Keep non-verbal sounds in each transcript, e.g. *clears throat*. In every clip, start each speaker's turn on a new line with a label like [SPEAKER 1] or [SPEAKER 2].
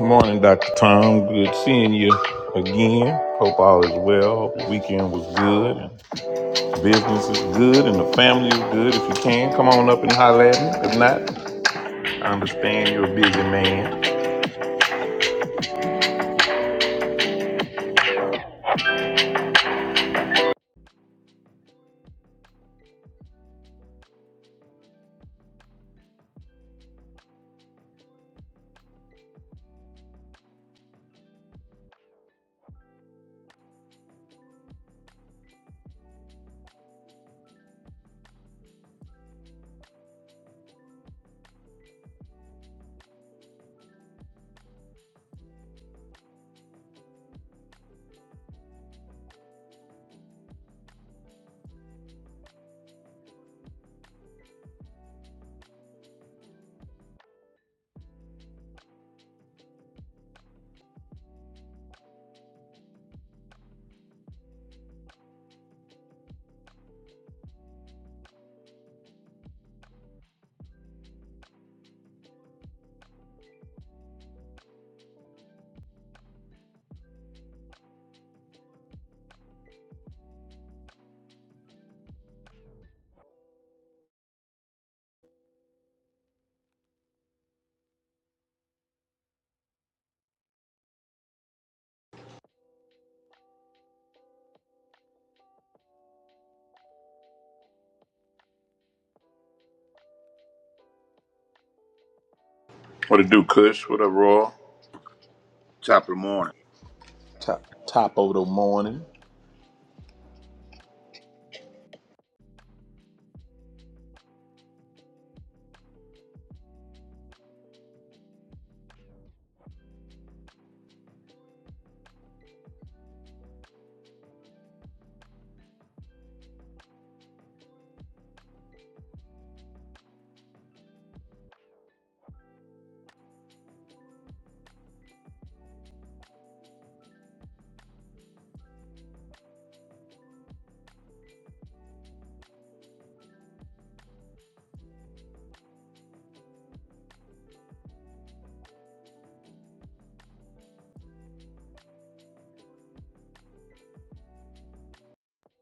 [SPEAKER 1] Morning, Dr. Tom. Good seeing you again. Hope all is well. The weekend was good. And business is good and the family is good. If you can, come on up and holler at me. If not, I understand you're a busy man. What to do, Kush? What up, Roy?
[SPEAKER 2] Top of the morning.
[SPEAKER 1] Top, top of the morning.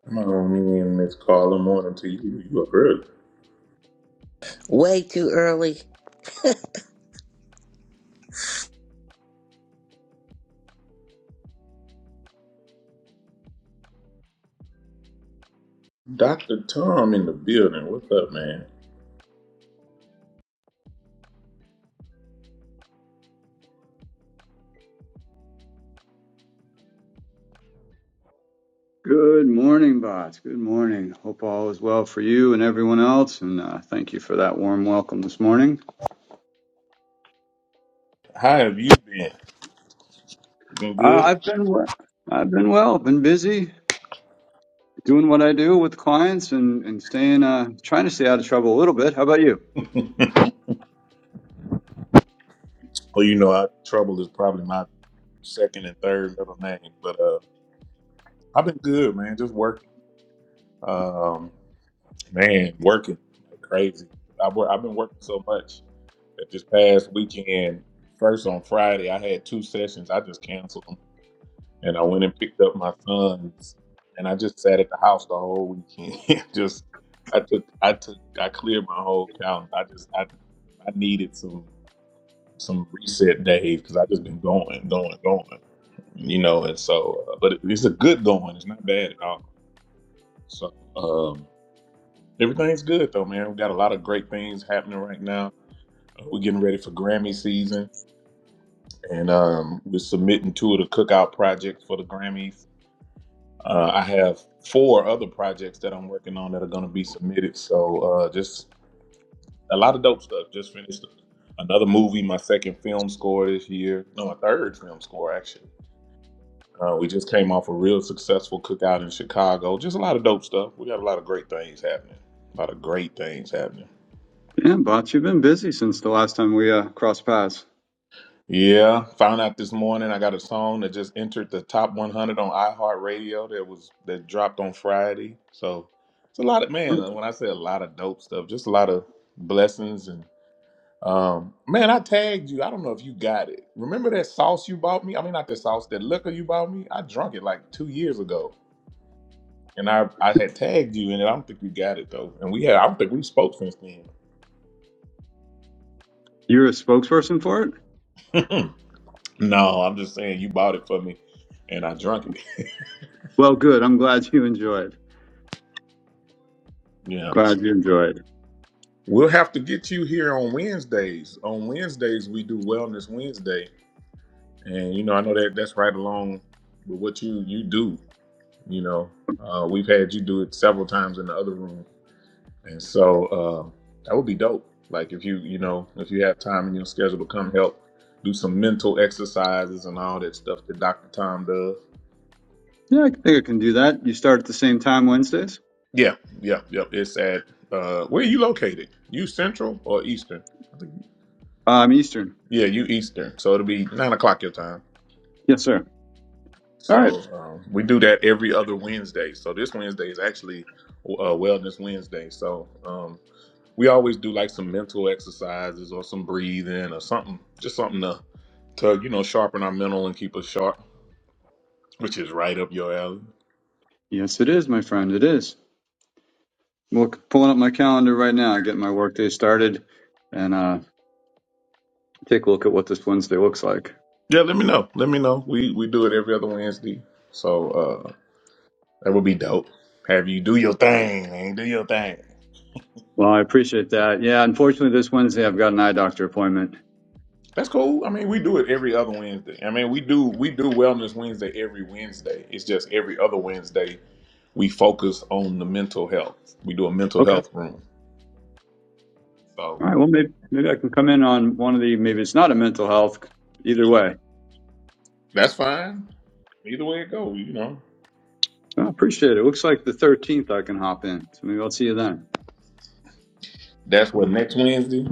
[SPEAKER 1] Come on in, Miss Carla. Morning to you. You up early.
[SPEAKER 3] Way too early.
[SPEAKER 1] Dr. Tom in the building. What's up, man?
[SPEAKER 4] Good morning, bots. Good morning. Hope all is well for you and everyone else. And uh, thank you for that warm welcome this morning.
[SPEAKER 1] How have you been? Been
[SPEAKER 4] Uh,
[SPEAKER 1] good?
[SPEAKER 4] I've been well. I've been well. Been busy doing what I do with clients and and staying, uh, trying to stay out of trouble a little bit. How about you?
[SPEAKER 1] *laughs* well, you know, our trouble is probably my second and third middle name. But uh, I've been good, man. Just working, um, man, working like crazy. I wor- I've been working so much that this past weekend, first on Friday, I had two sessions. I just canceled them, and I went and picked up my sons, and I just sat at the house the whole weekend. *laughs* just I took I took I cleared my whole calendar. I just I I needed some some reset days because I just been going, going, going. you know, and so, uh, but it, it's a good going. It's not bad at all. So um, everything's good though, man. We got a lot of great things happening right now. Uh, We're getting ready for Grammy season, and um, we're submitting two of the cookout projects for the Grammys. Uh, I have four other projects that I'm working on that are going to be submitted. So uh, just a lot of dope stuff. Just finished another movie, my second film score this year. No, my third film score actually. Uh, we just came off a real successful cookout in Chicago. Just a lot of dope stuff. We got a lot of great things happening. A lot of great things happening.
[SPEAKER 4] Yeah, bots. You've been busy since the last time we uh, crossed paths.
[SPEAKER 1] Yeah, found out this morning I got a song that just entered the top 100 on iHeartRadio that was that dropped on Friday. So it's a lot of man. When I say a lot of dope stuff, just a lot of blessings and um man, I tagged you. I don't know if you got it. Remember that sauce you bought me? I mean, not the sauce, that liquor you bought me. I drunk it like two years ago. And I, I had tagged you in it. I don't think you got it though. And we had I don't think we spoke since
[SPEAKER 4] You're a spokesperson for it.
[SPEAKER 1] then. *laughs* no, I'm just saying you bought it for me and I drunk it. *laughs*
[SPEAKER 4] Well, good. I'm glad you enjoyed.
[SPEAKER 1] Yeah.
[SPEAKER 4] Glad
[SPEAKER 1] so.
[SPEAKER 4] you enjoyed.
[SPEAKER 1] We'll have to get you here on Wednesdays. On Wednesdays we do Wellness Wednesday. And you know, I know that that's right along with what you you do, you know. Uh, we've had you do it several times in the other room And so uh, that would be dope. Like if you, you know, if you have time in your schedule to come help do some mental exercises and all that stuff that Dr. Tom does.
[SPEAKER 4] Yeah, I think I can do that. You start at the same time Wednesdays.
[SPEAKER 1] Yeah, yeah, yeah. It's at uh, where are you located? You central or eastern? I think
[SPEAKER 4] I'm Eastern.
[SPEAKER 1] yeah, you eastern. So it'll be nine o'clock your time.
[SPEAKER 4] Yes, sir. All right.
[SPEAKER 1] So um, we do that every other Wednesday. So this Wednesday is actually uh, Wellness Wednesday. So um, we always do like some mental exercises or some breathing or something, just something to to you know sharpen our mental and keep us sharp, which is right up your alley.
[SPEAKER 4] Yes, it is, my friend. It is. Look, pulling up my calendar right now, getting my workday started, and uh, take a look at what this Wednesday looks like.
[SPEAKER 1] Yeah, let me know. Let me know. We we do it every other Wednesday, so uh that would be dope. Have you do your thing, man. Do your thing.
[SPEAKER 4] Well, I appreciate that. Yeah, unfortunately, this Wednesday I've got an eye doctor appointment.
[SPEAKER 1] That's cool. I mean, we do it every other Wednesday. I mean, we do we do Wellness Wednesday every Wednesday. It's just every other Wednesday we focus on the mental health. We do a mental
[SPEAKER 4] Okay.
[SPEAKER 1] health room. So.
[SPEAKER 4] All right. Well, maybe maybe I can come in on one of the. Maybe it's not a mental health. Either way,
[SPEAKER 1] That's fine. Either way it goes, you know.
[SPEAKER 4] I appreciate it. It Looks like the 13th I can hop in, so maybe I'll see you then.
[SPEAKER 1] That's what next Wednesday.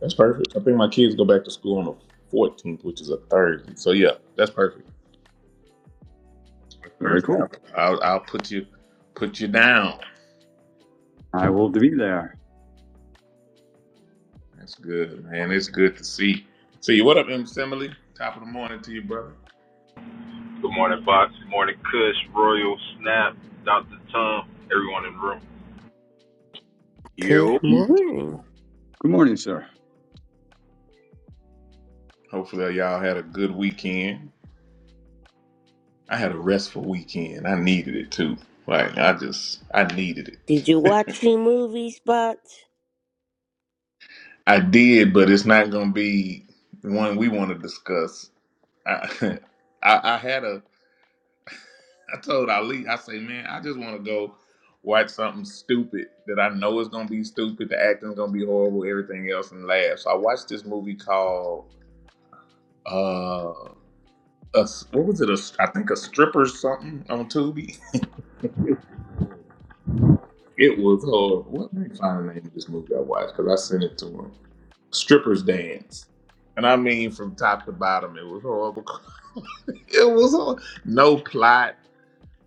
[SPEAKER 1] That's perfect. I think my kids go back to school on the fourteenth, which is a Thursday. So yeah, that's perfect. That's
[SPEAKER 4] Very
[SPEAKER 1] Perfect. I'll,
[SPEAKER 4] cool.
[SPEAKER 1] I'll, I'll put you put you down.
[SPEAKER 4] I will be there.
[SPEAKER 1] That's good, man. It's good to see. See you. What up, M. Simile? Top of the morning to you, brother.
[SPEAKER 5] Good morning, Box. Good morning, Kush, Royal, Snap, Dr. Tom, everyone in the room.
[SPEAKER 3] Good
[SPEAKER 2] Yo.
[SPEAKER 3] morning.
[SPEAKER 4] Good morning, sir.
[SPEAKER 1] Hopefully y'all had a good weekend. I had a restful weekend. I needed it too. Like I just I needed
[SPEAKER 3] Did you
[SPEAKER 1] it.
[SPEAKER 3] watch any movies, Spots? *laughs*
[SPEAKER 1] *laughs* I did, but it's not gonna be one we want to discuss I, *laughs* I, I had a, *laughs* I told Ali, I say, man, I just want to go watch something stupid that I know is gonna be stupid. The acting's gonna be horrible, everything else, and laugh. So I watched this movie called, uh, a, what was it? A, I think a stripper something on Tubi. *laughs* It was horrible. What let me find the name of this movie I watched because I sent it to him. Strippers dance, and I mean from top to bottom, it was horrible. *laughs* it was hor- no plot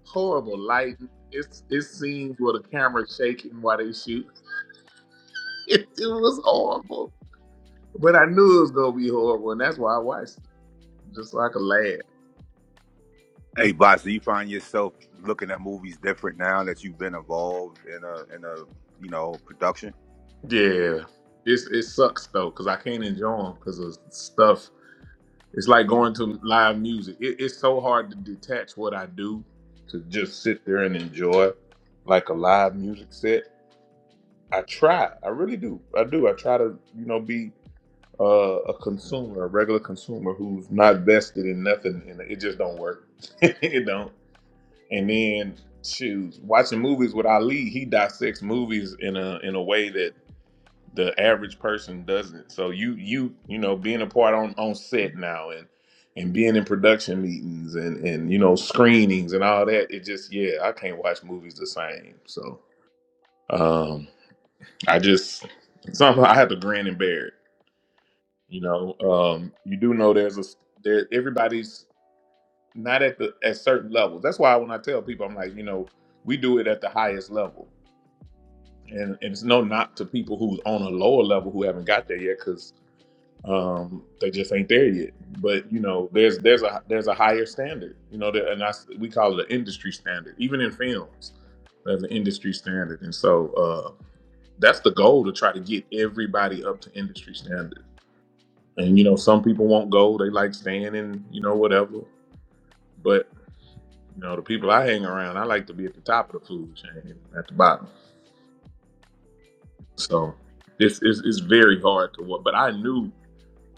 [SPEAKER 1] horrible lighting. It's it's scenes where the camera's shaking while they shoot. *laughs* It, it was horrible. But I knew it was gonna be horrible, and that's why I watched it, just so I could laugh.
[SPEAKER 2] Hey, boss, do you find yourself looking at movies different now that you've been involved in a in a you know production?
[SPEAKER 1] Yeah, it's it sucks though, cause I can't enjoy them because of stuff. It's like going to live music. It, it's so hard to detach what I do to just sit there and enjoy like a live music set. I try, I really do. I do. I try to, you know, be uh, a consumer, a regular consumer who's not vested in nothing, and it just don't work. *laughs* it don't. And then, shoot, watching movies with Ali, he dissects movies in a in a way that the average person doesn't. So you you you know being a part on on set now and and being in production meetings and and you know screenings and all that, it just yeah, I can't watch movies the same. So um, I just somehow I have to grin and bear it. You know, um, you do know there's a there everybody's not at the at certain levels. That's why when I tell people, I'm like, you know, we do it at the highest level, and, and it's no knock to people who's on a lower level who haven't got there yet because um, they just ain't there yet. But you know, there's there's a there's a higher standard. You know, that, and that's we call it an industry standard. Even in films, there's an industry standard, and so uh, that's the goal to try to get everybody up to industry standard And you know, some people won't go. They like staying in, you know, whatever. But you know, the people I hang around, I like to be at the top of the food chain, at the bottom. So it's it's, it's very hard to what. But I knew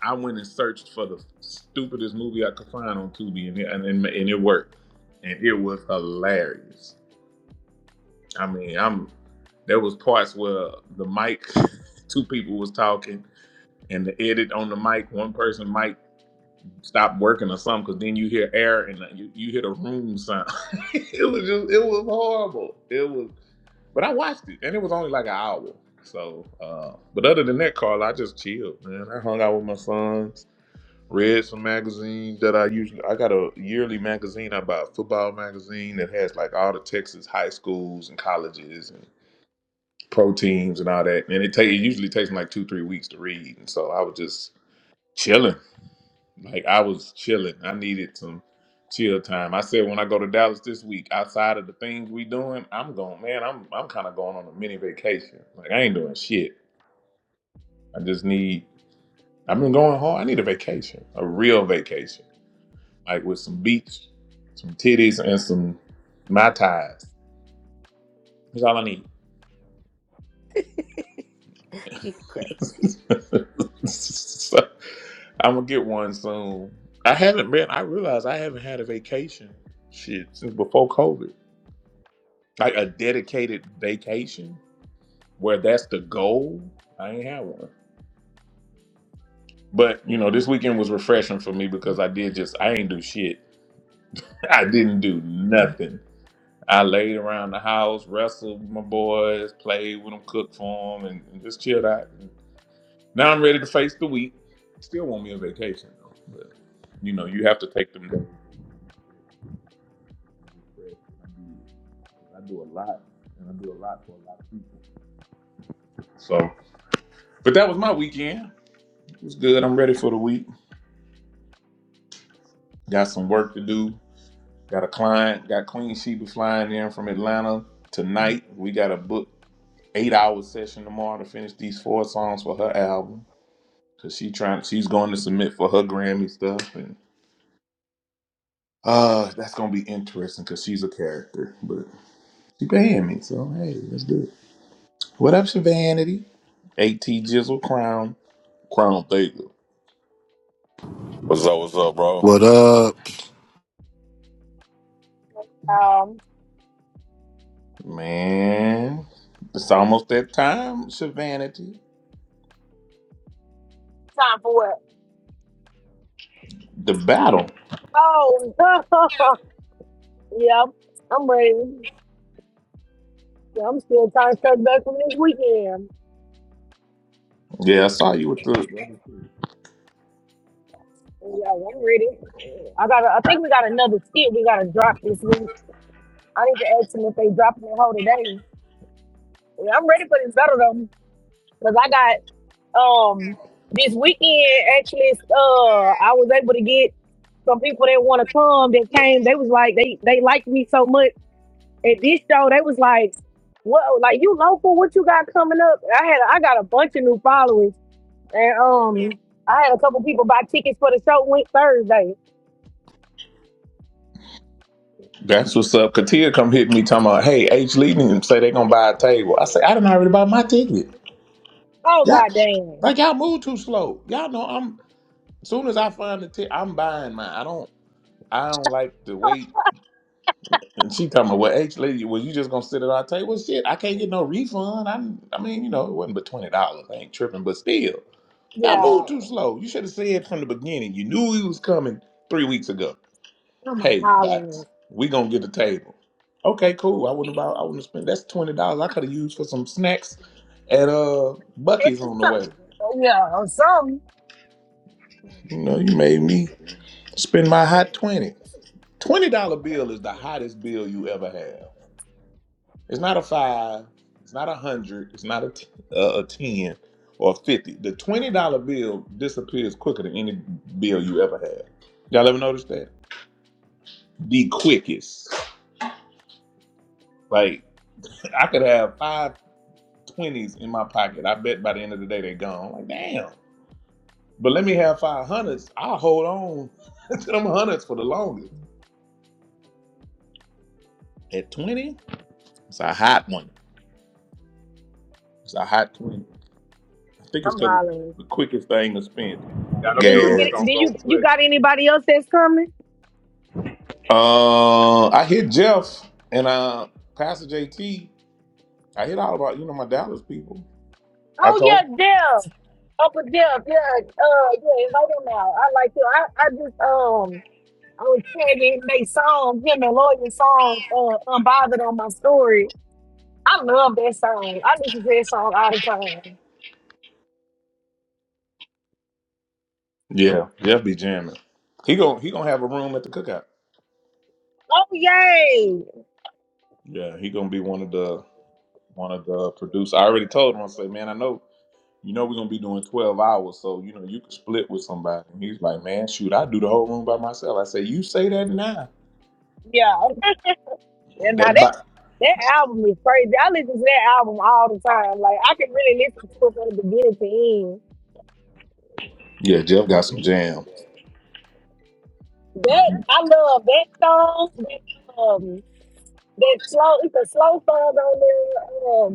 [SPEAKER 1] I went and searched for the stupidest movie I could find on Tubi, and it, and, and and it worked, and it was hilarious. I mean, I'm there was parts where the mic, *laughs* two people was talking, and the edit on the mic, one person mic stop working or something because then you hear air and uh, you, you hear the room sound. *laughs* it was just it was horrible. It was, but I watched it and it was only like an hour. So, uh, but other than that, Carl, I just chilled, man. I hung out with my sons, read some magazines that I usually. I got a yearly magazine I buy, a football magazine that has like all the Texas high schools and colleges and pro teams and all that. And it, ta- it usually takes me like two three weeks to read, and so I was just chilling like I was chilling. I needed some chill time. I said when I go to Dallas this week, outside of the things we doing, I'm going, man, I'm I'm kinda going on a mini vacation. Like I ain't doing shit. I just need I've been going hard. I need a vacation. A real vacation. Like with some beach, some titties and some my ties. That's all I need.
[SPEAKER 3] You crazy.
[SPEAKER 1] *laughs* so, I'm gonna get one soon. I haven't man, I realized I haven't had a vacation shit since before COVID. Like a dedicated vacation where that's the goal. I ain't have one. But you know, this weekend was refreshing for me because I did just I ain't do shit. *laughs* I didn't do nothing. I laid around the house, wrestled with my boys, played with them, cooked for them, and, and just chilled out. Now I'm ready to face the week. Still want me a vacation though, but you know, you have to take them days. to refresh. I do I do a lot, and I do a lot for a lot of people. So, but that was my weekend. It was good. I'm ready for the week. Got some work to do. Got a client. Got Queen Sheba flying in from Atlanta tonight. We got a book eight hour session tomorrow to finish these four songs for her album. Cause she trying. She's going to submit for her Grammy stuff, and uh, that's gonna be interesting. Cause she's a character, but she paying me, so hey, let's do it. What up, Vanity? At Jizzle Crown. Crown Vega.
[SPEAKER 6] What's up? What's up, bro? All
[SPEAKER 7] What up?
[SPEAKER 8] Um,
[SPEAKER 1] Man, it's almost that time, Shavanity.
[SPEAKER 8] time for what?
[SPEAKER 1] The battle.
[SPEAKER 8] Oh, *laughs* yeah, I'm ready. Yeah, I'm still trying to touch back from this weekend.
[SPEAKER 1] Yeah, I saw you with the.
[SPEAKER 8] Yeah, I'm ready. I got. I think we got another skit we got to drop this week. I need to ask them if they dropping it whole today. Yeah, I'm ready for this better though, because I got um this weekend actually. Uh, I was able to get some people that want to come that came. They was like they they liked me so much at this show, they was like, "Whoa, like you local? What you got coming up?" I had I got a bunch of new followers, and um, I had a couple people buy tickets for the show went Thursday.
[SPEAKER 1] That's what's up. Katia come hit me talking about, hey, H leading and say they gonna buy a table. I say I done already bought my ticket.
[SPEAKER 8] Oh
[SPEAKER 1] Yeah,
[SPEAKER 8] god damn!
[SPEAKER 1] like y'all move too slow. Y'all know I'm. As soon as I find the ticket, I'm buying mine. I don't. I don't like to wait. And she talking about, well, H lady, well, you just gonna sit at our table? Shit, I can't get no refund. I, I mean, you know, it wasn't but twenty dollars. I ain't tripping, but still, y'all
[SPEAKER 8] Yeah,
[SPEAKER 1] move too slow. You should have said from the beginning. You knew he was coming three weeks ago.
[SPEAKER 8] I'm
[SPEAKER 1] Hey,
[SPEAKER 8] hollering.
[SPEAKER 1] Max, we gonna get a table. Okay, cool. I wouldn't buy. I wouldn't spend. That's twenty dollars I could have used for some snacks at uh
[SPEAKER 8] It's
[SPEAKER 1] Bucky's
[SPEAKER 8] the
[SPEAKER 1] on the
[SPEAKER 8] sun.
[SPEAKER 1] way.
[SPEAKER 8] Yeah, or
[SPEAKER 1] You know, you made me spend my hot twenty. Twenty dollar bill is the hottest bill you ever have. It's not a five. It's not a hundred. It's not a t- uh, a ten or a fifty. The twenty dollar bill disappears quicker than any bill you ever had. Y'all ever notice that? The quickest. Like I could have five twenties in my pocket. I bet by the end of the day they're gone. Like, damn. But let me have five hundreds. I'll hold on *laughs* to them hundreds for the longest. At twenty, it's a hot one. It's a hot twenty. I think it's
[SPEAKER 8] I'm
[SPEAKER 1] because it's
[SPEAKER 8] hollering.
[SPEAKER 1] the quickest thing to spend.
[SPEAKER 9] That'll
[SPEAKER 8] Did
[SPEAKER 9] do
[SPEAKER 8] you
[SPEAKER 9] it. We're
[SPEAKER 8] get?
[SPEAKER 1] Gas.
[SPEAKER 9] gonna
[SPEAKER 8] Did
[SPEAKER 9] go
[SPEAKER 8] you you
[SPEAKER 9] with
[SPEAKER 8] got anybody else that's coming?
[SPEAKER 1] Uh, I hit Jeff and uh Pastor JT. I hit all about you know my Dallas people. I
[SPEAKER 8] Oh
[SPEAKER 1] told.
[SPEAKER 8] yeah,
[SPEAKER 1] him.
[SPEAKER 8] Deb. Uncle Deb. Yeah, uh, yeah, invite him out. I like you. I I just um. I was tagging they song, him and Lawyer song, uh, Unbothered on my story. I love that song. I listen to that song all the time.
[SPEAKER 1] Yeah, Jeff be jamming. He gon' he gonna have a room at the cookout.
[SPEAKER 8] Oh yay.
[SPEAKER 1] Yeah, he gonna be one of the one of the producers. I already told him. I say, man, I know You know we're gonna be doing twelve hours, so you know you can split with somebody. And he's like, man, shoot, I do the whole room by myself. I say, you say that now.
[SPEAKER 8] Yeah. okay. And now
[SPEAKER 1] That
[SPEAKER 8] that
[SPEAKER 1] by-
[SPEAKER 8] that album is crazy. I listen to that album all the time. Like I can really listen to it from the beginning to end.
[SPEAKER 1] yeah, Jeff got some jam.
[SPEAKER 8] That I love that song. That, um, that slow it's a slow song on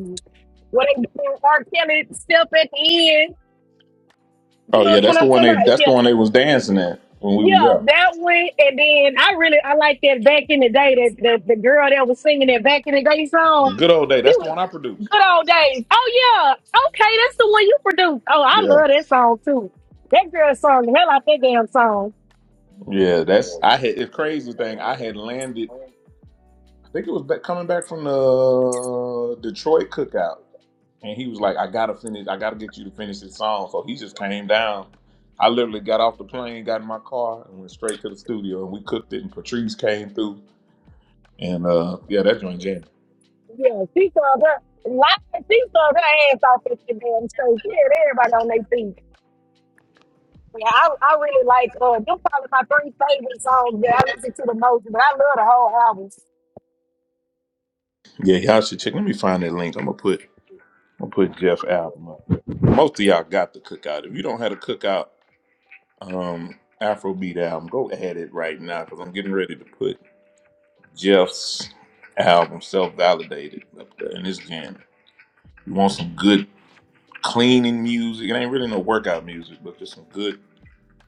[SPEAKER 8] there. Um when they do R. Kelly step at the end. You
[SPEAKER 1] Oh
[SPEAKER 8] know
[SPEAKER 1] yeah,
[SPEAKER 8] what
[SPEAKER 1] that's the
[SPEAKER 8] I'm talking
[SPEAKER 1] one
[SPEAKER 8] about?
[SPEAKER 1] they that's
[SPEAKER 8] Yeah.
[SPEAKER 1] the one they was dancing at when we was
[SPEAKER 8] Yeah,
[SPEAKER 1] there.
[SPEAKER 8] that one, and then I really I like that back in the day that the, the girl that was singing that back in the day song.
[SPEAKER 1] Good old day. That's
[SPEAKER 8] It
[SPEAKER 1] the
[SPEAKER 8] was
[SPEAKER 1] one I produced.
[SPEAKER 8] Good old days. Oh yeah, okay, that's the one you produced. Oh, I
[SPEAKER 1] Yeah,
[SPEAKER 8] love that song too. That girl sung the hell out that damn song.
[SPEAKER 1] yeah. That's I had the crazy thing. I had landed. I think it was back, coming back from the uh, Detroit cookout, and he was like, "I gotta finish. I gotta get you to finish this song." So he just came down. I literally got off the plane, got in my car, and went straight to the studio, and we cooked it. And Patrice came through, and uh, yeah, that joint jam.
[SPEAKER 8] Yeah, she sung her live. She sung her ass off at that damn stage. She had everybody on their feet. Yeah, I, I really like uh, them. Probably my three favorite songs that I listen to the most, but I love the whole album.
[SPEAKER 1] Yeah, y'all should check. Let me find that link. I'm gonna put I'm gonna put Jeff album up. Most of y'all got the cookout. If you don't have the cookout um, Afrobeat album, go ahead it right now because I'm getting ready to put Jeff's album self validated up there in this jam. You want some good cleaning music. It ain't really no workout music, but just some good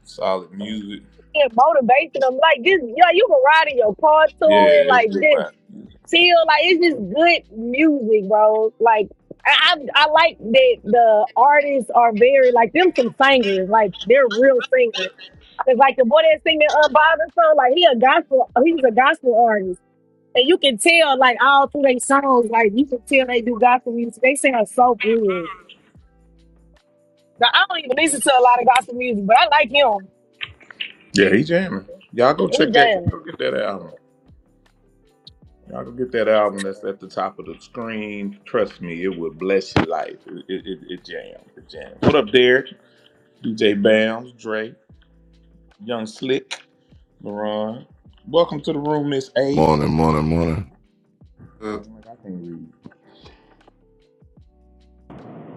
[SPEAKER 1] solid music.
[SPEAKER 8] being am Like this, Yeah, you can ride in your car
[SPEAKER 1] Yeah,
[SPEAKER 8] to it,
[SPEAKER 1] it's
[SPEAKER 8] like
[SPEAKER 1] good
[SPEAKER 8] this
[SPEAKER 1] rap music.
[SPEAKER 8] chill. Like it's just good music, bro. Like I, I, I like that the artists are very like them some singers, like they're real singers. Cause like the boy that sing that Unbothered song, like he a gospel, he's a gospel artist. And you can tell, like all through their songs, like you can tell they do gospel music. They sound so good. Now I don't even listen to a lot of gospel music, but I like him.
[SPEAKER 1] Yeah, he jamming. Y'all go
[SPEAKER 8] He
[SPEAKER 1] check that.
[SPEAKER 8] does.
[SPEAKER 1] Go get that album. Y'all go get that album that's at the top of the screen. Trust me, it will bless your life. It, it, it, it jams. It jams. What up, Derek? DJ Bams, Dre, Young Slick. LaRon. Welcome to the room, Miss A.
[SPEAKER 10] Morning, morning, morning.
[SPEAKER 11] Uh,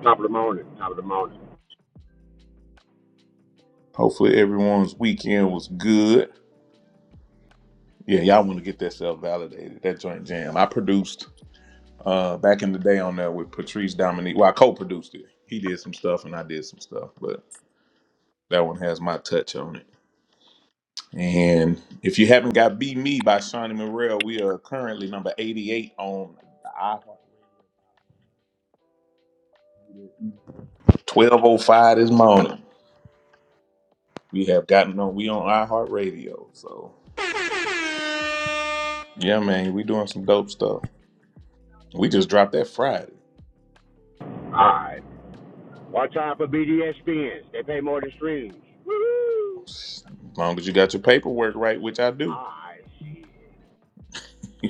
[SPEAKER 9] top of the morning. Top of the morning.
[SPEAKER 1] Hopefully everyone's weekend was good. Yeah, y'all want to get that self validated. That joint jam. I produced uh back in the day on there with Patrice Dominique. Well, I co-produced it. He did some stuff and I did some stuff, but that one has my touch on it. And if you haven't got Be Me by Shawnee Morrell, we are currently number 88 on the iHeartRadio. 1205 this morning. We have gotten on, we on iHeartRadio. So Yeah, man, we doing some dope stuff. We just dropped that Friday.
[SPEAKER 9] Alright. Watch out for BDS BDSPNs. They pay more than streams.
[SPEAKER 1] As long as you got your paperwork right, which I do.
[SPEAKER 9] I see.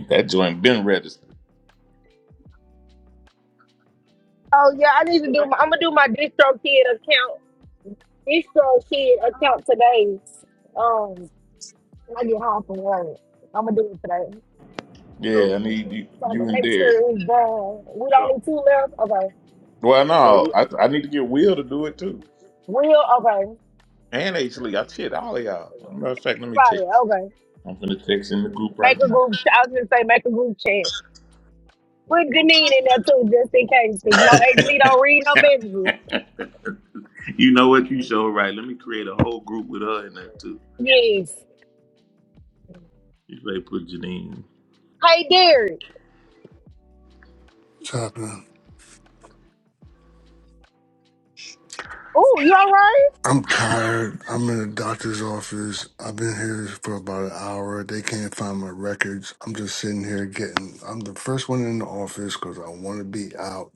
[SPEAKER 1] That joint been registered.
[SPEAKER 8] Oh yeah, I need to do my. I'm gonna do my DistroKid account. DistroKid account today. Um, when I get home from work, I'm gonna do it today.
[SPEAKER 9] So
[SPEAKER 1] Yeah, I need you,
[SPEAKER 8] So to
[SPEAKER 1] you and
[SPEAKER 8] make
[SPEAKER 1] Derek.
[SPEAKER 8] sure it's done. We the
[SPEAKER 9] so
[SPEAKER 8] only two left. Okay,
[SPEAKER 1] Well, no,
[SPEAKER 9] so
[SPEAKER 1] I, I need to get Will to do it too.
[SPEAKER 8] Will. Okay,
[SPEAKER 1] And H Lee, I shit all of y'all. Matter of fact, let me
[SPEAKER 8] everybody.
[SPEAKER 1] text.
[SPEAKER 8] Okay,
[SPEAKER 1] I'm gonna text in the group
[SPEAKER 8] make
[SPEAKER 1] right
[SPEAKER 8] a
[SPEAKER 1] now.
[SPEAKER 8] group. I was gonna say make a group chat. Put Janine in there too, just in case. 'cause, You know, Ashley don't read her
[SPEAKER 1] *laughs*
[SPEAKER 8] messages.
[SPEAKER 1] you know what? You so right. Let me create a whole group with her in there too.
[SPEAKER 8] Yes.
[SPEAKER 1] You say put Janine.
[SPEAKER 8] Hey, Derek.
[SPEAKER 11] What's happening?
[SPEAKER 8] Oh, you all right?
[SPEAKER 11] I'm tired. I'm in the doctor's office. I've been here for about an hour. They can't find my records. I'm just sitting here getting. I'm the first one in the office because I want to be out,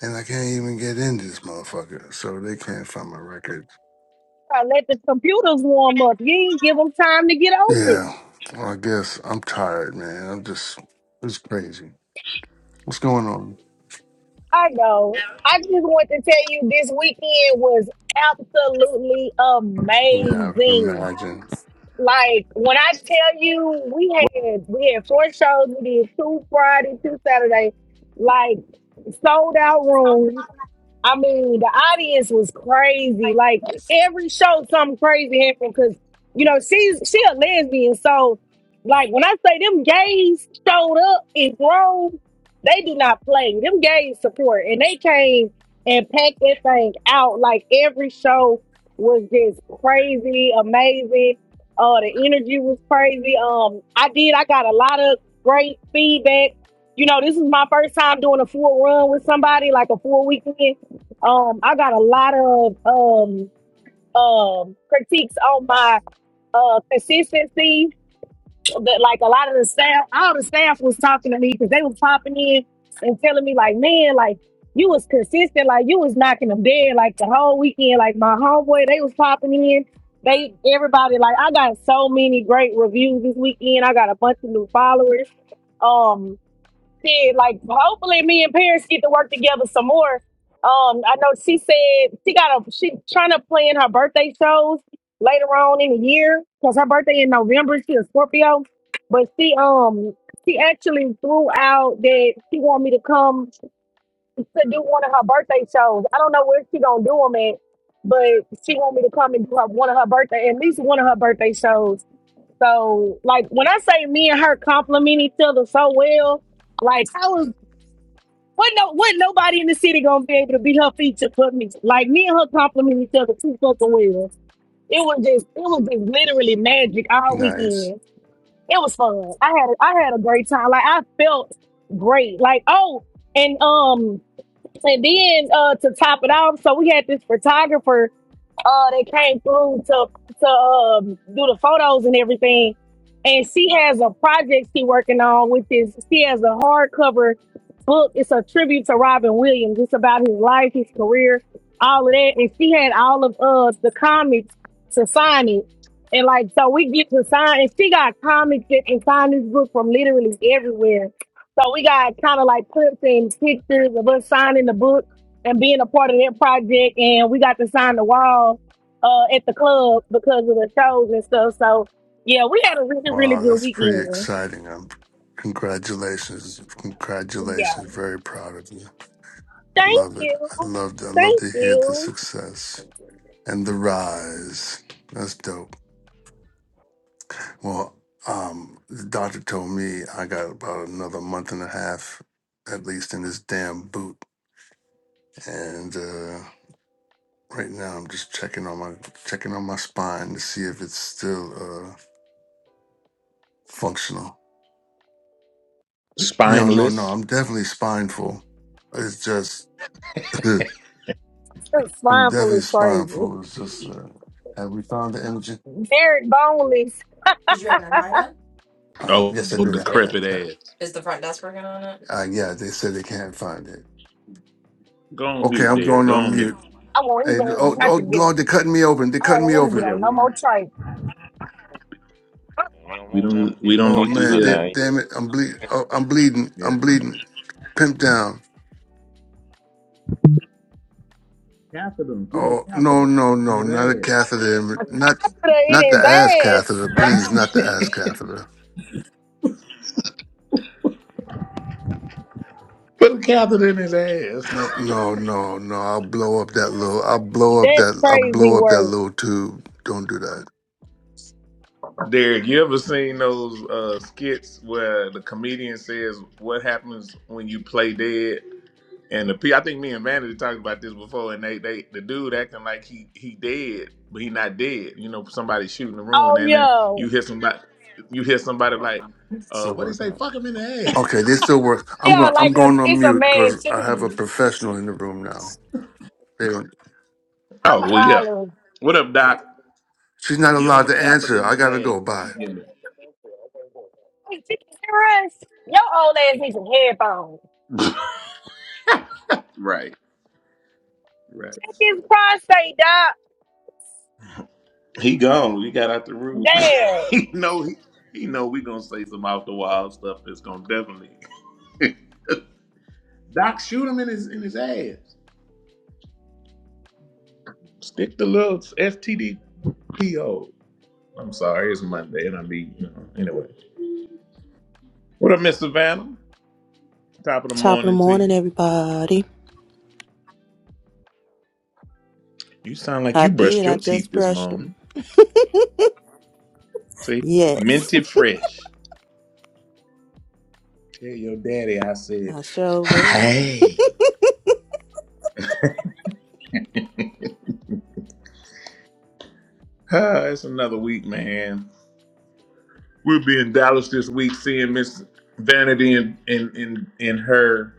[SPEAKER 11] and I can't even get in this motherfucker. So they can't find my records.
[SPEAKER 8] I let the computers warm up. You ain't give them time to get open.
[SPEAKER 11] Yeah. Well, I guess I'm tired, man. I'm just. It's crazy. What's going on?
[SPEAKER 8] I know. I just want to tell you this weekend was absolutely
[SPEAKER 11] Yeah, I can
[SPEAKER 8] amazing.
[SPEAKER 11] imagine.
[SPEAKER 8] Like when I tell you we
[SPEAKER 1] What?
[SPEAKER 8] had we had four shows, we did two Friday, two Saturday, like sold out rooms. I mean, the audience was crazy. Like every show, something crazy happened because you know she's she a lesbian. So, like when I say them gays showed up in Grove, they do not play. Them gays support, and they came and packed that thing out. Like every show was just crazy, amazing. Uh, the energy was crazy. Um, I did. I got a lot of great feedback. You know, this is my first time doing a full run with somebody, like a full weekend. Um, I got a lot of um um critiques on my uh consistency. That like a lot of the staff, all the staff was talking to me because they was popping in and telling me like, man, like you was consistent, like you was knocking them dead like the whole weekend. Like my homeboy, they was popping in. They everybody like I got so many great reviews this weekend. I got a bunch of new followers. Um, said, like, hopefully me and Paris get to work together some more. Um, I know she said she got a she trying to plan her birthday shows later on in the year because her birthday in November. She a Scorpio, but she um she actually threw out that she want me to come to do one of her birthday shows. I don't know where she gonna do them at, but she want me to come and do her, one of her birthday at least one of her birthday shows. So like when I say me and her compliment each other so well, like I was what no? What nobody in the city gonna be able to be her feature put me like me and her compliment each other too fucking well. It was just it was just literally magic all
[SPEAKER 11] Nice.
[SPEAKER 8] weekend. It was fun. I had a, I had a great time. Like I felt great. Like oh, and um, and then uh to top it off, so we had this photographer uh that came through to to um, do the photos and everything. And she has a project she working on, which is she has a hardcover book. It's a tribute to Robin Williams. It's about his life, his career, all of that. And she had all of uh the comics to sign it. And like so we get to sign and she got comics that can sign this book from literally everywhere. So we got kind of like clips and pictures of us signing the book and being a part of that project and we got to sign the wall uh, at the club because of the shows and stuff. So yeah, we had a really, really
[SPEAKER 11] Wow,
[SPEAKER 8] good
[SPEAKER 11] that's pretty
[SPEAKER 8] weekend.
[SPEAKER 11] exciting. Um, congratulations,
[SPEAKER 8] Yeah.
[SPEAKER 11] congratulations. Very proud of you. I
[SPEAKER 8] Thank
[SPEAKER 11] love it.
[SPEAKER 8] you.
[SPEAKER 11] I love. I love
[SPEAKER 8] Thank
[SPEAKER 11] to hear the
[SPEAKER 8] you.
[SPEAKER 11] success and the rise. That's dope. Well, um, the doctor told me I got about another month and a half, at least, in this damn boot. And uh, right now, I'm just checking on my checking on my spine to see if it's still uh, functional. You know, no, no.
[SPEAKER 1] Spineless.
[SPEAKER 11] I'm definitely spineful. It's just. *laughs* *clears throat*
[SPEAKER 8] This
[SPEAKER 11] I'm
[SPEAKER 8] Slimeful
[SPEAKER 11] definitely
[SPEAKER 8] is crazy.
[SPEAKER 11] spineful. It's just, uh, have we found the energy?
[SPEAKER 8] Derek Boneless.
[SPEAKER 11] Did you have an invite on? Uh,
[SPEAKER 1] Oh,
[SPEAKER 11] yes, I did. I had that.
[SPEAKER 1] decrepit
[SPEAKER 11] Yeah.
[SPEAKER 1] ass.
[SPEAKER 11] Is the front desk working on it? Uh, yeah, they said they can't find it.
[SPEAKER 1] Go on
[SPEAKER 11] Okay,
[SPEAKER 1] mute,
[SPEAKER 11] I'm
[SPEAKER 1] Derek.
[SPEAKER 11] going
[SPEAKER 1] Go
[SPEAKER 11] on
[SPEAKER 1] on
[SPEAKER 11] mute.
[SPEAKER 1] mute.
[SPEAKER 8] I want his
[SPEAKER 11] Hey,
[SPEAKER 8] name
[SPEAKER 11] oh,
[SPEAKER 8] not to
[SPEAKER 11] oh,
[SPEAKER 8] get
[SPEAKER 11] Lord, they're
[SPEAKER 8] on.
[SPEAKER 11] cutting me open. They're
[SPEAKER 8] I don't
[SPEAKER 11] cutting me
[SPEAKER 8] want him to get
[SPEAKER 11] open.
[SPEAKER 1] Yeah,
[SPEAKER 8] on
[SPEAKER 1] we
[SPEAKER 8] no
[SPEAKER 1] don't
[SPEAKER 8] more train.
[SPEAKER 12] And I don't
[SPEAKER 1] we
[SPEAKER 12] want nothing to
[SPEAKER 1] don't we
[SPEAKER 12] deal with
[SPEAKER 1] don't
[SPEAKER 11] Oh
[SPEAKER 12] no
[SPEAKER 1] need to
[SPEAKER 11] man,
[SPEAKER 12] HIPAA
[SPEAKER 11] they,
[SPEAKER 12] now.
[SPEAKER 1] hear
[SPEAKER 12] You
[SPEAKER 11] damn it,
[SPEAKER 12] do
[SPEAKER 11] I'm
[SPEAKER 12] what
[SPEAKER 11] bleed.
[SPEAKER 12] you
[SPEAKER 11] Oh, I'm
[SPEAKER 12] gotta
[SPEAKER 11] bleeding.
[SPEAKER 1] Yeah.
[SPEAKER 11] I'm bleeding. Pimp down.
[SPEAKER 1] Catheter. him. Give him
[SPEAKER 11] Oh
[SPEAKER 1] a
[SPEAKER 11] no,
[SPEAKER 1] catheter
[SPEAKER 11] no,
[SPEAKER 1] in
[SPEAKER 11] no,
[SPEAKER 1] his
[SPEAKER 11] not a
[SPEAKER 1] ass.
[SPEAKER 11] catheter. Not,
[SPEAKER 8] In
[SPEAKER 11] not the
[SPEAKER 8] his
[SPEAKER 11] ass
[SPEAKER 8] ass.
[SPEAKER 11] catheter, please. Not the ass catheter.
[SPEAKER 1] Put a catheter in his
[SPEAKER 11] No,
[SPEAKER 1] ass.
[SPEAKER 11] no, no, no. I'll blow up that little. I'll blow up
[SPEAKER 8] That's
[SPEAKER 11] that. I'll
[SPEAKER 8] crazy
[SPEAKER 11] blow up that
[SPEAKER 8] work.
[SPEAKER 11] little tube. Don't do that.
[SPEAKER 1] *laughs* Derek, you ever seen those uh, skits where the comedian says what happens when you play dead? And the pe- I think me and Vanity talked about this before, and they, they the dude acting like he he dead, but he not dead. You know, somebody shooting the room, and
[SPEAKER 8] Oh
[SPEAKER 1] then
[SPEAKER 8] yeah.
[SPEAKER 1] you hear somebody you hear somebody like, uh,
[SPEAKER 11] Still
[SPEAKER 1] what do you
[SPEAKER 11] working.
[SPEAKER 1] say? Fuck him in the ass.
[SPEAKER 11] Okay, this still works. I'm
[SPEAKER 8] Yeah,
[SPEAKER 11] going. I'm
[SPEAKER 8] like a,
[SPEAKER 11] going on
[SPEAKER 8] it's a
[SPEAKER 11] mute
[SPEAKER 8] man
[SPEAKER 11] because I have a
[SPEAKER 8] too.
[SPEAKER 11] professional in the room now. They don't.
[SPEAKER 8] I'm
[SPEAKER 1] Oh well, yeah.
[SPEAKER 8] hollering.
[SPEAKER 1] What up,
[SPEAKER 11] Oh,
[SPEAKER 1] Doc?
[SPEAKER 11] she's not
[SPEAKER 1] Give him
[SPEAKER 11] allowed
[SPEAKER 1] a
[SPEAKER 11] to
[SPEAKER 1] catheter
[SPEAKER 11] answer.
[SPEAKER 1] in
[SPEAKER 11] I
[SPEAKER 1] his
[SPEAKER 11] gotta
[SPEAKER 1] ass.
[SPEAKER 11] go. Bye,
[SPEAKER 1] Give him
[SPEAKER 8] Hey, chicken, hear us? Your old ass needs some headphones.
[SPEAKER 1] it. *laughs* right, right.
[SPEAKER 8] Look at his prostate, dog.
[SPEAKER 1] He gone. He got out the room. *laughs*
[SPEAKER 8] Damn.
[SPEAKER 1] he know he, he know we gonna say some off the wild stuff that's gonna definitely *laughs* Doc shoot him in his in his ass.
[SPEAKER 13] Mhm.
[SPEAKER 1] Stick the little STD PO. I'm sorry, it's Monday and I be you know anyway. What up, Miss Savannah? Top of the
[SPEAKER 14] Top of the
[SPEAKER 1] morning to
[SPEAKER 14] morning,
[SPEAKER 1] you.
[SPEAKER 14] everybody.
[SPEAKER 1] You sound like
[SPEAKER 14] I
[SPEAKER 1] you
[SPEAKER 14] did.
[SPEAKER 1] brushed
[SPEAKER 14] I
[SPEAKER 1] your teeth
[SPEAKER 14] just
[SPEAKER 1] this
[SPEAKER 14] brushed them.
[SPEAKER 1] morning. See,
[SPEAKER 14] Yes,
[SPEAKER 1] minty fresh. Tell your daddy I
[SPEAKER 14] *laughs*
[SPEAKER 1] said,
[SPEAKER 14] I sure will.
[SPEAKER 1] hey. Ah, it's another week, man. We'll be in Dallas this week seeing Miss Vanity and in, in, in, in her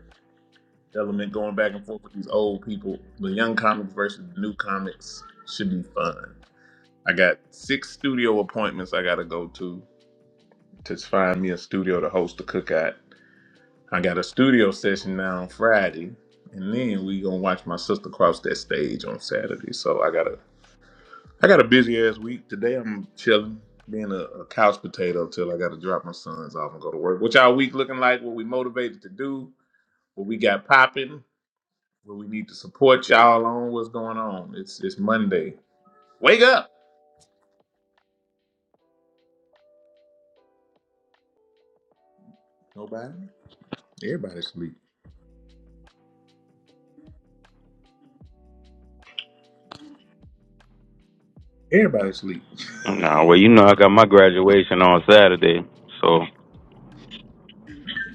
[SPEAKER 1] element going back and forth with these old people. The young comics versus the new comics should be fun. I got six studio appointments I got to go to to find me a studio to host a cookout. I got a studio session now on Friday. And then we gonna watch my sister cross that stage on Saturday. So I gotta I got a busy ass week. Today I'm chilling, being a, a couch potato till I got to drop my sons off and go to work. What y'all week looking like? What we motivated to do? What we got popping? What we need to support y'all on? What's going on? It's it's Monday. Wake up! Nobody. Everybody sleep. Everybody sleep. *laughs*
[SPEAKER 15] Nah, well, you know I got my graduation on Saturday, so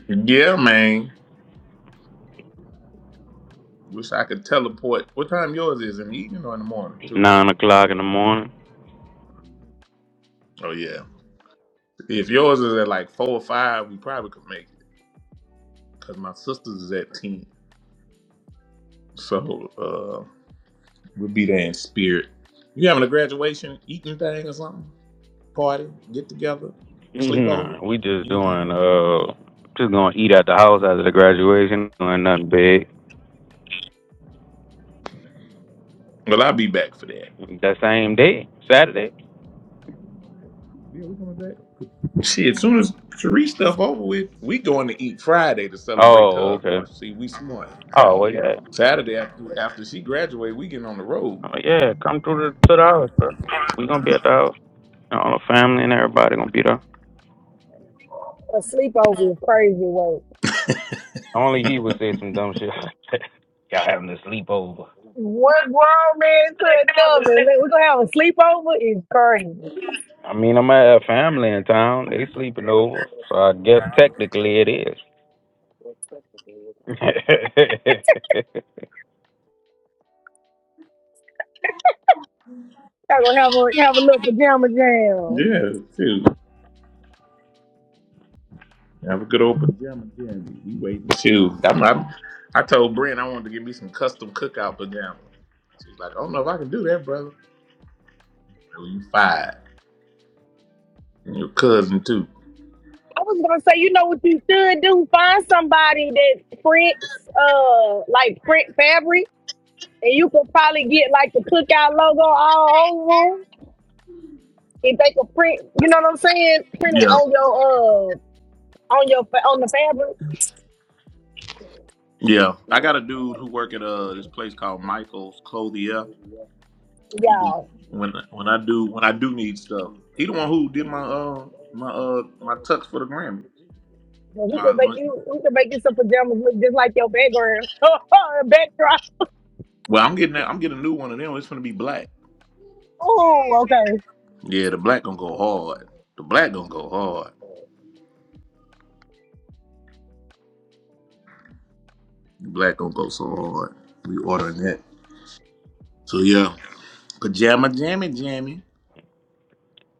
[SPEAKER 1] Yeah, man. Wish I could teleport. What time yours is in the evening or in the morning too?
[SPEAKER 15] nine o'clock in the morning.
[SPEAKER 1] Oh yeah. If yours is at like four or five, we probably could make it because my sister's is at ten. So. uh, We'll be there in spirit. You having a graduation eating thing or something? Party, get together,
[SPEAKER 15] Nah,
[SPEAKER 1] sleepover,
[SPEAKER 15] we just doing
[SPEAKER 1] anything?
[SPEAKER 15] uh, just gonna eat at the house after the graduation, doing nothing big.
[SPEAKER 1] Well, I'll be back for that.
[SPEAKER 15] That same day, Saturday.
[SPEAKER 1] Yeah, we coming back. Shit, as soon as Cherie stuff over with, we going to eat Friday to celebrate
[SPEAKER 15] Oh,
[SPEAKER 1] her.
[SPEAKER 15] okay.
[SPEAKER 1] See, we smart.
[SPEAKER 15] Oh, well, yeah.
[SPEAKER 1] Saturday after after she graduated, we getting on the road.
[SPEAKER 15] Oh, yeah. Come through the, to the house, bro. We gonna be at the house. And All the family and everybody gonna be there.
[SPEAKER 8] A sleepover is crazy work.
[SPEAKER 15] Only he would say some dumb shit like that. *laughs* Y'all having a sleepover.
[SPEAKER 8] One grown man to another. Like, We're gonna have a sleepover is crazy.
[SPEAKER 15] I mean, I might have family in town. They sleeping over, so I guess technically it is. *laughs*
[SPEAKER 8] Y'all gonna have a have a little pajama jam.
[SPEAKER 1] Yeah, too. Have a good open gym again. We waiting too. I'm, I'm, I told Brent I wanted to give me some custom cookout pajamas. She's like, I don't know if I can do that, brother. Well, you fired. And your cousin too.
[SPEAKER 8] I was gonna say, you know what you should do? Find somebody that prints uh like print fabric and you could probably get like the cookout logo all over 'em. if they could print, you know what I'm saying? Print it
[SPEAKER 1] Yeah.
[SPEAKER 8] on your uh on your fa- on the fabric.
[SPEAKER 1] Yeah, I got a dude who work at uh this place called Michael's Clothier. He do
[SPEAKER 8] Yeah.
[SPEAKER 1] when when I do when I do need stuff. He the one who did my uh my uh my tux for the Grammy.
[SPEAKER 8] Well, We
[SPEAKER 1] My,
[SPEAKER 8] could make
[SPEAKER 1] my
[SPEAKER 8] you. We could make you some pajamas look just like your background. *laughs* Her backdrop.
[SPEAKER 1] well, I'm getting that, I'm getting a new one of them. It's gonna be black.
[SPEAKER 8] Oh, okay.
[SPEAKER 1] Yeah, the black gonna go hard. The black gonna go hard. The black gonna go so hard. We ordering that. So yeah, pajama jammy jammy.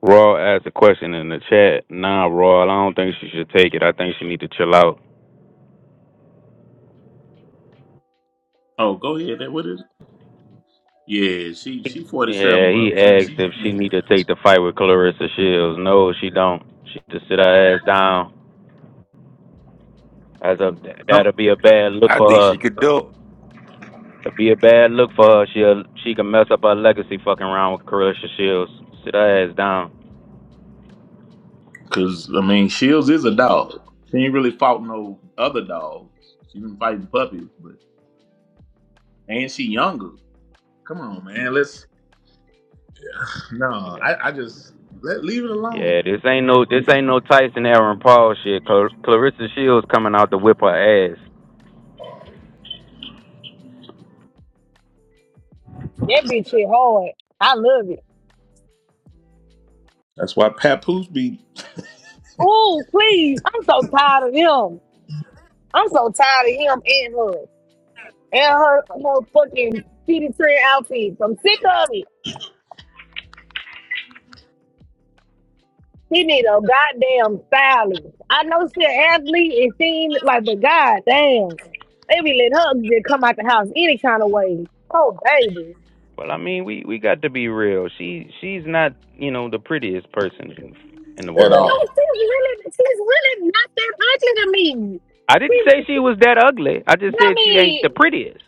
[SPEAKER 15] Raw asked a question in the chat. Nah, Raw, I don't think she should take it. I think she need to chill out.
[SPEAKER 1] Oh, go ahead. That what is? It? Yeah, she she forty seven,
[SPEAKER 15] Yeah, he
[SPEAKER 1] bro. She she
[SPEAKER 15] asked if
[SPEAKER 1] my
[SPEAKER 15] she
[SPEAKER 1] age.
[SPEAKER 15] need to take the fight with Clarissa Shields. No, she don't. She just sit her ass down. As a
[SPEAKER 1] Um,
[SPEAKER 15] that'll be a bad look
[SPEAKER 2] I
[SPEAKER 15] for
[SPEAKER 2] think
[SPEAKER 15] her.
[SPEAKER 2] she could do it.
[SPEAKER 15] It'll be a bad look for her. She will she can mess up her legacy fucking around with Clarissa Shields. Sit her ass down.
[SPEAKER 1] Cause I mean, Shields is a dog. She ain't really fought no other dogs. She been fighting puppies, but and she younger. Come on, man. Let's no. I I just let leave it
[SPEAKER 15] Yeah,
[SPEAKER 1] alone.
[SPEAKER 15] this ain't no this ain't no Tyson Aaron Paul shit. Clar- Clarissa Shields coming out to whip her ass.
[SPEAKER 8] That bitch shit hard. I love it.
[SPEAKER 1] That's why Papoose be
[SPEAKER 8] Oh, please. I'm so tired of him. I'm so tired of him and her and her her fucking city trend outfits. I'm sick of it. She need a goddamn stylist. I know she an athlete and she ain't- like, but goddamn, they be let her just come out the house any kind of way. Oh, baby.
[SPEAKER 15] Well, I mean, we we got to be real. She she's not, you know, the prettiest person in, in the
[SPEAKER 8] But
[SPEAKER 1] at
[SPEAKER 8] you
[SPEAKER 15] world.
[SPEAKER 8] know,
[SPEAKER 1] all.
[SPEAKER 8] she's really, she's really not that ugly to me.
[SPEAKER 15] I didn't say
[SPEAKER 8] She's,
[SPEAKER 15] she was that ugly. I just
[SPEAKER 8] I
[SPEAKER 15] said she ain't
[SPEAKER 8] mean,
[SPEAKER 15] the prettiest.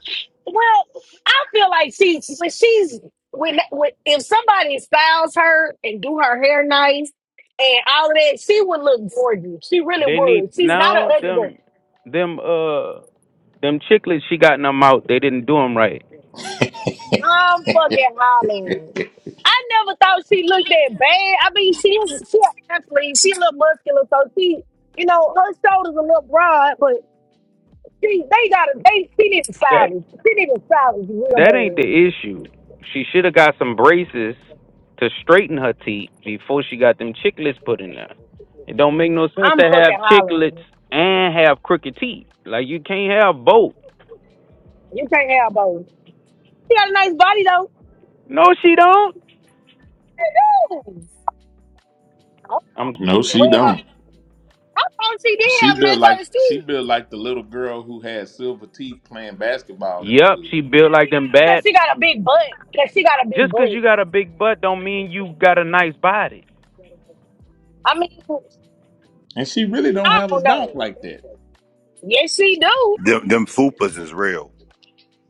[SPEAKER 8] well, I feel like she's, when she's, when, when, if somebody styles her and do her hair nice and all of that, she would look gorgeous. She really
[SPEAKER 15] They need
[SPEAKER 8] would. She's not an
[SPEAKER 15] now
[SPEAKER 8] ugly girl.
[SPEAKER 15] them them uh them chicklets she got in her mouth. They didn't do them right.
[SPEAKER 8] I'm fucking hollering. I never thought she looked that bad. I mean, she's she an athlete. She a little muscular, so she, you know, her shoulders a little broad, but. She, they got to they she need to
[SPEAKER 15] That
[SPEAKER 8] silence. She need to silence you
[SPEAKER 15] that ain't
[SPEAKER 8] real
[SPEAKER 15] the issue. She should have got some braces to straighten her teeth before she got them chicklets put in there. It don't make no
[SPEAKER 8] bad.
[SPEAKER 15] sense
[SPEAKER 8] I'm
[SPEAKER 15] to have
[SPEAKER 8] fucking
[SPEAKER 15] chicklets
[SPEAKER 8] hollering.
[SPEAKER 15] and have crooked teeth. Like you can't have both.
[SPEAKER 8] You can't have both. She got a nice body though.
[SPEAKER 15] No, she don't.
[SPEAKER 8] Ooh. Oh,
[SPEAKER 15] I'm
[SPEAKER 1] No, she
[SPEAKER 8] Well,
[SPEAKER 1] don't.
[SPEAKER 8] I thought she did have
[SPEAKER 1] She
[SPEAKER 8] a nice
[SPEAKER 1] built like
[SPEAKER 8] body
[SPEAKER 1] she
[SPEAKER 8] too.
[SPEAKER 1] built like the little girl who had silver teeth playing basketball in the
[SPEAKER 15] Yep, she
[SPEAKER 1] hood,
[SPEAKER 15] built like them
[SPEAKER 8] Cause
[SPEAKER 15] bad.
[SPEAKER 8] she got a big butt. Cause she got a big
[SPEAKER 15] Just 'cause
[SPEAKER 8] butt.
[SPEAKER 15] you got a big butt don't mean you got a nice body.
[SPEAKER 8] I mean,
[SPEAKER 1] and she really don't
[SPEAKER 8] I
[SPEAKER 1] have a
[SPEAKER 8] don't
[SPEAKER 1] donk
[SPEAKER 8] know.
[SPEAKER 1] like that.
[SPEAKER 8] Yes, she do.
[SPEAKER 2] Them them fupas is real.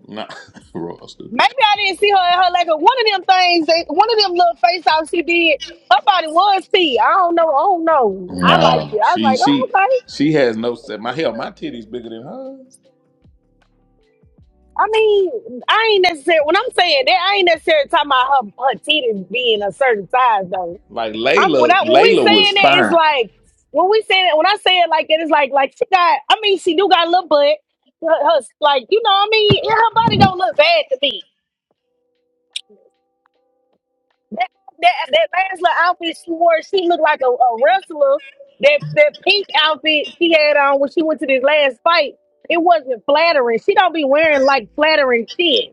[SPEAKER 1] No, *laughs* Roy, stupid.
[SPEAKER 8] Maybe I didn't see her in her like one of them things. That, one of them little face offs she did. Her body was see. I don't know. I don't know. I like it.
[SPEAKER 1] No,
[SPEAKER 8] I was
[SPEAKER 1] she
[SPEAKER 8] like, oh,
[SPEAKER 1] she
[SPEAKER 8] okay.
[SPEAKER 1] she has no set. My hell, my titties bigger than hers.
[SPEAKER 8] I mean, I ain't necessarily when I'm saying that I ain't necessarily talking about her, her titties being a certain size though.
[SPEAKER 1] Like
[SPEAKER 8] I'm when
[SPEAKER 1] Layla,
[SPEAKER 8] I when we
[SPEAKER 1] Layla
[SPEAKER 8] saying
[SPEAKER 1] was
[SPEAKER 8] that it's
[SPEAKER 1] fine.
[SPEAKER 8] like when we saying it when I say it like that it's like like she got I mean she do got a little butt her, her- like you know what I mean yeah, her body don't look bad to me. That that that last little outfit she wore she looked like a, a wrestler. That that pink outfit she had on when she went to this last fight it wasn't flattering. She don't be wearing like flattering shit.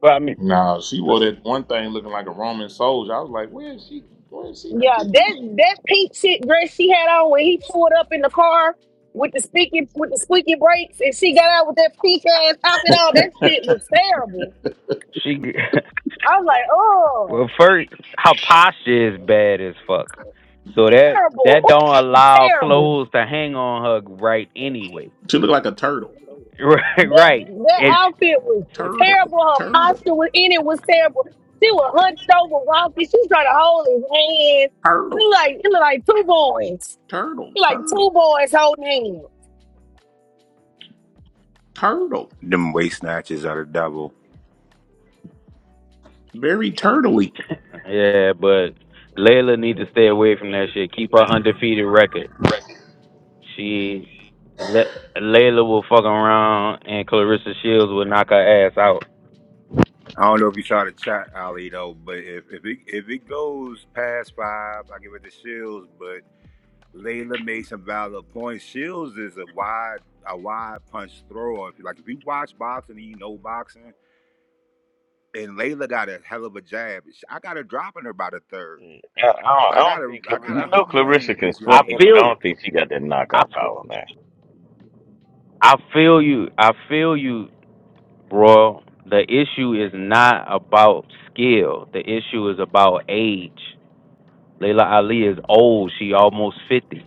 [SPEAKER 15] Well, I mean,
[SPEAKER 1] No, she wore that one thing looking like a Roman soldier. I was like, where is she? Where is she?
[SPEAKER 8] Yeah, that that pink shit dress she had on when he pulled up in the car with the squeaky with the squeaky brakes, and she got out with that pink ass outfit on. That shit was terrible.
[SPEAKER 15] she.
[SPEAKER 8] I was like,
[SPEAKER 15] *laughs*
[SPEAKER 8] oh,
[SPEAKER 15] well, first, her posture is bad as fuck. So that
[SPEAKER 8] terrible,
[SPEAKER 15] that
[SPEAKER 8] oh,
[SPEAKER 15] don't allow
[SPEAKER 8] terrible.
[SPEAKER 15] clothes to hang on her right anyway. *laughs*
[SPEAKER 1] She looked like a turtle.
[SPEAKER 15] Right,
[SPEAKER 8] That
[SPEAKER 15] right.
[SPEAKER 8] that
[SPEAKER 15] It's
[SPEAKER 8] outfit was
[SPEAKER 1] Turtle.
[SPEAKER 8] terrible. Her
[SPEAKER 1] Turtle.
[SPEAKER 8] posture was in it was terrible. She was hunched over, rocky. She was trying to hold his hand. It
[SPEAKER 1] Turtle.
[SPEAKER 8] looked like it looked like two boys,
[SPEAKER 1] Turtle.
[SPEAKER 8] It looked like two
[SPEAKER 1] Turtle.
[SPEAKER 8] boys holding hands.
[SPEAKER 1] Turtle.
[SPEAKER 2] Them waist snatches are the devil.
[SPEAKER 1] Very turtly.
[SPEAKER 15] yeah, but Layla need to stay away from that shit. Keep her undefeated record. She let Layla will fuck around and Clarissa Shields will knock her ass out.
[SPEAKER 2] I don't know if you saw the chat, Ali, though, but if if it if it goes past five, I give it to Shields. But Layla made some valid points. Shields is a wide a wide punch thrower. If you like, if you watch boxing, and you know boxing. and Layla got a hell of a jab. Sh- I got her dropping her about a third.
[SPEAKER 12] do. I, I, don't, I
[SPEAKER 2] I got
[SPEAKER 12] don't
[SPEAKER 2] her,
[SPEAKER 12] think
[SPEAKER 2] I
[SPEAKER 12] Clarissa,
[SPEAKER 2] got
[SPEAKER 12] I
[SPEAKER 2] her
[SPEAKER 12] know Clarissa
[SPEAKER 2] humbling
[SPEAKER 12] can
[SPEAKER 2] this
[SPEAKER 15] I
[SPEAKER 2] young
[SPEAKER 12] swing,
[SPEAKER 2] lady.
[SPEAKER 12] but I
[SPEAKER 15] feel
[SPEAKER 12] don't think she got that
[SPEAKER 15] I,
[SPEAKER 12] knockout power, man.
[SPEAKER 15] I feel you. I feel you, bro. The issue is not about skill. The issue is about age. Layla Ali is old. She almost fifty.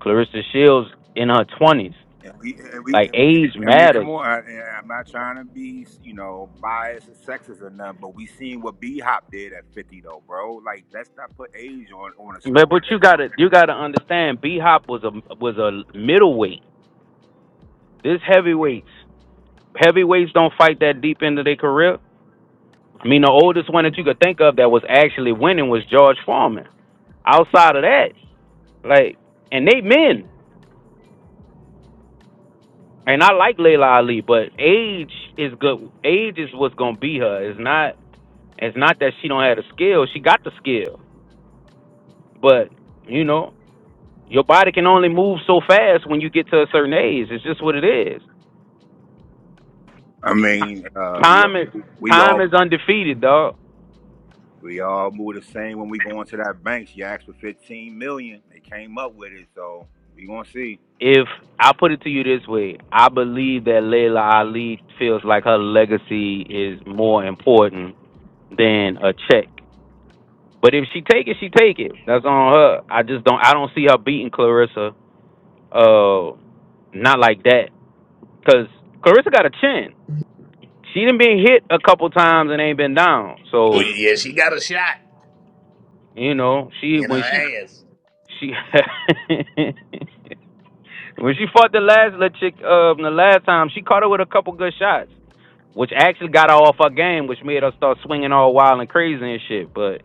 [SPEAKER 15] Clarissa Shields in her twenties.
[SPEAKER 2] And we, and we,
[SPEAKER 15] Like
[SPEAKER 2] and, and-
[SPEAKER 15] age
[SPEAKER 2] I mean, come
[SPEAKER 15] matters.
[SPEAKER 2] on. I, and I'm not trying to be, you know, biased or sexist or nothing, but we seen what B Hop did at 50, though, bro. Like, that's not put age on on a
[SPEAKER 15] But
[SPEAKER 2] sport.
[SPEAKER 15] but
[SPEAKER 2] That,
[SPEAKER 15] you gotta you gotta understand. B Hop was a was a middleweight. This heavyweights heavyweights don't fight that deep into their career. I mean, the oldest one that you could think of that was actually winning was George Foreman. Outside of that. Like, and they men. And I like Layla Ali, but age is good. Age is what's gonna be her. It's not. It's not that she don't have the skill. She got the skill, but you know, your body can only move so fast when you get to a certain age. It's just what it is.
[SPEAKER 2] I mean,
[SPEAKER 15] Ti-
[SPEAKER 2] uh, we all,
[SPEAKER 15] Time is
[SPEAKER 2] move- we
[SPEAKER 15] time
[SPEAKER 2] all,
[SPEAKER 15] is undefeated, dog.
[SPEAKER 2] we all move the same when we go into that bank. She asked for 15 million. They came up with it, so we gonna see.
[SPEAKER 15] If I put it to you this way, I believe that Layla Ali feels like her legacy is more important than a check. But if she take it, she take it. That's on her. I just don't. I don't see her beating Clarissa. Uh, not like that. Cause Clarissa got a chin. She done been hit a couple times and ain't been down.
[SPEAKER 1] Well,
[SPEAKER 15] So
[SPEAKER 1] yeah, she got a shot
[SPEAKER 15] you know, she
[SPEAKER 1] in
[SPEAKER 15] when
[SPEAKER 1] her
[SPEAKER 15] she
[SPEAKER 1] ass.
[SPEAKER 15] she *laughs* when she fought the last little chick uh the last time, she caught her with a couple good shots, which actually got her off her game, which made her start swinging all wild and crazy and shit. But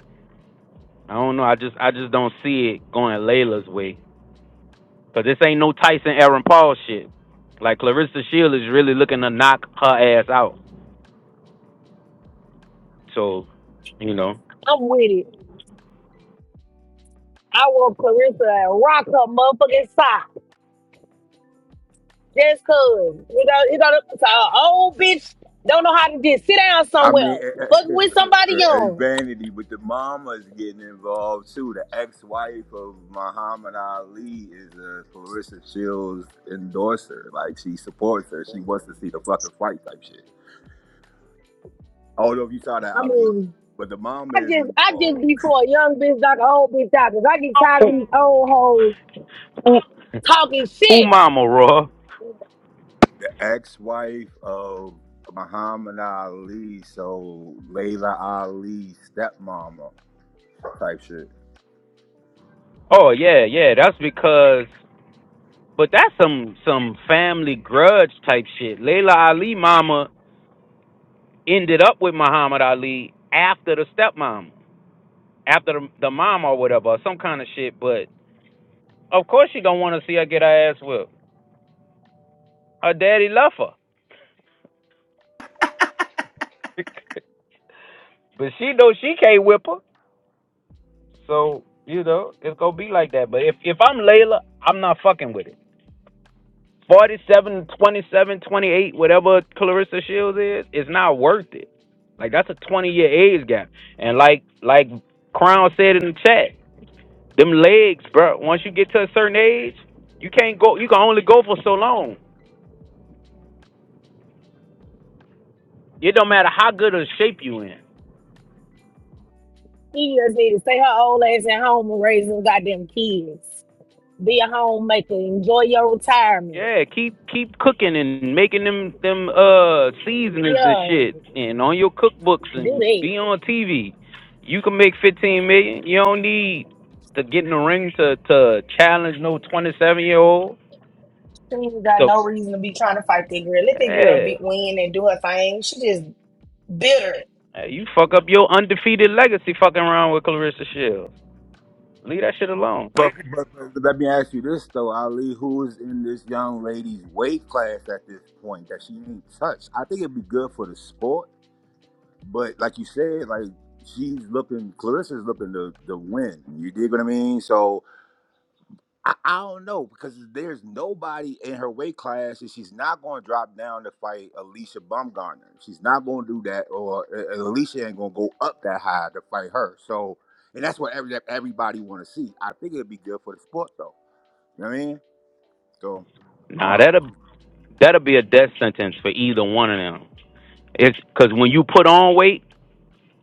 [SPEAKER 15] I don't know. I just I just don't see it going Layla's way. Cause this ain't no Tyson Aaron Paul shit. Like Clarissa Shield is really looking to knock her ass out. So, you know.
[SPEAKER 8] I'm with it. I want Clarissa to rock her motherfucking socks. Just cause. You know, you know, so a old bitch don't know how to just sit down
[SPEAKER 2] I mean,
[SPEAKER 8] somewhere. Fuck with somebody
[SPEAKER 2] *laughs* a
[SPEAKER 8] young.
[SPEAKER 2] vanity, but the mama's getting involved too. The ex-wife of Muhammad Ali is a Clarissa Shields endorser. Like she supports her. She wants to see the fucking fight type shit. I don't know if you saw that,
[SPEAKER 8] I
[SPEAKER 2] Ali,
[SPEAKER 8] mean,
[SPEAKER 2] but the mama
[SPEAKER 8] I
[SPEAKER 2] is
[SPEAKER 8] just I just
[SPEAKER 2] involved.
[SPEAKER 8] be for a young bitch like an old bitch out 'cause I get tired of
[SPEAKER 15] Who
[SPEAKER 8] these old hoes
[SPEAKER 15] who
[SPEAKER 8] talking
[SPEAKER 15] who
[SPEAKER 8] shit.
[SPEAKER 15] mama raw?
[SPEAKER 2] The ex-wife of Muhammad Ali, so Layla Ali's stepmama type shit.
[SPEAKER 15] Oh yeah, yeah, that's because but that's some some family grudge type shit. Layla Ali mama ended up with Muhammad Ali after the stepmom. After the, the mom or whatever, or some kind of shit, but of course she don't want to see her get her ass whipped. Her daddy left her. *laughs* but she know she can't whip her. So you know it's gonna be like that. But if if I'm Layla, I'm not fucking with it. 47, 27, 28, whatever Clarissa Shields is, it's not worth it. Like that's a 20 year age gap. And like like Crown said in the chat, them legs, bro. Once you get to a certain age, you can't go. You can only go for so long. It don't matter how good a shape you in.
[SPEAKER 8] She just need to stay her old ass at home and raise them goddamn kids. Be a homemaker. Enjoy your retirement.
[SPEAKER 15] Yeah, keep keep cooking and making them them uh seasonings
[SPEAKER 8] Yeah,
[SPEAKER 15] and shit, and on your cookbooks
[SPEAKER 8] do
[SPEAKER 15] and
[SPEAKER 8] that.
[SPEAKER 15] be on TV. You can make fifteen million. You don't need to get in the ring to to challenge no twenty seven year old.
[SPEAKER 8] She ain't got
[SPEAKER 15] So
[SPEAKER 8] no reason to be trying to fight that girl. Let
[SPEAKER 15] yeah,
[SPEAKER 8] that girl be win and do her thing. She just bitter.
[SPEAKER 15] Hey, you fuck up your undefeated legacy fucking around with Clarissa Shields. Leave that shit alone.
[SPEAKER 2] But, but, but let me ask you this though, Ali, who is in this young lady's weight class at this point that she ain't touched? I think it'd be good for the sport, but like you said, like she's looking, Clarissa's looking to, to win. You dig what I mean? So I, I don't know because there's nobody in her weight class, and she's not going to drop down to fight Alicia Bumgarner. She's not going to do that, or uh, Alicia ain't going to go up that high to fight her. So, and that's what every, everybody want to see. I think it'd be good for the sport though. You know what I mean? So I don't
[SPEAKER 15] Nah,
[SPEAKER 2] know.
[SPEAKER 15] that'll that'll be a death sentence for either one of them. It's because when you put on weight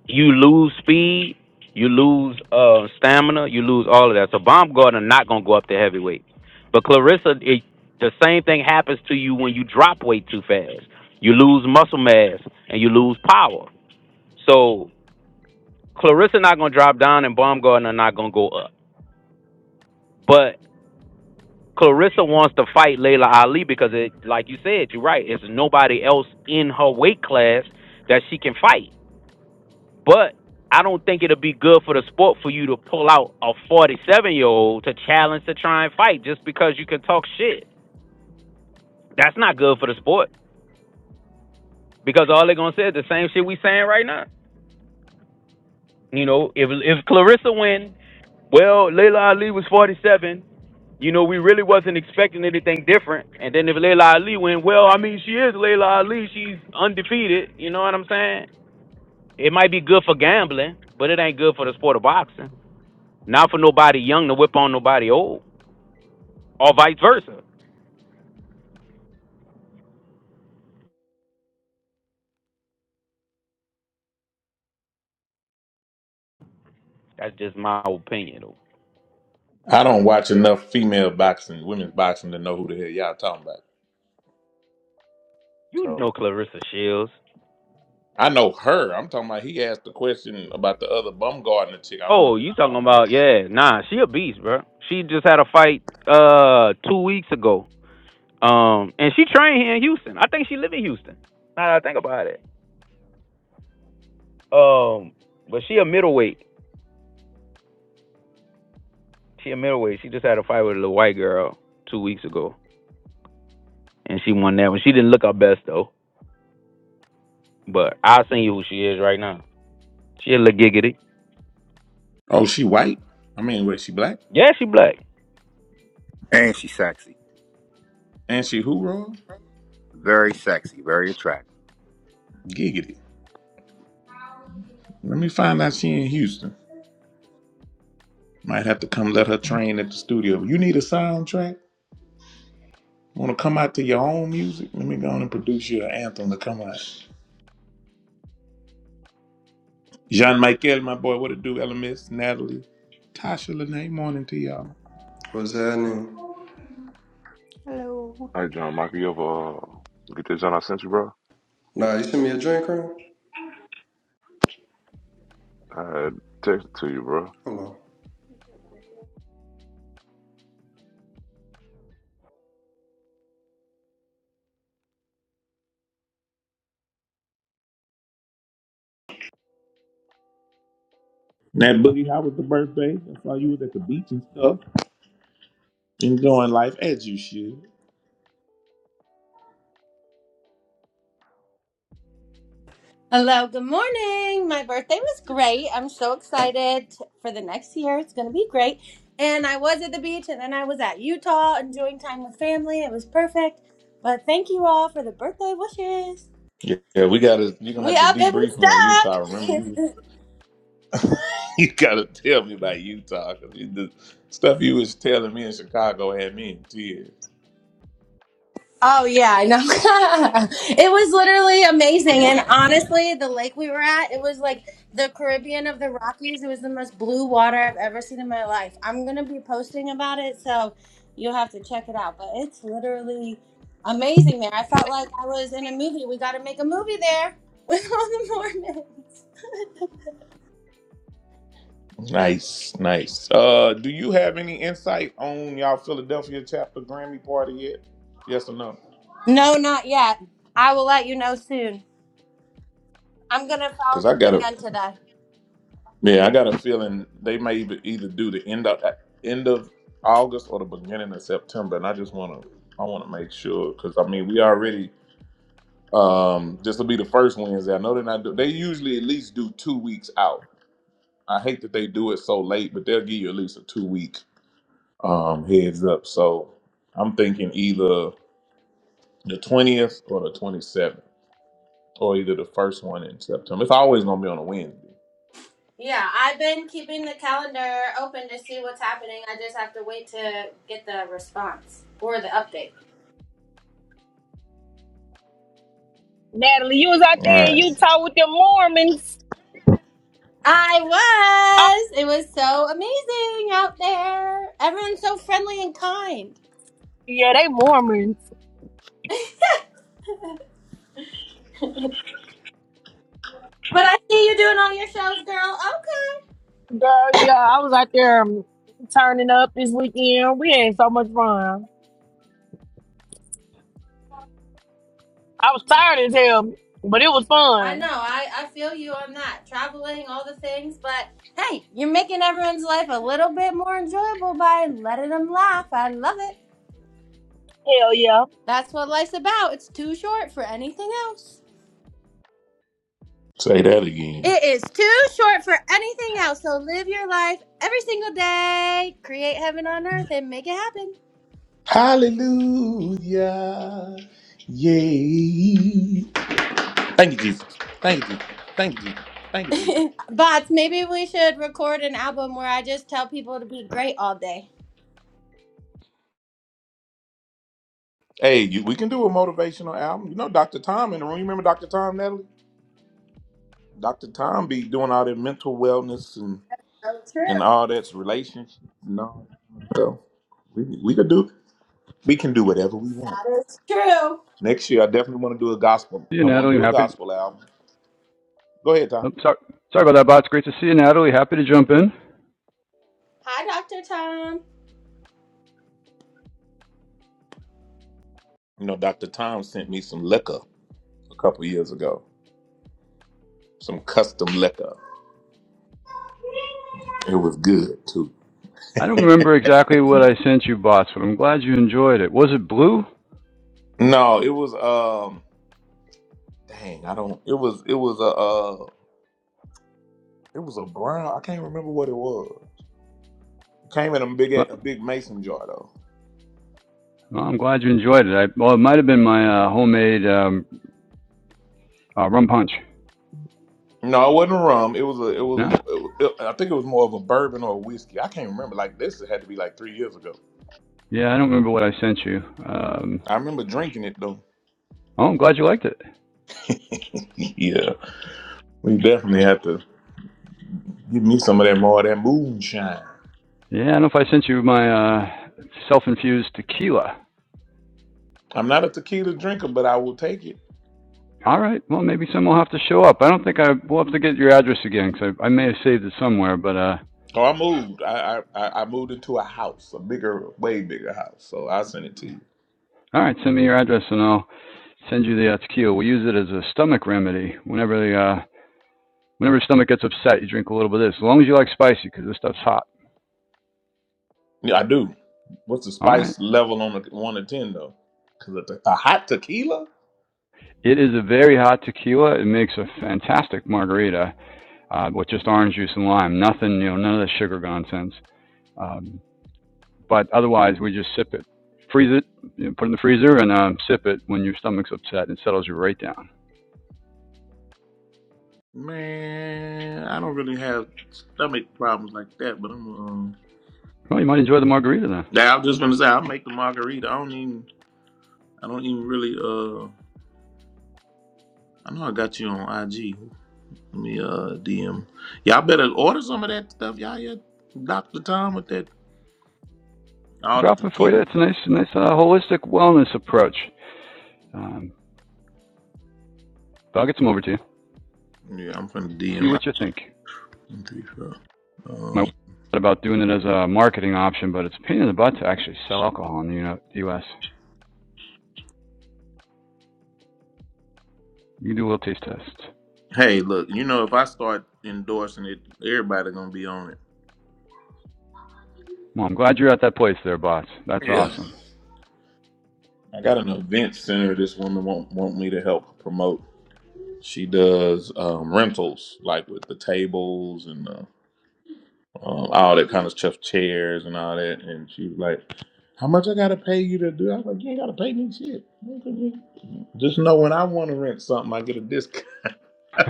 [SPEAKER 15] you lose speed, you lose uh, stamina, you lose all of that. So Baumgartner not gonna go up to heavyweight. But Clarissa, it, the same thing happens to you when you drop weight too fast. You lose muscle mass and you lose power. So Clarissa not gonna drop down, and Baumgartner not gonna go up. But Clarissa wants to fight Layla Ali because it, like you said, you're right. It's nobody else in her weight class that she can fight. But I don't think it'll be good for the sport for you to pull out a 47 year old to challenge to try and fight just because you can talk shit. That's not good for the sport because all they're gonna say is the same shit we saying right now. You know, if if Clarissa win, well, Layla Ali was 47. You know, we really wasn't expecting anything different. And then if Layla Ali win, well, I mean, she is Layla Ali. She's undefeated. You know what I'm saying? It might be good for gambling, but it ain't good for the sport of boxing. Not for nobody young to whip on nobody old. or vice versa. That's just my opinion, though.
[SPEAKER 1] I don't watch enough female boxing, women's boxing to know who the hell y'all talking about.
[SPEAKER 15] You
[SPEAKER 1] So
[SPEAKER 15] know Clarissa Shields.
[SPEAKER 1] I know her. I'm talking about he asked the question about the other bum gardener chick. I don't know
[SPEAKER 15] Oh,
[SPEAKER 1] that.
[SPEAKER 15] you
[SPEAKER 1] I
[SPEAKER 15] talking
[SPEAKER 1] don't know
[SPEAKER 15] about
[SPEAKER 1] her.
[SPEAKER 15] yeah? Nah, she a beast, bro. She just had a fight uh two weeks ago. Um, and she trained here in Houston. I think she live in Houston. Now that I think about it. Um, but she a middleweight. She a middleweight. She just had a fight with a little white girl two weeks ago, and she won that one. She didn't look her best though. But I'll send you who she is right now. She a little giggity.
[SPEAKER 1] Oh, she white? I mean, wait, she black?
[SPEAKER 15] Yeah, she black.
[SPEAKER 2] And she's sexy.
[SPEAKER 1] And she who Roy?
[SPEAKER 2] Very sexy, very attractive.
[SPEAKER 1] Giggity. Let me find out she in Houston. Might have to come let her train at the studio. You need a soundtrack? Wanna come out to your own music? Let me go on and produce you an anthem to come out. Jean Michael, my boy, what it do? Ella Miss, Natalie, Tasha, Lene, morning to y'all.
[SPEAKER 16] What's happening?
[SPEAKER 17] Hello.
[SPEAKER 6] right, John Michael, you ever uh, get that John I sent you, bro?
[SPEAKER 16] Nah, you sent me a drink, Crown?
[SPEAKER 6] I had texted to you, bro.
[SPEAKER 16] Hold on.
[SPEAKER 1] Nat Boogie, how was the birthday? I saw you was at the beach and stuff, enjoying life as you should.
[SPEAKER 18] Hello, good morning. My birthday was great. I'm so excited for the next year. It's going to be great. And I was at the beach and then I was at Utah enjoying time with family. It was perfect. But thank you all for the birthday wishes.
[SPEAKER 1] Yeah, yeah, we gotta. You're gonna
[SPEAKER 18] We
[SPEAKER 1] have to
[SPEAKER 18] up and we
[SPEAKER 1] debrief me on Utah. Remember,
[SPEAKER 18] stuck.
[SPEAKER 1] you
[SPEAKER 18] *laughs*
[SPEAKER 1] *laughs* you gotta tell me about Utah because the stuff you was telling me in Chicago had me in tears.
[SPEAKER 18] Oh yeah, I know. *laughs* it was literally amazing, and honestly, the lake we were at, it was like the Caribbean of the Rockies. It was the most blue water I've ever seen in my life. I'm gonna be posting about it, so you'll have to check it out. But it's literally amazing there. I felt like I was in a movie. We got to make a movie there *laughs* with all the Mormons.
[SPEAKER 1] Nice, nice. Uh, do you have any insight on y'all Philadelphia chapter Grammy party yet? Yes or no?
[SPEAKER 18] No, not yet. I will let you know soon. I'm gonna follow
[SPEAKER 1] Because I got
[SPEAKER 18] up
[SPEAKER 1] to.
[SPEAKER 18] again today.
[SPEAKER 1] Yeah, I got a feeling they may either, either do the end of end of August or the beginning of September, and I just want to I want to make sure because I mean we already um this will be the first Wednesday. I know they're not do, they usually at least do two weeks out. I hate that they do it so late, but they'll give you at least a two week um heads up. So I'm thinking either the twentieth or the twenty seventh, or either the first one in September. It's always gonna be on a Wednesday.
[SPEAKER 18] Yeah, I've been keeping the calendar open to see what's happening. I just have to wait to get the response or the update.
[SPEAKER 8] Natalie, you was out
[SPEAKER 1] All
[SPEAKER 8] there in
[SPEAKER 1] right,
[SPEAKER 8] Utah with them Mormons.
[SPEAKER 18] I
[SPEAKER 8] Oh,
[SPEAKER 18] was. It was so amazing out there. Everyone's so friendly and kind.
[SPEAKER 8] yeah, they Mormons.
[SPEAKER 18] But I see you doing all your shows, girl. Okay.
[SPEAKER 8] Girl, yeah, I was out there um, turning up this weekend. We had so much fun. I was tired as hell, but it was
[SPEAKER 18] I know.
[SPEAKER 8] fun.
[SPEAKER 18] I, I feel you on that. Traveling, all the things. But hey, you're making everyone's life a little bit more enjoyable by letting them laugh. I love it.
[SPEAKER 8] Hell yeah.
[SPEAKER 18] That's what life's about. It's too short for anything else.
[SPEAKER 1] say that again.
[SPEAKER 18] It is too short for anything else. So live your life every single day. Create heaven on earth and make it
[SPEAKER 1] Hallelujah. Yay. Thank you, Jesus. Thank you, Jesus. Thank you, Jesus. Thank you, Jesus.
[SPEAKER 18] happen. *laughs* Bots, maybe we should record an album where I just tell people to be great all day.
[SPEAKER 1] Hey, you, we can do a motivational album. You know, Dr. Tom in the room. You remember Dr. Tom, Natalie? Dr. Tom be doing all that mental wellness and,
[SPEAKER 18] Oh, true.
[SPEAKER 1] and all that's relationships and all. So we, we could do we can do whatever we want.
[SPEAKER 18] That is true.
[SPEAKER 1] Next year I definitely want to do a gospel.
[SPEAKER 4] See you,
[SPEAKER 1] I want to
[SPEAKER 4] Natalie. I'm
[SPEAKER 1] do a
[SPEAKER 4] Happy. To,
[SPEAKER 1] gospel album. Go ahead, Tom.
[SPEAKER 4] oh, sorry, sorry about that, bots. Great to see you, Natalie. Happy to jump in.
[SPEAKER 18] Hi, Dr. Tom.
[SPEAKER 1] You know, Dr. Tom sent me some liquor a couple years ago. Some custom liquor. It was good too.
[SPEAKER 4] I don't remember exactly what I sent you, bots, but I'm glad you enjoyed it. Was it blue?
[SPEAKER 1] No, it was um dang, I don't it was it was a uh it was a brown I can't remember what it was. Came in a big
[SPEAKER 4] Well,
[SPEAKER 1] a big mason jar though.
[SPEAKER 4] well, I'm glad you enjoyed it. I, well, it might have been my uh, homemade um, uh, rum punch.
[SPEAKER 1] No, it wasn't rum. It was a it was,
[SPEAKER 4] No?
[SPEAKER 1] it was it- I think it was more of a bourbon or a whiskey. I can't remember. Like this had to be like three years ago.
[SPEAKER 4] Yeah, I don't remember what I sent you. Um,
[SPEAKER 1] I remember drinking it though.
[SPEAKER 4] oh, I'm glad you liked it.
[SPEAKER 1] *laughs* yeah. We definitely have to give me some of that more of that moonshine.
[SPEAKER 4] Yeah, I don't know if I sent you my uh, self-infused tequila.
[SPEAKER 1] I'm not a tequila drinker, but I will take it.
[SPEAKER 4] All right. Well, maybe some will have to show up. I don't think I will have to get your address again because I, I may have saved it somewhere. But uh,
[SPEAKER 1] Oh, I moved. I, I I I moved into a house, a bigger, way bigger house. So I will send it to you.
[SPEAKER 4] all right, send me your address and I'll send you the uh, tequila. We use it as a stomach remedy whenever the uh, Whenever your stomach gets upset, you drink a little bit of this, as long as you like spicy, because this stuff's hot.
[SPEAKER 1] Yeah, I do. What's the
[SPEAKER 4] All right.
[SPEAKER 1] spice level on a one to ten though? Cause a, te- a hot tequila,
[SPEAKER 4] It is a very hot tequila. It makes a fantastic margarita uh, with just orange juice and lime. Nothing, you know, none of the sugar nonsense. Um, but otherwise, we just sip it, freeze it, you know, put it in the freezer, and um, sip it when your stomach's upset. It settles you right down.
[SPEAKER 1] man. I don't really have stomach problems like that, but I'm. Um,
[SPEAKER 4] Well, you might enjoy the margarita then. I'll
[SPEAKER 1] now I'm just gonna say I'll make the margarita. I don't even. I don't even really. Uh, I know I got you on IG. Let me uh DM. Y'all better order some of that stuff. Y'all, yeah, Doctor Tom with that all the
[SPEAKER 4] Drop it for you.
[SPEAKER 1] tequila.
[SPEAKER 4] It's a nice, nice uh, holistic wellness approach. Um, but I'll get some over to you.
[SPEAKER 1] Yeah, I'm from
[SPEAKER 4] See
[SPEAKER 1] DM.
[SPEAKER 4] what you think.
[SPEAKER 1] I so.
[SPEAKER 4] my wife
[SPEAKER 1] Um,
[SPEAKER 4] thought about doing it as a marketing option, but it's a pain in the butt to actually sell alcohol in the Uni- U.S. You can do a little taste test.
[SPEAKER 1] hey, look, you know, if I start endorsing it, everybody gonna be on it.
[SPEAKER 4] Well, I'm glad you're at that place there, boss. That's
[SPEAKER 1] Yeah.
[SPEAKER 4] awesome.
[SPEAKER 1] I got an event center. This woman want want me to help promote. She does um, rentals, like with the tables and uh, um, all that kind of stuff, chairs and all that. And she was like, "How much I gotta pay you to do?" I was like, "You ain't gotta pay me shit. Just know when I want to rent something, I get a discount." *laughs*
[SPEAKER 4] *laughs*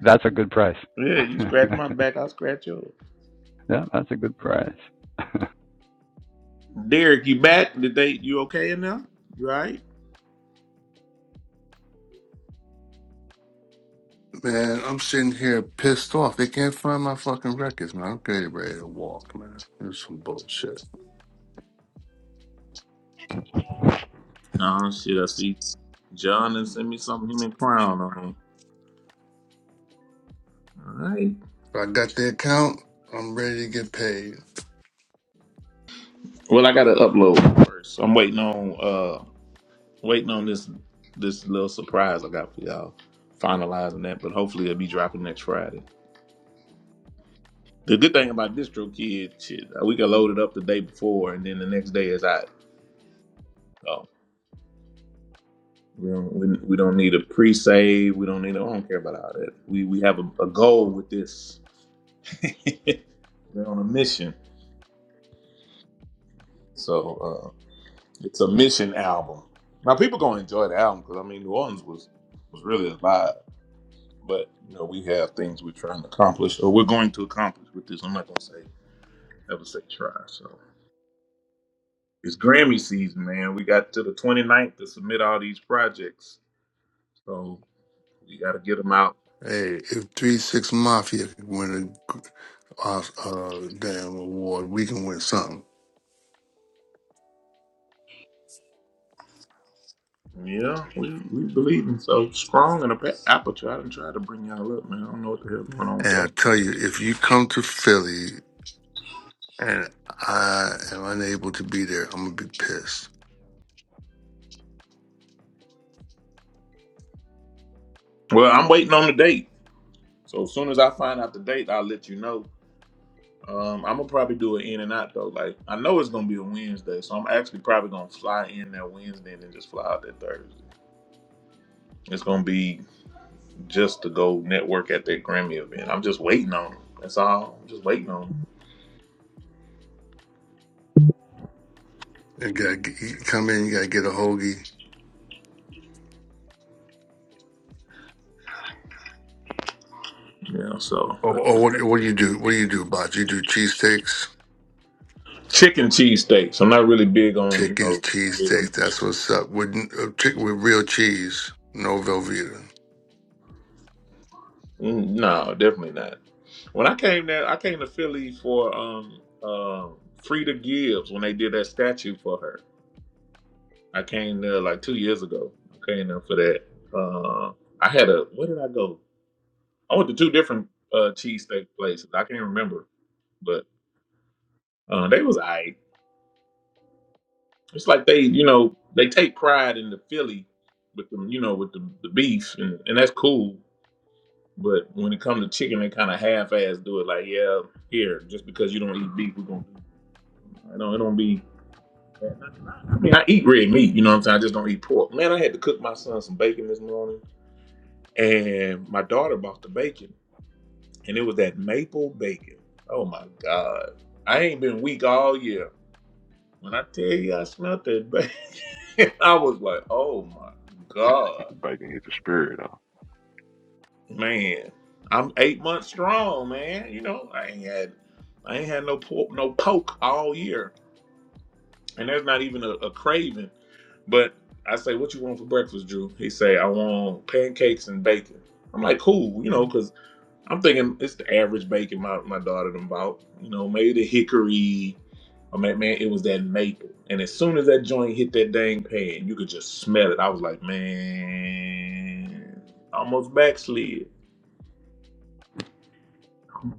[SPEAKER 4] that's a good price. *laughs*
[SPEAKER 1] Yeah, you
[SPEAKER 4] yeah,
[SPEAKER 1] scratch my back, I will scratch yours.
[SPEAKER 4] that's a good price.
[SPEAKER 1] Derek, you back? Did they you okay enough? You all right?
[SPEAKER 11] man. I'm sitting here pissed off. They can't find my fucking records, man. I'm getting ready to walk, man. This some bullshit.
[SPEAKER 1] Oh shit, I see John and send me something human crown on. Alright.
[SPEAKER 11] But I got the account. I'm ready to get paid.
[SPEAKER 1] Well I gotta upload first. I'm waiting on uh waiting on this this little surprise I got for y'all. Finalizing that, but hopefully it'll be dropping next Friday. The good thing about distro kid shit, uh, we can load it up the day before and then the next day is out. So we don't we, we don't need a pre save, we don't need a, I don't care about all that. We we have a, a goal with this. *laughs* They're on a mission. So uh, it's a mission album. Now people gonna enjoy the album because I mean New Orleans was was really alive. But you know we have things we're trying to accomplish or we're going to accomplish with this. I'm not gonna say ever say try. So it's Grammy season, man. We got to the 29th to submit all these projects. So we got to get them out.
[SPEAKER 11] Hey, if three six mafia can win uh, uh, damn award. We can win something.
[SPEAKER 1] Yeah, we, we believe in so strong in the apple. Try and tried to bring y'all up, man. I don't know what the hell going on with
[SPEAKER 11] And
[SPEAKER 1] that.
[SPEAKER 11] I tell you, if you come to Philly and I am unable to be there, I'm gonna be pissed.
[SPEAKER 1] Well, I'm waiting on the date. So as soon as I find out the date, I'll let you know. Um, I'm gonna probably do an in and out though. Like I know it's gonna be a Wednesday, so I'm actually probably gonna fly in that Wednesday and then just fly out that Thursday. It's gonna be just to go network at that Grammy event. I'm just waiting on them. That's all. I'm just waiting on them.
[SPEAKER 11] And gotta get, you come in, you gotta get a hoagie.
[SPEAKER 1] Yeah. So
[SPEAKER 11] Or, or what? What do you do? What do you do, Bob? You do cheesesteaks,
[SPEAKER 1] chicken cheese steaks. I'm not really big on you
[SPEAKER 11] chicken
[SPEAKER 1] know. red
[SPEAKER 11] cheesesteaks.
[SPEAKER 1] meat.
[SPEAKER 11] That's what's up with uh, chick- with real cheese, no Velveeta.
[SPEAKER 1] Mm, No, definitely not. When I came there, I came to Philly for um um Frida Gibbs when they did that statue for her. I came there like two years ago. I came there for that. Uh, I had a where did I go? I went to two different uh, cheesesteak places. I can't remember, but uh, they was I. It's like they, you know, they take pride in the Philly with them, you know, with the, the beef, and, and that's cool. But when it comes to chicken, they kind of half-ass do it. Like, yeah, here, just because you don't eat beef, we're gonna. I don't. It don't be. I mean, I eat red meat. You know what I'm saying? I just don't eat pork. Man, I had to cook my son some bacon this morning. and my daughter bought the bacon, and it was that maple bacon. Oh my God. I ain't been weak all year. When I tell you I smelled that bacon, *laughs* I was like, oh my God.
[SPEAKER 6] *laughs* Bacon hit the spirit, though.
[SPEAKER 1] Man, I'm eight months strong, man. You know, I ain't had I ain't had no pork, no poke all year. And there's not even a, a craving. But I say, what you want for breakfast, Drew? He say, I want pancakes and bacon. I'm like, cool, you know, 'cause I'm thinking it's the average bacon my, my daughter done bought. You know, maybe the hickory. I mean, man, it was that maple. And as soon as that joint hit that dang pan, you could just smell it. I was like, man, almost backslid. Oh,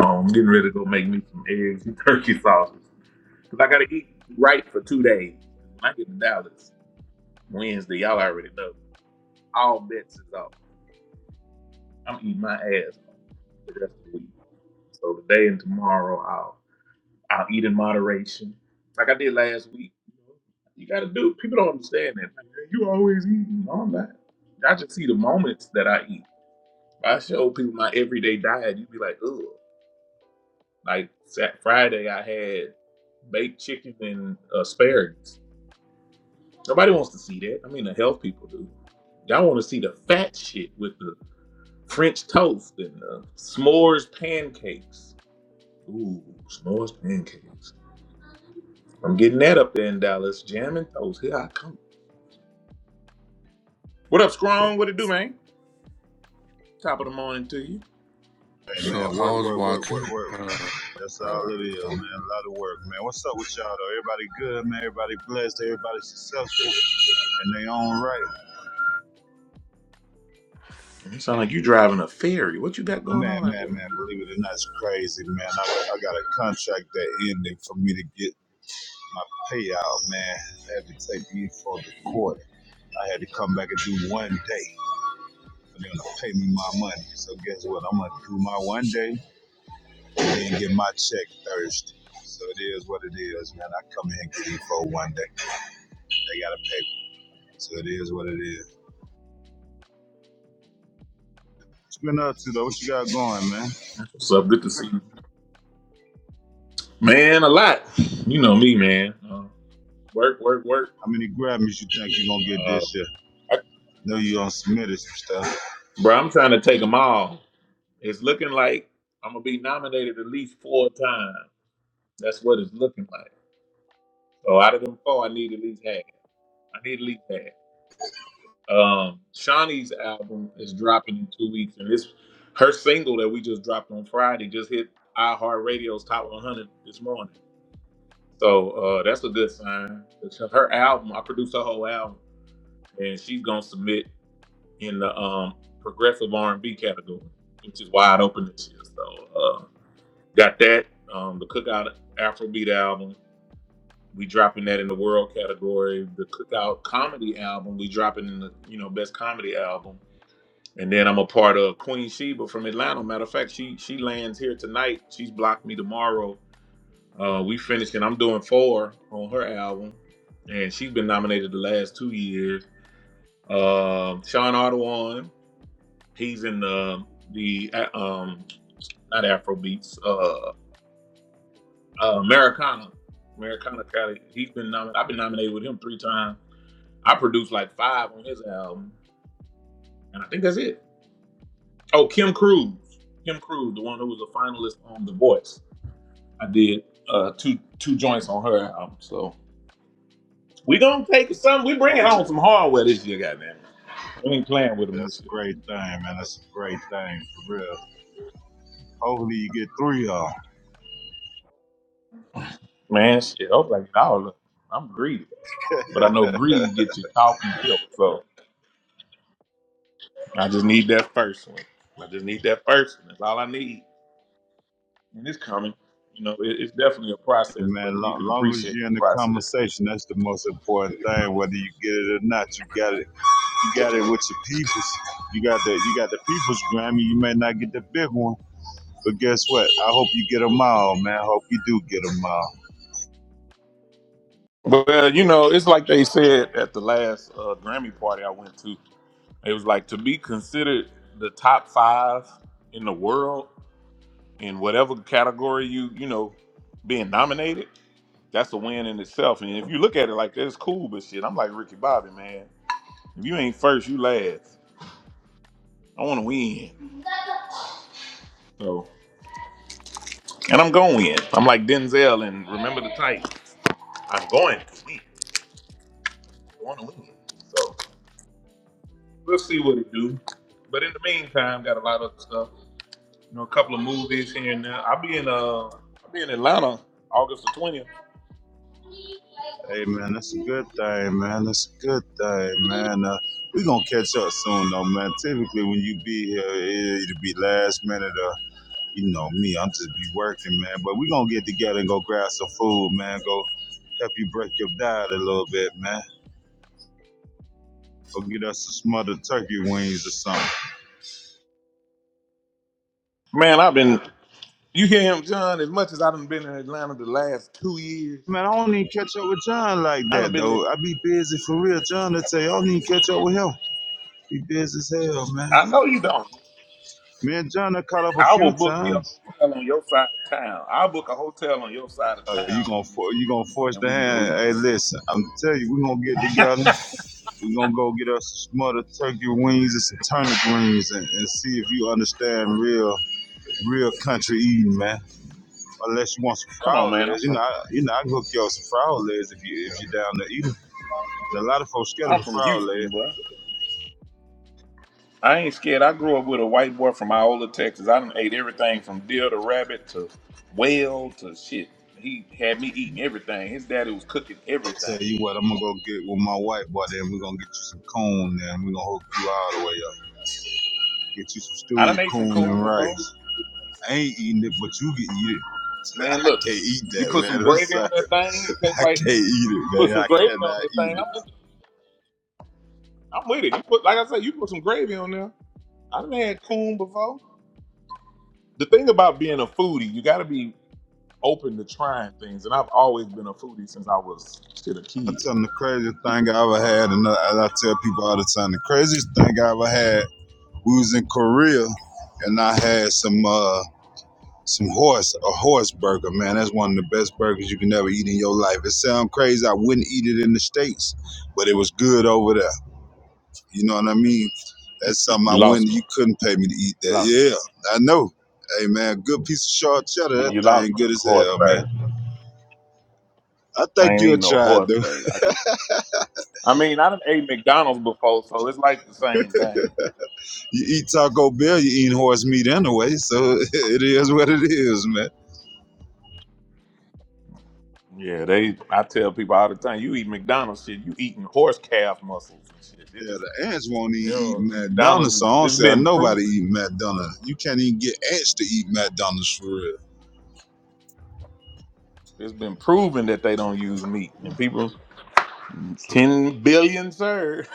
[SPEAKER 1] I'm getting ready to go make me some eggs and turkey sausage. Because I got to eat right for two days. When I get to Dallas Wednesday, y'all already know. All bets is off. I'm eating my ass off the rest of the week. So today and tomorrow, I'll. I'll eat in moderation, like I did last week. You gotta do. People don't understand that. Like, "Man, You always eating. No, I'm not. I just see the moments that I eat. If I show people my everyday diet. You'd be like, ugh. Like Sat Friday, I had baked chicken and asparagus. Nobody wants to see that. I mean, the health people do. Y'all want to see the fat shit with the French toast and the s'mores pancakes. Ooh, s'mores pancakes. I'm getting that up there in Dallas. Jam and toast. Here I come. What up, Strong? What it do, man? Top of the morning to you.
[SPEAKER 19] Hey
[SPEAKER 11] So
[SPEAKER 19] man,
[SPEAKER 11] I
[SPEAKER 19] work,
[SPEAKER 11] was
[SPEAKER 19] work, work, work,
[SPEAKER 11] watching.
[SPEAKER 19] work.
[SPEAKER 11] Uh,
[SPEAKER 19] That's
[SPEAKER 11] uh,
[SPEAKER 19] all it is, man. A lot of work, man. What's up with y'all though? Everybody good, man. Everybody blessed. Everybody successful in their own right.
[SPEAKER 1] You sound like you driving a ferry. What you got going
[SPEAKER 19] Man,
[SPEAKER 1] on out
[SPEAKER 19] man,
[SPEAKER 1] there,
[SPEAKER 19] man.
[SPEAKER 1] man?
[SPEAKER 19] Believe it or not, it's crazy, man. I, I got a contract that ended for me to get my payout, man. I had to take me for the court. I had to come back and do one day for them to pay me my money. So guess what? I'm gonna do my one day and then get my check Thursday. So it is what it is, man. I come here and get E4 one day. They gotta pay So it is what it is. What's been up to though? What you got going, man?
[SPEAKER 1] What's up? Good to see you. Man, a lot. You know me, man. Uh, work, work, work.
[SPEAKER 19] How many Grammys you think you gonna get
[SPEAKER 1] Uh,
[SPEAKER 19] this year?
[SPEAKER 1] I,
[SPEAKER 19] Know you on submitted some stuff.
[SPEAKER 1] bro, I'm trying to take them all. It's looking like I'm going to be nominated at least four times. That's what it's looking like. So out of them four, I need at least half. I need at least half. Um, Shawnee's album is dropping in two weeks, and it's her single that we just dropped on Friday just hit iHeartRadio's top 100 this morning. So uh, that's a good sign. Because her album, I produced her whole album, and she's gonna submit in the um, progressive R&B category, which is wide open this year. So uh, got that. Um, the Cookout Afrobeat album, we dropping that in the world category. The Cookout comedy album, we dropping in the you know best comedy album And then I'm a part of Queen Sheba from Atlanta. Matter of fact, she she lands here tonight. She's blocked me tomorrow. Uh, we finishing. I'm doing four on her album, and she's been nominated the last two years. Um Sean Ardoin, he's in the the uh, um not Afrobeats, uh, uh, Americana, Americana Cali. He's been nominated. I've been nominated with him three times. I produced like five on his album, and I think that's it. Oh, Kim Cruz, Kim Cruz, the one who was a finalist on The Voice. I did uh, two two joints on her album. So we gonna take some. We bringing home some hardware this year, goddamn. We ain't playing with them
[SPEAKER 19] That's
[SPEAKER 1] this
[SPEAKER 19] a
[SPEAKER 1] year,
[SPEAKER 19] great thing, man. That's a great thing for real. Hopefully you get three of them.
[SPEAKER 1] man. Shit, I was like, all of them. I'm greedy, but I know greed gets you caught and killed. So I just need that first one. I just need that first one. That's all I need, and it's coming. You know, it, it's definitely a
[SPEAKER 19] And
[SPEAKER 1] process,
[SPEAKER 19] man,
[SPEAKER 1] but you
[SPEAKER 19] long,
[SPEAKER 1] can
[SPEAKER 19] long as
[SPEAKER 1] appreciate
[SPEAKER 19] you're
[SPEAKER 1] the
[SPEAKER 19] in the
[SPEAKER 1] process.
[SPEAKER 19] conversation, that's the most important thing. Whether you get it or not, you got it. You got it with your peoples. You got the you got the people's Grammy. You may not get the big one, but guess what? I hope you get them all, man. I hope you do get them all.
[SPEAKER 1] Well, you know, it's like they said at the last uh, Grammy party I went to. It was like to be considered the top five in the world in whatever category you you know being nominated. That's a win in itself. And if you look at it like that, it's cool, but shit, I'm like Ricky Bobby, man. If you ain't first, you last. I want to win. So, and I'm going to win. I'm like Denzel and Remember the Titans. I'm going to win. I want to win. So we'll see what it do. But in the meantime, got a lot of stuff. You know, a couple of movies here and there. I'll be in uh, I'll be in Atlanta August the twentieth.
[SPEAKER 19] Hey man, that's a good thing, man. That's a good thing, man. Uh, we gonna catch up soon, though, man. Typically, when you be here, it- it'll be last minute. Or you know me, I'm just be working, man. But we gonna get together and go grab some food, man. Go help you break your diet a little bit, man. Go get us some smothered turkey wings or something.
[SPEAKER 1] Man, I've been. You hear him, John? As much as I done been in Atlanta the last two years,
[SPEAKER 19] Man, I don't even catch up with John like
[SPEAKER 1] I done
[SPEAKER 19] that
[SPEAKER 1] been. In,
[SPEAKER 19] though. I be busy for real, John. I tell you, I don't even catch up with him. Be busy as hell, man.
[SPEAKER 1] I know you don't.
[SPEAKER 19] Me and John have caught up a
[SPEAKER 1] I will
[SPEAKER 19] few
[SPEAKER 1] book me a
[SPEAKER 19] times.
[SPEAKER 1] hotel on your side of town. I'll book a hotel on your side of
[SPEAKER 19] Uh, you
[SPEAKER 1] town,
[SPEAKER 19] gonna
[SPEAKER 1] and,
[SPEAKER 19] for, you gonna force
[SPEAKER 1] and
[SPEAKER 19] the
[SPEAKER 1] we can go
[SPEAKER 19] hand.
[SPEAKER 1] eat.
[SPEAKER 19] Hey, listen, I'm telling you, we gonna get together. We gonna go get us some smothered turkey wings and some turnip greens, and, and see if you understand real real country eating, man. Unless you want some
[SPEAKER 1] Come on,
[SPEAKER 19] frog
[SPEAKER 1] man. I'm
[SPEAKER 19] legs, you know,
[SPEAKER 1] from
[SPEAKER 19] I, you know, I can hook you up some frog legs if you if you down to eat 'em. A lot of folks scared
[SPEAKER 1] I'm
[SPEAKER 19] of
[SPEAKER 1] from
[SPEAKER 19] frog
[SPEAKER 1] Houston,
[SPEAKER 19] legs.
[SPEAKER 1] bro. I ain't scared. I grew up with a white boy from Iola, Texas. I done ate everything from deer to rabbit to whale to shit. He had me eating everything. His daddy was cooking
[SPEAKER 19] Tell
[SPEAKER 1] everything.
[SPEAKER 19] you what, I'm gonna go get with my white boy, then we are gonna get you some coon, and we are gonna hook you all the way up. Get you some
[SPEAKER 1] I done
[SPEAKER 19] stewed
[SPEAKER 1] ate some
[SPEAKER 19] coon
[SPEAKER 1] coon
[SPEAKER 19] and
[SPEAKER 1] before.
[SPEAKER 19] rice. I ain't eating it, but you can eat it. *laughs*
[SPEAKER 1] Man,
[SPEAKER 19] I
[SPEAKER 1] look,
[SPEAKER 19] can't eat
[SPEAKER 1] you
[SPEAKER 19] that,
[SPEAKER 1] put some
[SPEAKER 19] man. I'm
[SPEAKER 1] gravy
[SPEAKER 19] sorry.
[SPEAKER 1] on that thing. It tastes
[SPEAKER 19] I
[SPEAKER 1] like
[SPEAKER 19] can't eat it,
[SPEAKER 1] you put
[SPEAKER 19] man.
[SPEAKER 1] some
[SPEAKER 19] I
[SPEAKER 1] gravy on
[SPEAKER 19] cannot
[SPEAKER 1] that
[SPEAKER 19] eat
[SPEAKER 1] thing.
[SPEAKER 19] it.
[SPEAKER 1] I'm in, I'm with it. You put like I said, you put some gravy on there. I done had coon before. The thing about being a foodie, you got to be open to trying things. And I've always been a foodie since I was still a
[SPEAKER 19] I
[SPEAKER 1] kid.
[SPEAKER 19] tell them the craziest thing I ever had, and I, tell people all the time, the craziest thing I ever had, we was in Korea, and I had some uh some horse, a horse burger, man. That's one of the best burgers you can ever eat in your life. It sounds crazy. I wouldn't eat it in the States, but it was good over there. You know what I mean? That's something I
[SPEAKER 1] You
[SPEAKER 19] wouldn't.
[SPEAKER 1] lost
[SPEAKER 19] You
[SPEAKER 1] me.
[SPEAKER 19] couldn't pay me to eat
[SPEAKER 1] You
[SPEAKER 19] that.
[SPEAKER 1] lost me.
[SPEAKER 19] Yeah, I know. Hey man, good piece of sharp cheddar. That
[SPEAKER 1] You lost
[SPEAKER 19] thing
[SPEAKER 1] me
[SPEAKER 19] good
[SPEAKER 1] on the
[SPEAKER 19] as
[SPEAKER 1] horse
[SPEAKER 19] hell, man.
[SPEAKER 1] burger.
[SPEAKER 19] I
[SPEAKER 1] I
[SPEAKER 19] think
[SPEAKER 1] ain't
[SPEAKER 19] you'll
[SPEAKER 1] eating no
[SPEAKER 19] try it
[SPEAKER 1] horse
[SPEAKER 19] though. *laughs*
[SPEAKER 1] burger. I just, I mean, I done ate McDonald's before, so it's like the same thing.
[SPEAKER 19] You eat Taco Bell, you eating horse meat anyway, so *laughs* it is what it is, man.
[SPEAKER 1] Yeah, they. I tell people all the time, you eat McDonald's shit, you eating horse calf muscles and shit. It
[SPEAKER 19] Yeah,
[SPEAKER 1] just,
[SPEAKER 19] the ants won't
[SPEAKER 1] you
[SPEAKER 19] even eat
[SPEAKER 1] know, McDonald's.
[SPEAKER 19] McDonald's, so
[SPEAKER 1] Is,
[SPEAKER 19] I don't
[SPEAKER 1] it's
[SPEAKER 19] see how
[SPEAKER 1] been
[SPEAKER 19] nobody
[SPEAKER 1] proven.
[SPEAKER 19] eat McDonald's. You can't even get ants to eat McDonald's for real.
[SPEAKER 1] It's been proven that they don't use meat, and people, ten billion sir.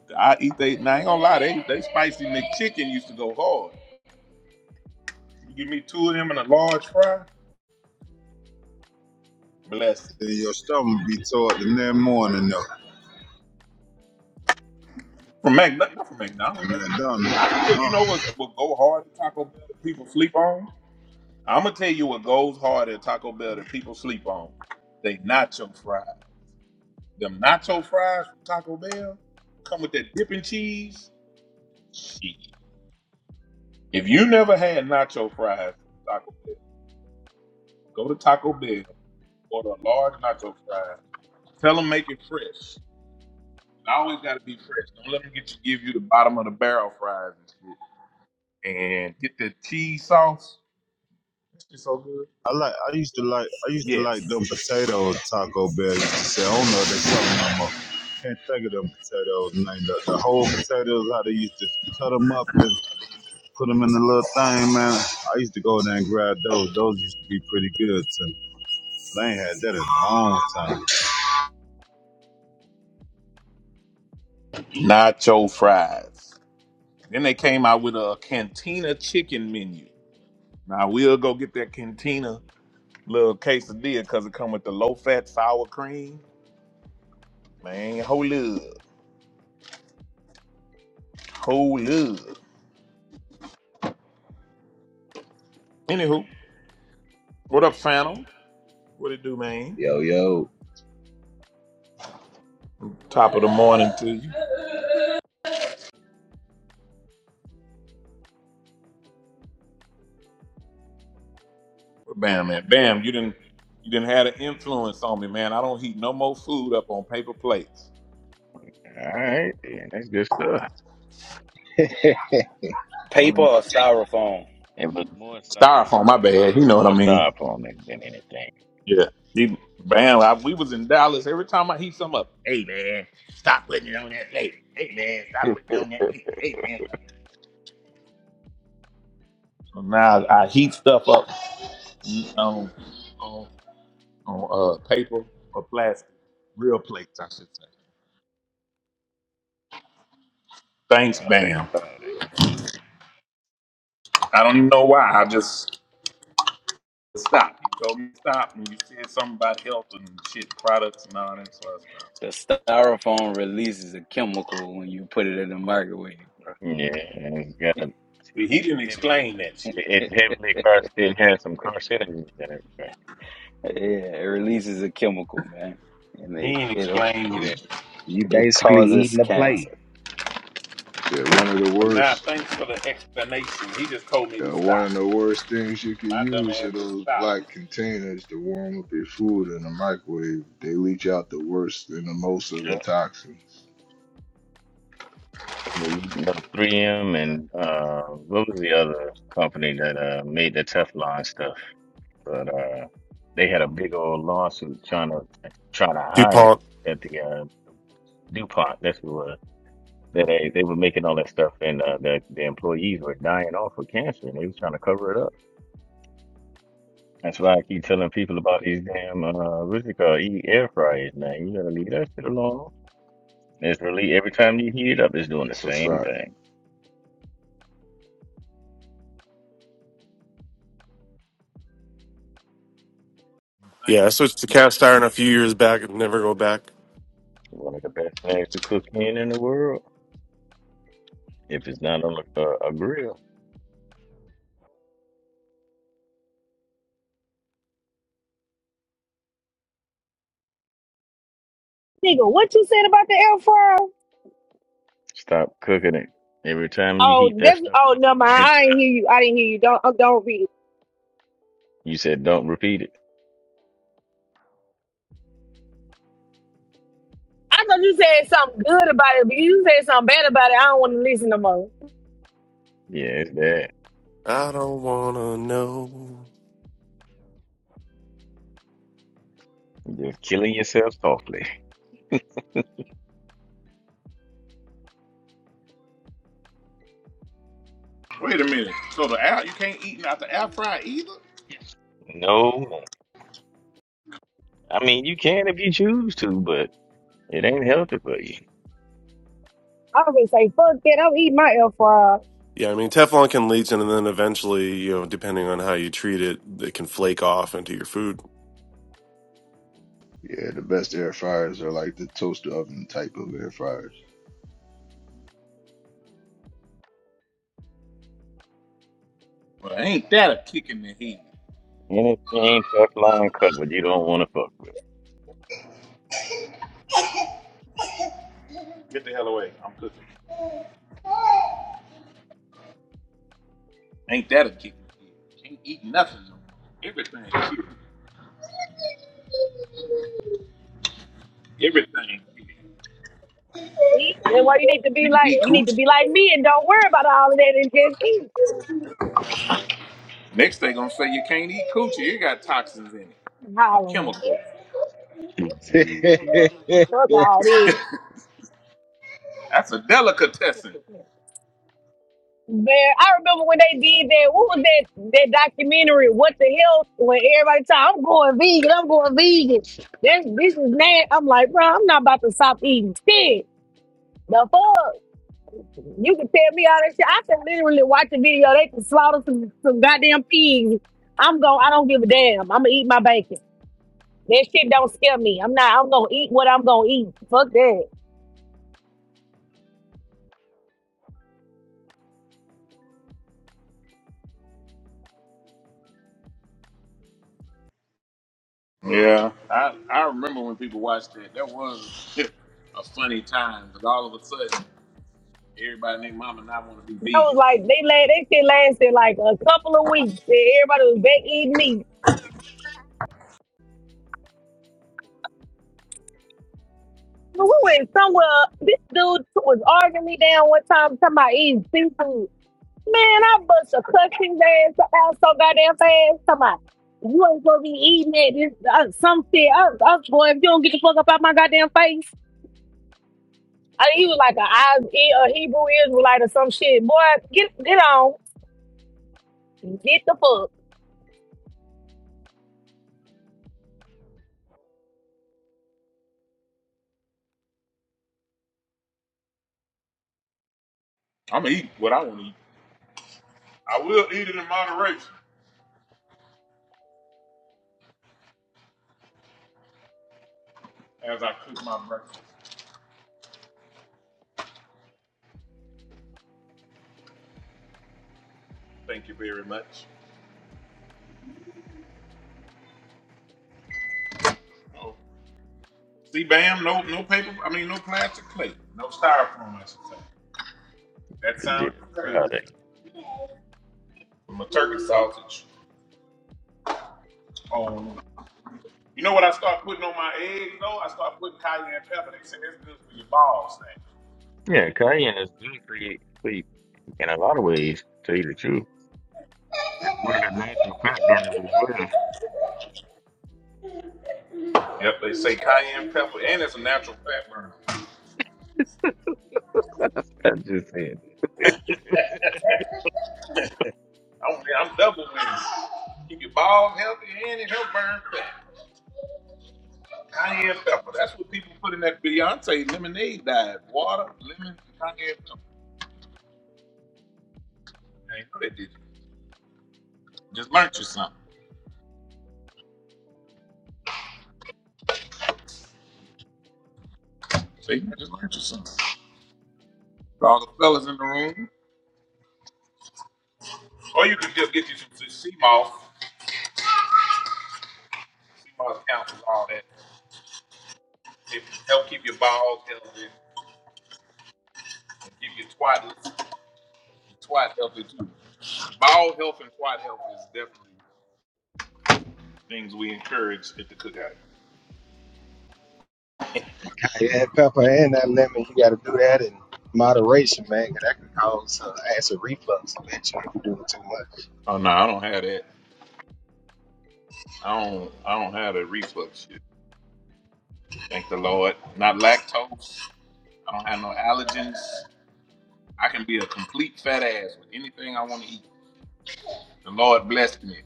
[SPEAKER 1] *laughs* I eat they. Now I ain't gonna lie, they they spicy McChicken used to go hard. You give me two of them and a large fry. Blessed.
[SPEAKER 19] Then your stomach be tore up the next morning though.
[SPEAKER 1] From Mac, not not from McDonald's. Maybe
[SPEAKER 19] McDonald's.
[SPEAKER 1] I still, you
[SPEAKER 19] Uh-uh.
[SPEAKER 1] know, what's what go hard at Taco Bell that people sleep on. I'm gonna tell you what goes hard at Taco Bell that people sleep on. They nacho fries. Them nacho fries from Taco Bell come with that dipping cheese. Shit. If you never had nacho fries from Taco Bell, go to Taco Bell, order a large nacho fries. Tell them make it fresh. It always gotta be fresh. Don't let them get you give you the bottom of the barrel fries and shit. And get the cheese sauce It's so good.
[SPEAKER 19] I like. I used to like. I used to like
[SPEAKER 1] Yes,
[SPEAKER 19] them potato Taco Bell. Used to say, I don't know if they sell them no more. Can't think of them potatoes. Name The, the whole potatoes, how they used to cut them up and put them in the little thing, man. I used to go there and grab those. Those used to be pretty good too. But I ain't had that in a long time.
[SPEAKER 1] nacho fries. Then they came out with a cantina chicken menu. Now we'll go get that cantina little quesadilla because it come with the low fat sour cream. Man, whole up, whole up. Anywho, what up, Phantom? What it do, man?
[SPEAKER 20] Yo, yo.
[SPEAKER 1] Top of the morning to you. Bam, man. Bam, you didn't you didn't have an influence on me, man. I don't heat no more food up on paper plates.
[SPEAKER 12] All right, then that's good stuff.
[SPEAKER 20] *laughs*
[SPEAKER 1] I
[SPEAKER 15] Paper
[SPEAKER 1] mean,
[SPEAKER 15] or styrofoam?
[SPEAKER 12] It was more, sti- it was
[SPEAKER 1] styrofoam, my
[SPEAKER 12] more, sti- it
[SPEAKER 1] bad. You
[SPEAKER 12] was
[SPEAKER 1] know what I
[SPEAKER 12] more
[SPEAKER 1] mean.
[SPEAKER 12] styrofoam than, than anything.
[SPEAKER 1] Yeah. He, man, I, we was in Dallas. Every time I heat something up, hey man, stop putting it on that lady. Hey man, stop
[SPEAKER 12] *laughs*
[SPEAKER 1] putting it on that lady. Hey man. So now I heat stuff up on on on uh, paper or plastic, real plates, I should say. Thanks,
[SPEAKER 12] proud of you,
[SPEAKER 1] Bam.
[SPEAKER 12] proud of you.
[SPEAKER 1] I don't even know why. I just stop. You told me to stop, and you said something about health and shit products and all that sort of stuff.
[SPEAKER 15] The styrofoam. releases a chemical when you put it in the microwave.
[SPEAKER 12] Yeah, and it's got a it's
[SPEAKER 1] But he didn't
[SPEAKER 12] he- heavily,
[SPEAKER 1] explain that shit.
[SPEAKER 12] it's heavily car still has some car settings in it.
[SPEAKER 15] Yeah, it releases a chemical, man, and
[SPEAKER 1] He
[SPEAKER 15] it
[SPEAKER 1] didn't
[SPEAKER 15] it'll
[SPEAKER 1] explain me that.
[SPEAKER 20] you
[SPEAKER 15] it
[SPEAKER 20] basically
[SPEAKER 15] causes
[SPEAKER 20] eating the plate.
[SPEAKER 15] cancer.
[SPEAKER 21] Shit, one of the
[SPEAKER 1] Well, now,
[SPEAKER 21] worst,
[SPEAKER 1] thanks for the explanation. He just told me to
[SPEAKER 21] uh, one
[SPEAKER 1] stop.
[SPEAKER 21] of the worst things you could
[SPEAKER 1] My dumb
[SPEAKER 21] use
[SPEAKER 1] ass
[SPEAKER 21] are
[SPEAKER 1] just
[SPEAKER 21] those black
[SPEAKER 1] stopped.
[SPEAKER 21] containers to warm up your food in the microwave. They leach out the worst and the most of
[SPEAKER 12] Yeah.
[SPEAKER 21] the toxins.
[SPEAKER 12] So you know, 3M and uh, what was the other company that uh, made the Teflon stuff? But uh, they had a big old lawsuit trying to trying to hide
[SPEAKER 22] DuPont.
[SPEAKER 12] at the uh, DuPont. That's what it was. That they, they were making all that stuff, and uh, the the employees were dying off with cancer, and they was trying to cover it up. That's why I keep telling people about these damn uh, what's it called? E air fryers. Now you gotta leave that shit alone. It's really every time you heat it up, it's doing the
[SPEAKER 21] That's a
[SPEAKER 12] same
[SPEAKER 21] fact.
[SPEAKER 12] thing.
[SPEAKER 22] Yeah, I
[SPEAKER 1] Thanks.
[SPEAKER 22] switched to cast iron a few years back and never go back.
[SPEAKER 12] One of the best things to cook in in the world. If it's not on a, a, a grill,
[SPEAKER 8] Nigga, what you said about the air fryer?
[SPEAKER 12] stop cooking it. Every time you heat
[SPEAKER 8] Oh,
[SPEAKER 12] that
[SPEAKER 8] that's
[SPEAKER 12] stuff
[SPEAKER 8] oh
[SPEAKER 12] up
[SPEAKER 8] no,
[SPEAKER 12] in
[SPEAKER 8] mind.
[SPEAKER 12] the
[SPEAKER 8] I did
[SPEAKER 12] inside,
[SPEAKER 8] hear you. I didn't hear you. Don't oh, don't read it.
[SPEAKER 12] you said don't repeat it.
[SPEAKER 8] I thought you said something good about it, but you said something bad about it. I don't want to listen no more.
[SPEAKER 12] Yeah, it's bad.
[SPEAKER 22] I don't wanna know.
[SPEAKER 12] Just killing yourself softly.
[SPEAKER 1] Wait a minute. So the air, you can't eat out the air fryer either?
[SPEAKER 12] No, I mean you can if you choose to, but it ain't healthy for you.
[SPEAKER 8] I was gonna say, fuck that. i will eat my air fryer.
[SPEAKER 22] Yeah, I mean Teflon can leach, and then eventually, you know, depending on how you treat it, it can flake off into your food.
[SPEAKER 21] Yeah, the best air fryers are like the toaster oven type of air fryers.
[SPEAKER 1] Well, ain't that a kick in the head?
[SPEAKER 12] Anything Teflon covered, you don't want to fuck
[SPEAKER 1] Get the hell away. I'm cooking. Ain't that a kick in the head? Can't eat nothing. no Everything. Everything. kick.
[SPEAKER 8] See, that's why you need to be
[SPEAKER 1] Can you
[SPEAKER 8] like
[SPEAKER 1] eat
[SPEAKER 8] you need to
[SPEAKER 1] coochie?
[SPEAKER 8] be like me and don't worry about all of that and just eat.
[SPEAKER 1] Next they gonna say you can't eat coochie. It got toxins in it and chemicals.
[SPEAKER 8] Hollering,
[SPEAKER 12] with. Mhm.
[SPEAKER 8] fuck
[SPEAKER 20] *laughs*
[SPEAKER 8] all this.
[SPEAKER 1] That's a delicatessen.
[SPEAKER 8] There, I remember when they did that. What was that that documentary? What the hell? When everybody talk, I'm going vegan. I'm going vegan. This this is mad. I'm like, bro, I'm not about to stop eating shit. The fuck? You can tell me all that shit. I can literally watch a video. They can slaughter some some goddamn pigs. I'm going. I don't give a damn. I'm gonna eat my bacon. That shit don't scare me. I'm not. I'm gonna eat what I'm gonna eat. Fuck that.
[SPEAKER 1] Yeah, I, I remember when people watched that. That was *laughs* a funny time because all of a sudden, everybody named Mama and I want to be
[SPEAKER 8] I was
[SPEAKER 1] vegan.
[SPEAKER 8] like, they la That shit lasted like a couple of weeks. And everybody was back eating meat. Well, We went somewhere. This dude was arguing me down one time, talking about eating seafood. Man, I bust a cussing ass out so goddamn fast. Talking about, you ain't supposed to be eating it. This, uh, some shit. I, I was going, if you don't get the fuck up out my goddamn face. I, he was like a I- he- a Hebrew Israelite or some shit. Boy, get get on. Get the fuck.
[SPEAKER 1] I'm gonna eat what I want to eat. I will eat it in moderation as I cook my breakfast. Thank you very much. Oh, see, bam, no, no paper. I mean, no plastic plate, no styrofoam. I should say. That
[SPEAKER 12] Good deal.
[SPEAKER 1] sounds absurd.
[SPEAKER 12] Proud of you.
[SPEAKER 1] my turkey sausage on. You know what I start putting on my eggs though? I start putting cayenne pepper. They say that's good for your balls.
[SPEAKER 12] Yeah, cayenne is good for you, for you in a lot of ways. To tell you the truth, it's one of the natural fat burners as well.
[SPEAKER 1] Yep, they say cayenne pepper, and it's a natural fat burner.
[SPEAKER 12] I just said that. *laughs*
[SPEAKER 1] *laughs* I'm, I'm double winning. Keep your balls healthy, and it help burn fat. Cayenne pepper. That's what people put in that Beyonce lemonade diet. Water, lemon, and cayenne pepper. I ain't know they did. it. Just learned you something. See, I just learned you something. For all the fellas in the room. Or you could just get you some sea moss. Sea moss counsels all that. It help keep your balls healthy. Keep your twat, twat healthy too. Ball health and twat health is definitely. things we encourage at the cookout.
[SPEAKER 20] Yeah, pepper and that lemon, you got to do that in moderation, man, 'cause that could cause uh, acid reflux eventually if you do it too much.
[SPEAKER 1] Oh no, I don't have that. I don't. I don't have the reflux shit. Thank the Lord. Not lactose. I don't have no allergens. I can be a complete fat ass with anything I want to eat. The Lord blessed me.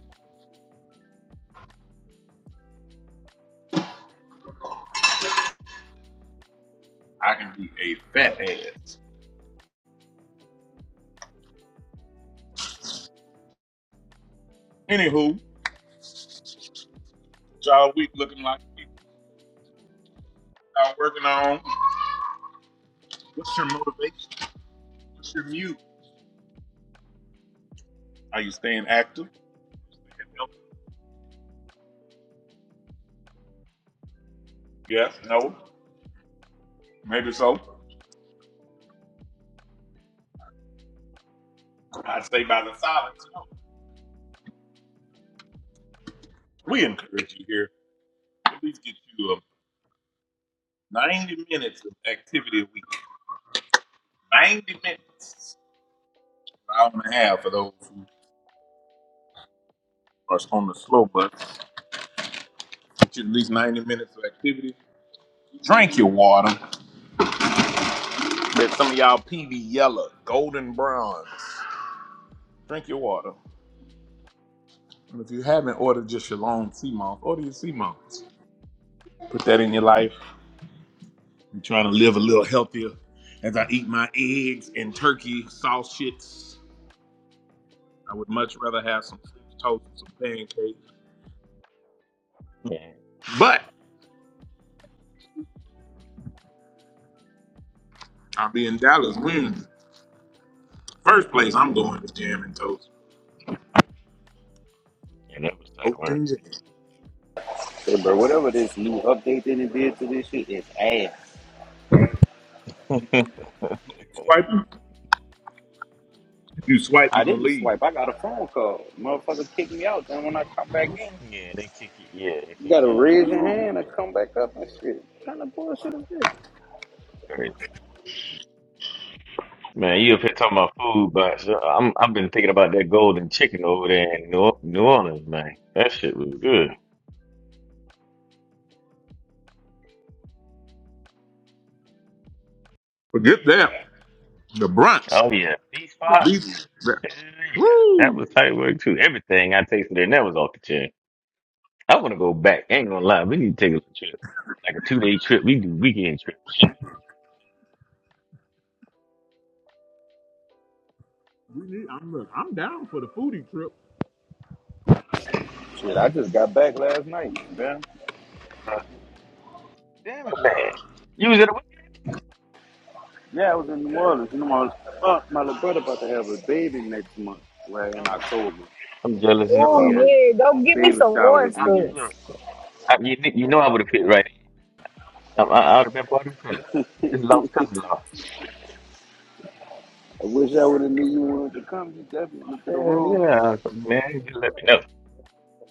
[SPEAKER 1] I can be a fat ass. Anywho, job week looking like it. y'all working on. What's your motivation? What's your mute? Are you staying active? Yes. No. Maybe so. I'd say by the silence. No. We encourage you here. At least get you a. 90 minutes of activity a week. 90 minutes. An hour and a half for those who are on the slow bus. Get you at least 90 minutes of activity. Drink your water. Let some of y'all pee be yellow, golden bronze. Drink your water. And if you haven't ordered just your long sea moss, order your sea moss. Put that in your life. I'm trying to live a little healthier. As I eat my eggs and turkey sausage, I would much rather have some toast some pancakes.
[SPEAKER 12] Yeah,
[SPEAKER 1] But I'll be in Dallas Wednesday. First place I'm going is jam and toast.
[SPEAKER 12] yeah, that was tight
[SPEAKER 1] Toast
[SPEAKER 12] work.
[SPEAKER 1] and jam.
[SPEAKER 15] Hey, bro, whatever this new update that it did to this shit is ass.
[SPEAKER 12] *laughs*
[SPEAKER 1] Swipe you. If you swipe,
[SPEAKER 15] I
[SPEAKER 1] you're gonna
[SPEAKER 15] didn't
[SPEAKER 1] leave.
[SPEAKER 15] swipe. I got a phone call. Motherfucker kicked me out. Then when I come back in,
[SPEAKER 12] Yeah, they kick you. Yeah, they
[SPEAKER 15] you
[SPEAKER 12] kick
[SPEAKER 15] gotta
[SPEAKER 12] you out with a
[SPEAKER 15] raise your
[SPEAKER 12] phone
[SPEAKER 15] hand and
[SPEAKER 12] call.
[SPEAKER 15] come back up and shit. What kind of bullshit is this?
[SPEAKER 12] Crazy. Man, you up here talking about food, but so I'm I've been thinking about that golden chicken over there in New, New Orleans, man. That shit was good.
[SPEAKER 1] Forget that. The brunch.
[SPEAKER 12] Oh yeah, beef
[SPEAKER 1] The
[SPEAKER 12] spot.
[SPEAKER 1] beaches.
[SPEAKER 12] Yeah, that
[SPEAKER 1] Woo!
[SPEAKER 12] was tight work too. Everything I tasted there, that was off the chain. I want to go back. Ain't gonna lie, we need to take a little trip, like a two day trip. We do weekend trip. Shit,
[SPEAKER 1] We need- I'm, look, I'm down for the foodie trip.
[SPEAKER 15] Shit, I just got back last night, man.
[SPEAKER 12] bro. damn it, man. You was at a weekend.
[SPEAKER 15] Yeah, I was in New Orleans. You know, my, uh, my little brother about to have a baby next month, right in
[SPEAKER 12] I'm
[SPEAKER 15] October.
[SPEAKER 12] I'm jealous in the
[SPEAKER 8] Oh,
[SPEAKER 15] We had
[SPEAKER 12] motherfucker.
[SPEAKER 15] a
[SPEAKER 8] yeah. Go
[SPEAKER 12] I,
[SPEAKER 8] get me
[SPEAKER 12] I,
[SPEAKER 15] baby
[SPEAKER 8] some
[SPEAKER 12] I,
[SPEAKER 15] shower this
[SPEAKER 12] I
[SPEAKER 15] weekend.
[SPEAKER 8] oysters.
[SPEAKER 12] look. I, you, kn- you know I would have fit right in. I, I, I would have been part of the family. This love cousin law.
[SPEAKER 15] I wish I would have knew you wanted to come. You definitely to the
[SPEAKER 12] Yeah,
[SPEAKER 15] road.
[SPEAKER 12] yeah, man, just let me know.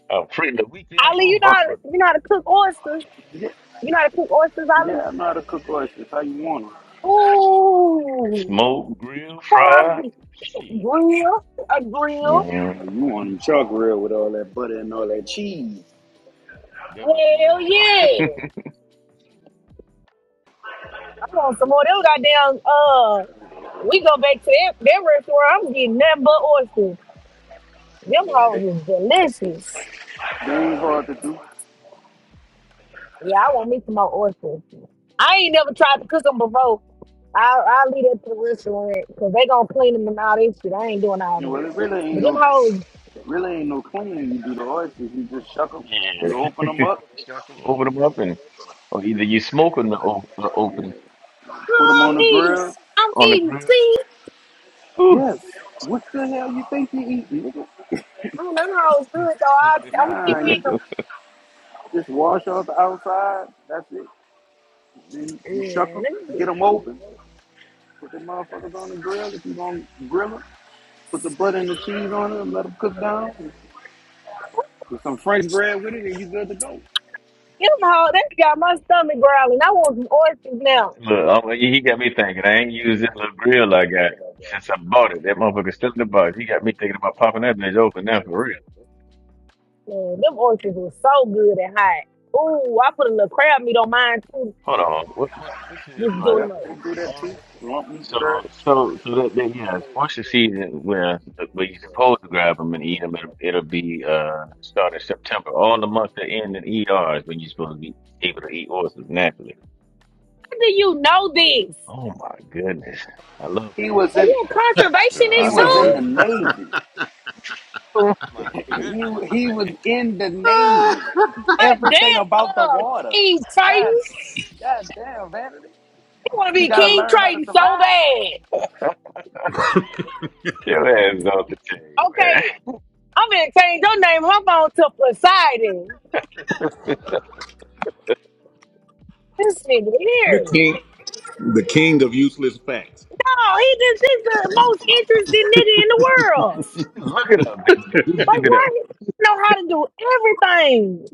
[SPEAKER 12] I'm free the weekends. I
[SPEAKER 8] Ali, you
[SPEAKER 12] don't
[SPEAKER 8] know
[SPEAKER 12] go
[SPEAKER 8] how
[SPEAKER 12] to
[SPEAKER 8] to,
[SPEAKER 12] work.
[SPEAKER 8] you know how to cook oysters.
[SPEAKER 15] Yeah,
[SPEAKER 8] You know how to cook oysters,
[SPEAKER 15] yeah,
[SPEAKER 8] Ali?
[SPEAKER 15] I am not a cook oysters. How you want them?
[SPEAKER 8] Ooh.
[SPEAKER 12] Smoke, grill, fry. Shit.
[SPEAKER 8] Grill, a grill.
[SPEAKER 12] hmm
[SPEAKER 15] You know, you want them chuck real with all that butter and all that cheese.
[SPEAKER 12] That was you
[SPEAKER 8] Hell
[SPEAKER 12] wrong. *laughs*
[SPEAKER 8] yeah. I want some more. They were goddamn, uh, we go back to that, that restaurant. I'm getting nothing but oysters. Them
[SPEAKER 15] Yeah, they,
[SPEAKER 8] hoes is delicious.
[SPEAKER 15] they ain't hard to do.
[SPEAKER 8] Yeah, I want me some more oysters. I ain't never tried to cook them before. i I'll leave that to the restaurant because they going to clean them and all that shit. I ain't doing all
[SPEAKER 15] You know
[SPEAKER 8] that.
[SPEAKER 15] Well, it really
[SPEAKER 8] But
[SPEAKER 15] ain't
[SPEAKER 8] them
[SPEAKER 15] no
[SPEAKER 8] hoes,
[SPEAKER 15] really ain't no cleaning. You do the oysters. You just shuck them. You
[SPEAKER 12] yeah.
[SPEAKER 15] open them up,
[SPEAKER 12] Shuck 'em, Open them up and, or either you smoke or no, or open them
[SPEAKER 15] put them on
[SPEAKER 8] I'm
[SPEAKER 15] the
[SPEAKER 8] eating.
[SPEAKER 15] grill.
[SPEAKER 8] I'm
[SPEAKER 12] on the
[SPEAKER 8] eating.
[SPEAKER 12] grill.
[SPEAKER 8] See?
[SPEAKER 12] Ooh.
[SPEAKER 15] Yes. What the hell you think you eating, nigga?
[SPEAKER 8] Mm, Them hoes good, so
[SPEAKER 12] *laughs*
[SPEAKER 8] I, I'm keep
[SPEAKER 15] Nah, you
[SPEAKER 8] eating them.
[SPEAKER 15] just, just wash off the outside. That's it. Then you shuck
[SPEAKER 8] Yeah,
[SPEAKER 15] them,
[SPEAKER 8] let me
[SPEAKER 15] get them
[SPEAKER 8] see.
[SPEAKER 15] open. Put the motherfuckers on the grill. If you gonna grill them, put the butter and the cheese on it and let them cook down. With some French bread with it, and you good to go.
[SPEAKER 8] Them whole, that got my stomach growling. I want some oysters now.
[SPEAKER 12] Look, I'm, he he got me thinking. I ain't used this little grill I got since I bought it. That motherfucker's still in the box. He got me thinking about popping that bitch open now for real.
[SPEAKER 8] Man, them oysters were so good and hot. Ooh, I put a little crab meat on mine too.
[SPEAKER 12] Hold on. What, what this is
[SPEAKER 8] Just
[SPEAKER 12] like
[SPEAKER 8] doing them.
[SPEAKER 15] Yep,
[SPEAKER 8] like,
[SPEAKER 15] they
[SPEAKER 8] How
[SPEAKER 15] do that too.
[SPEAKER 12] August.
[SPEAKER 15] Lump meat bread.
[SPEAKER 12] So so so that, that yeah, once the season where where you're supposed to grab them and eat them, it'll, it'll be uh starting September. All the months that end in ER is when you're supposed to be able to eat oysters naturally.
[SPEAKER 8] do you know this?
[SPEAKER 12] Oh my goodness, I love
[SPEAKER 15] He
[SPEAKER 12] food.
[SPEAKER 15] was
[SPEAKER 8] Are
[SPEAKER 15] in.
[SPEAKER 8] you a
[SPEAKER 6] Yeah,
[SPEAKER 15] He
[SPEAKER 6] I
[SPEAKER 8] conservationist
[SPEAKER 15] was
[SPEAKER 6] know
[SPEAKER 15] in
[SPEAKER 8] too?
[SPEAKER 15] the
[SPEAKER 6] that.
[SPEAKER 15] navy.
[SPEAKER 12] Oh my
[SPEAKER 15] *laughs* he
[SPEAKER 12] goodness,
[SPEAKER 15] he was
[SPEAKER 12] man.
[SPEAKER 15] in the navy.
[SPEAKER 8] My damn
[SPEAKER 15] Everything about the
[SPEAKER 8] uh,
[SPEAKER 15] water.
[SPEAKER 8] King
[SPEAKER 15] God,
[SPEAKER 8] Titans.
[SPEAKER 15] God damn vanity.
[SPEAKER 8] You want to
[SPEAKER 15] He
[SPEAKER 8] be
[SPEAKER 15] gotta
[SPEAKER 8] King
[SPEAKER 15] learn how to
[SPEAKER 8] Triton so
[SPEAKER 15] survive.
[SPEAKER 8] bad.
[SPEAKER 12] *laughs* Your ass off the chain, man.
[SPEAKER 8] Okay, I'm gonna change your name on my phone to Poseidon. This nigga
[SPEAKER 1] The
[SPEAKER 8] here.
[SPEAKER 1] king. The king of useless facts.
[SPEAKER 8] No, he just, he's the most interesting nigga in the world.
[SPEAKER 12] *laughs* Look it up, baby. Just
[SPEAKER 8] Like,
[SPEAKER 12] look it
[SPEAKER 8] why
[SPEAKER 12] up.
[SPEAKER 8] he know how to do everything?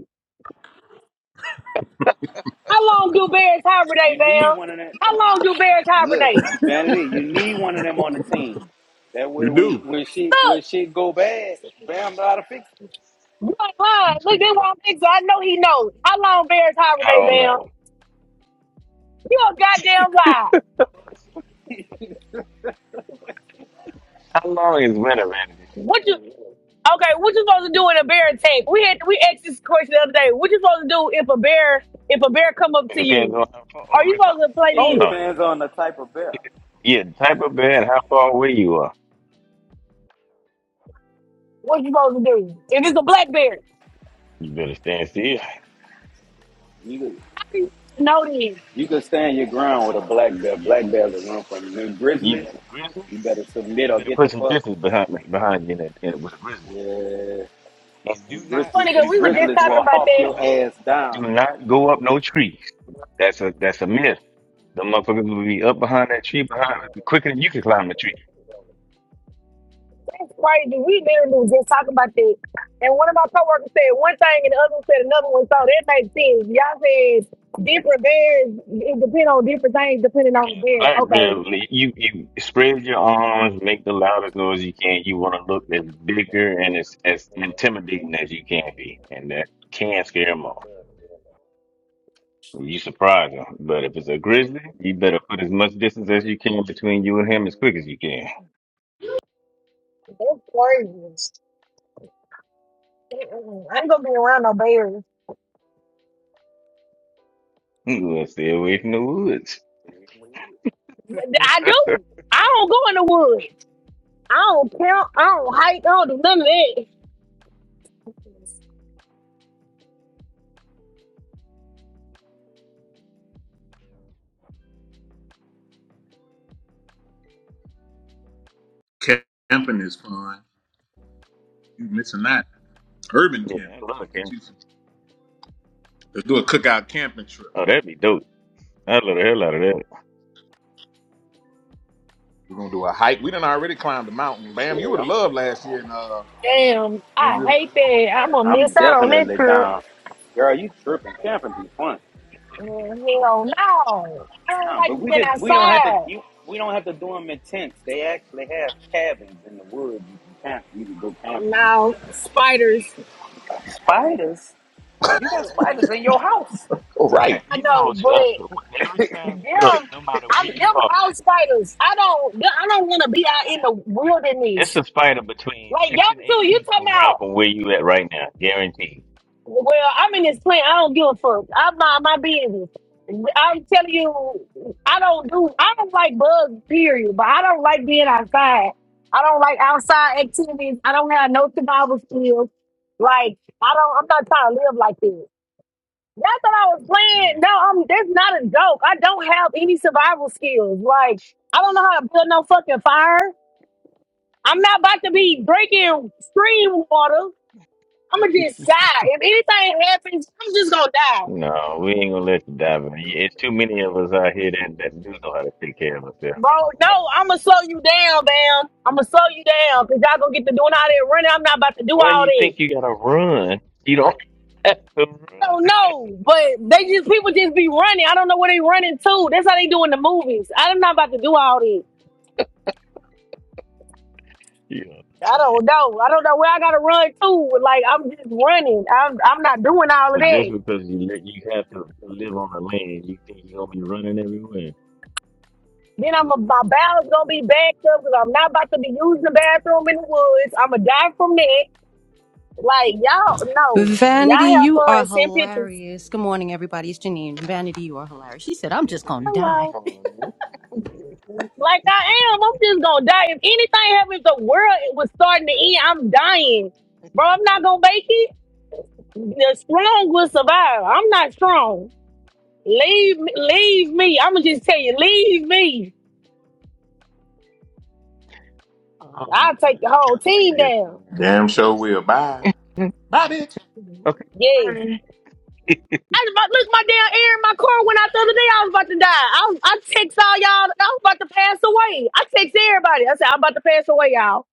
[SPEAKER 8] How long do bears hibernate,
[SPEAKER 15] You need
[SPEAKER 8] Bam?
[SPEAKER 15] one of that.
[SPEAKER 8] How long do bears
[SPEAKER 15] Look,
[SPEAKER 8] hibernate?
[SPEAKER 15] Vanity, you need one of them on the team. That way,
[SPEAKER 1] You
[SPEAKER 15] when
[SPEAKER 1] do.
[SPEAKER 15] when she when
[SPEAKER 8] Look,
[SPEAKER 15] she go bad, Bam know how to fix
[SPEAKER 8] you ain't lying.
[SPEAKER 12] You
[SPEAKER 8] Look,
[SPEAKER 12] say,
[SPEAKER 8] this one picture. I know he knows. How long bears
[SPEAKER 12] I
[SPEAKER 8] hibernate,
[SPEAKER 12] don't
[SPEAKER 8] Bam?
[SPEAKER 12] know.
[SPEAKER 8] You a goddamn lie.
[SPEAKER 12] How long is winter, man?
[SPEAKER 8] What you? Okay, what you supposed to do in a bear attack? We had we asked this question the other day. What you supposed to do if a bear if a bear come up
[SPEAKER 12] It
[SPEAKER 8] to
[SPEAKER 12] depends
[SPEAKER 8] you?
[SPEAKER 12] on how far.
[SPEAKER 8] Are
[SPEAKER 12] Oh,
[SPEAKER 8] you
[SPEAKER 12] it
[SPEAKER 8] supposed
[SPEAKER 12] comes.
[SPEAKER 8] to play
[SPEAKER 15] it. It
[SPEAKER 12] Oh
[SPEAKER 8] dead?
[SPEAKER 12] no!
[SPEAKER 15] depends on the type of bear.
[SPEAKER 12] Yeah, the type of bed, how far away you are.
[SPEAKER 8] What you supposed to do? If it's a black bear,
[SPEAKER 12] You better stand still.
[SPEAKER 15] You could-
[SPEAKER 8] How do you Know this?
[SPEAKER 15] you can stand your ground with a black bear.
[SPEAKER 12] Yeah.
[SPEAKER 15] Black bears will run from you. Them grizzlies,
[SPEAKER 12] You grizzly,
[SPEAKER 15] you better submit
[SPEAKER 12] you
[SPEAKER 15] or
[SPEAKER 12] better
[SPEAKER 15] get the
[SPEAKER 12] put some
[SPEAKER 15] fuck.
[SPEAKER 12] distance behind behind you in that, in, with a grizzly.
[SPEAKER 15] Yeah,
[SPEAKER 12] And
[SPEAKER 15] them
[SPEAKER 12] do not
[SPEAKER 15] grizzlies,
[SPEAKER 8] funny because
[SPEAKER 15] them
[SPEAKER 8] we
[SPEAKER 12] do
[SPEAKER 8] were just
[SPEAKER 12] not
[SPEAKER 15] grizzlies
[SPEAKER 8] talking
[SPEAKER 12] try
[SPEAKER 15] will
[SPEAKER 12] to
[SPEAKER 8] about
[SPEAKER 12] it-
[SPEAKER 15] hawk
[SPEAKER 8] that.
[SPEAKER 12] it-
[SPEAKER 15] your
[SPEAKER 12] look,
[SPEAKER 15] ass
[SPEAKER 12] do
[SPEAKER 15] down.
[SPEAKER 12] not go up no trees. That's a that's a myth. The motherfuckers will be up behind that tree behind quicker than you can climb the tree.
[SPEAKER 8] It's crazy. We literally was just talking about that. And one of my coworkers said one thing and the other one said another one. So that makes sense. Y'all said different bears, it depends on different things depending on the
[SPEAKER 12] Yeah,
[SPEAKER 8] bear.
[SPEAKER 12] black bear,
[SPEAKER 8] Okay.
[SPEAKER 12] you you spread your arms, make the loudest noise you can. You want to look as bigger and as as intimidating as you can be, and that can scare them off. You surprise him. But if it's a grizzly, you better put as much distance as you can between you and him as quick as you can.
[SPEAKER 8] That's crazy. Mm-mm. I ain't gonna be around no bears.
[SPEAKER 12] *laughs* Let's stay away from the woods.
[SPEAKER 8] I
[SPEAKER 12] *laughs*
[SPEAKER 8] do. I don't go in the woods. I don't count. I don't hike. I don't do none of that.
[SPEAKER 1] Camping is fun. You missing that. Urban
[SPEAKER 12] yeah, I
[SPEAKER 1] camping.
[SPEAKER 12] love
[SPEAKER 1] Get
[SPEAKER 12] him.
[SPEAKER 1] you some- Let's do a cookout camping trip.
[SPEAKER 12] Oh, that'd be dope. I love the hell out of that.
[SPEAKER 1] We're gonna do a hike. We done already climbed the mountain. Bam, you
[SPEAKER 15] Shit,
[SPEAKER 1] would have
[SPEAKER 15] I'm
[SPEAKER 1] loved last year in, uh,
[SPEAKER 8] Damn,
[SPEAKER 1] when
[SPEAKER 8] I
[SPEAKER 1] we were in
[SPEAKER 8] hate
[SPEAKER 1] Atlanta.
[SPEAKER 8] that. I'm gonna miss
[SPEAKER 15] I'm
[SPEAKER 8] out on that
[SPEAKER 15] definitely
[SPEAKER 8] trip.
[SPEAKER 15] down. Girl, you tripping? Camping be fun.
[SPEAKER 8] Mm, Hell no. I don't
[SPEAKER 15] No, but
[SPEAKER 8] like
[SPEAKER 15] we
[SPEAKER 8] being
[SPEAKER 15] could. We don't have to.
[SPEAKER 8] outside.
[SPEAKER 15] You, we don't have to do them in tents. They actually have cabins in the woods. You can camp. You can go camping. And all
[SPEAKER 8] No,
[SPEAKER 15] that kind of shit.
[SPEAKER 8] spiders.
[SPEAKER 1] Oh,
[SPEAKER 12] Man,
[SPEAKER 1] right.
[SPEAKER 8] I
[SPEAKER 12] you know,
[SPEAKER 8] know,
[SPEAKER 12] it's,
[SPEAKER 8] but
[SPEAKER 12] uh, every time, look,
[SPEAKER 8] them,
[SPEAKER 12] no matter where
[SPEAKER 8] I'm
[SPEAKER 12] you
[SPEAKER 8] them
[SPEAKER 12] are,
[SPEAKER 8] outsiders. I don't, I don't want to be out in the
[SPEAKER 12] it's
[SPEAKER 8] wilderness.
[SPEAKER 12] a spider between
[SPEAKER 8] Like
[SPEAKER 12] six
[SPEAKER 8] y'all
[SPEAKER 12] and eight
[SPEAKER 8] too. You
[SPEAKER 12] feet
[SPEAKER 8] talking
[SPEAKER 12] around
[SPEAKER 8] about?
[SPEAKER 12] from where you at right now, guaranteed.
[SPEAKER 8] Well, I'm in this plant. I don't give a fuck. I'm not my business. I'm telling you, I don't do. I don't like bugs. Period. But I don't like being outside. I don't like outside activities. I don't have no survival skills. Like I don't. I'm not trying to live like that. Not that I was playing.
[SPEAKER 12] Yeah.
[SPEAKER 8] No, I'm. That's not a joke. I don't have any survival skills. Like I don't know how to build no fucking fire. I'm not about to be drinking stream water. I'm gonna just die. If anything happens, I'm just gonna die,
[SPEAKER 12] No, we ain't gonna let you die, man. It's too many of us out here that, that do know how to take care of
[SPEAKER 8] bro.
[SPEAKER 12] ourselves.
[SPEAKER 8] No, I'm gonna slow you down, bam. I'm gonna slow you down because y'all gonna get to doing all that running. I'm not about to do
[SPEAKER 12] Why
[SPEAKER 8] all
[SPEAKER 12] you
[SPEAKER 8] that.
[SPEAKER 12] think you gotta run? You don't *laughs* have to
[SPEAKER 8] I
[SPEAKER 12] run.
[SPEAKER 8] don't know, but they just people just be running. I don't know where they running to. That's how they do in the movies. I'm not about to do all that.
[SPEAKER 12] You know what I'm
[SPEAKER 8] I
[SPEAKER 12] saying?
[SPEAKER 8] don't know. I don't know where I gotta run to. Like I'm just running. I'm I'm not doing all
[SPEAKER 12] So
[SPEAKER 8] of
[SPEAKER 12] just
[SPEAKER 8] that.
[SPEAKER 12] because you let you have to live on the land, you think you're gonna be running everywhere?
[SPEAKER 8] Then I'm a, my bowels gonna be backed up because I'm not about to be using the bathroom in the woods. I'm gonna die from that. Like y'all, no,
[SPEAKER 23] Vanity,
[SPEAKER 8] y'all have
[SPEAKER 23] you
[SPEAKER 8] fun.
[SPEAKER 23] are
[SPEAKER 8] and Send pictures.
[SPEAKER 23] hilarious. Good morning, everybody. It's Janine. Vanity, you are hilarious. She said, I'm
[SPEAKER 12] *laughs*
[SPEAKER 23] just going to
[SPEAKER 12] Come
[SPEAKER 23] die.
[SPEAKER 8] Hello.
[SPEAKER 12] on.
[SPEAKER 8] Like I am. I'm just gonna die. If anything happens, the world was starting to end. I'm dying, bro. I'm not gonna make it. The strong will survive. I'm not strong. Leave me. Leave me. I'm gonna just tell you. Leave me.
[SPEAKER 12] Oh,
[SPEAKER 8] I'll
[SPEAKER 12] boy,
[SPEAKER 8] take the
[SPEAKER 12] you
[SPEAKER 8] whole
[SPEAKER 12] got me over
[SPEAKER 8] team
[SPEAKER 12] here
[SPEAKER 8] down.
[SPEAKER 12] crying, girl.
[SPEAKER 1] Damn
[SPEAKER 12] You
[SPEAKER 1] sure we'll.
[SPEAKER 12] silly.
[SPEAKER 1] Bye.
[SPEAKER 12] *laughs*
[SPEAKER 1] Bye, bitch.
[SPEAKER 12] okay,
[SPEAKER 8] Yes.
[SPEAKER 12] bye.
[SPEAKER 8] I was about, look, my damn air in my car went out the other day. I was about to die. I, was, I text all y'all. I was about to pass away. I text everybody. I said, I'm about to pass away, y'all.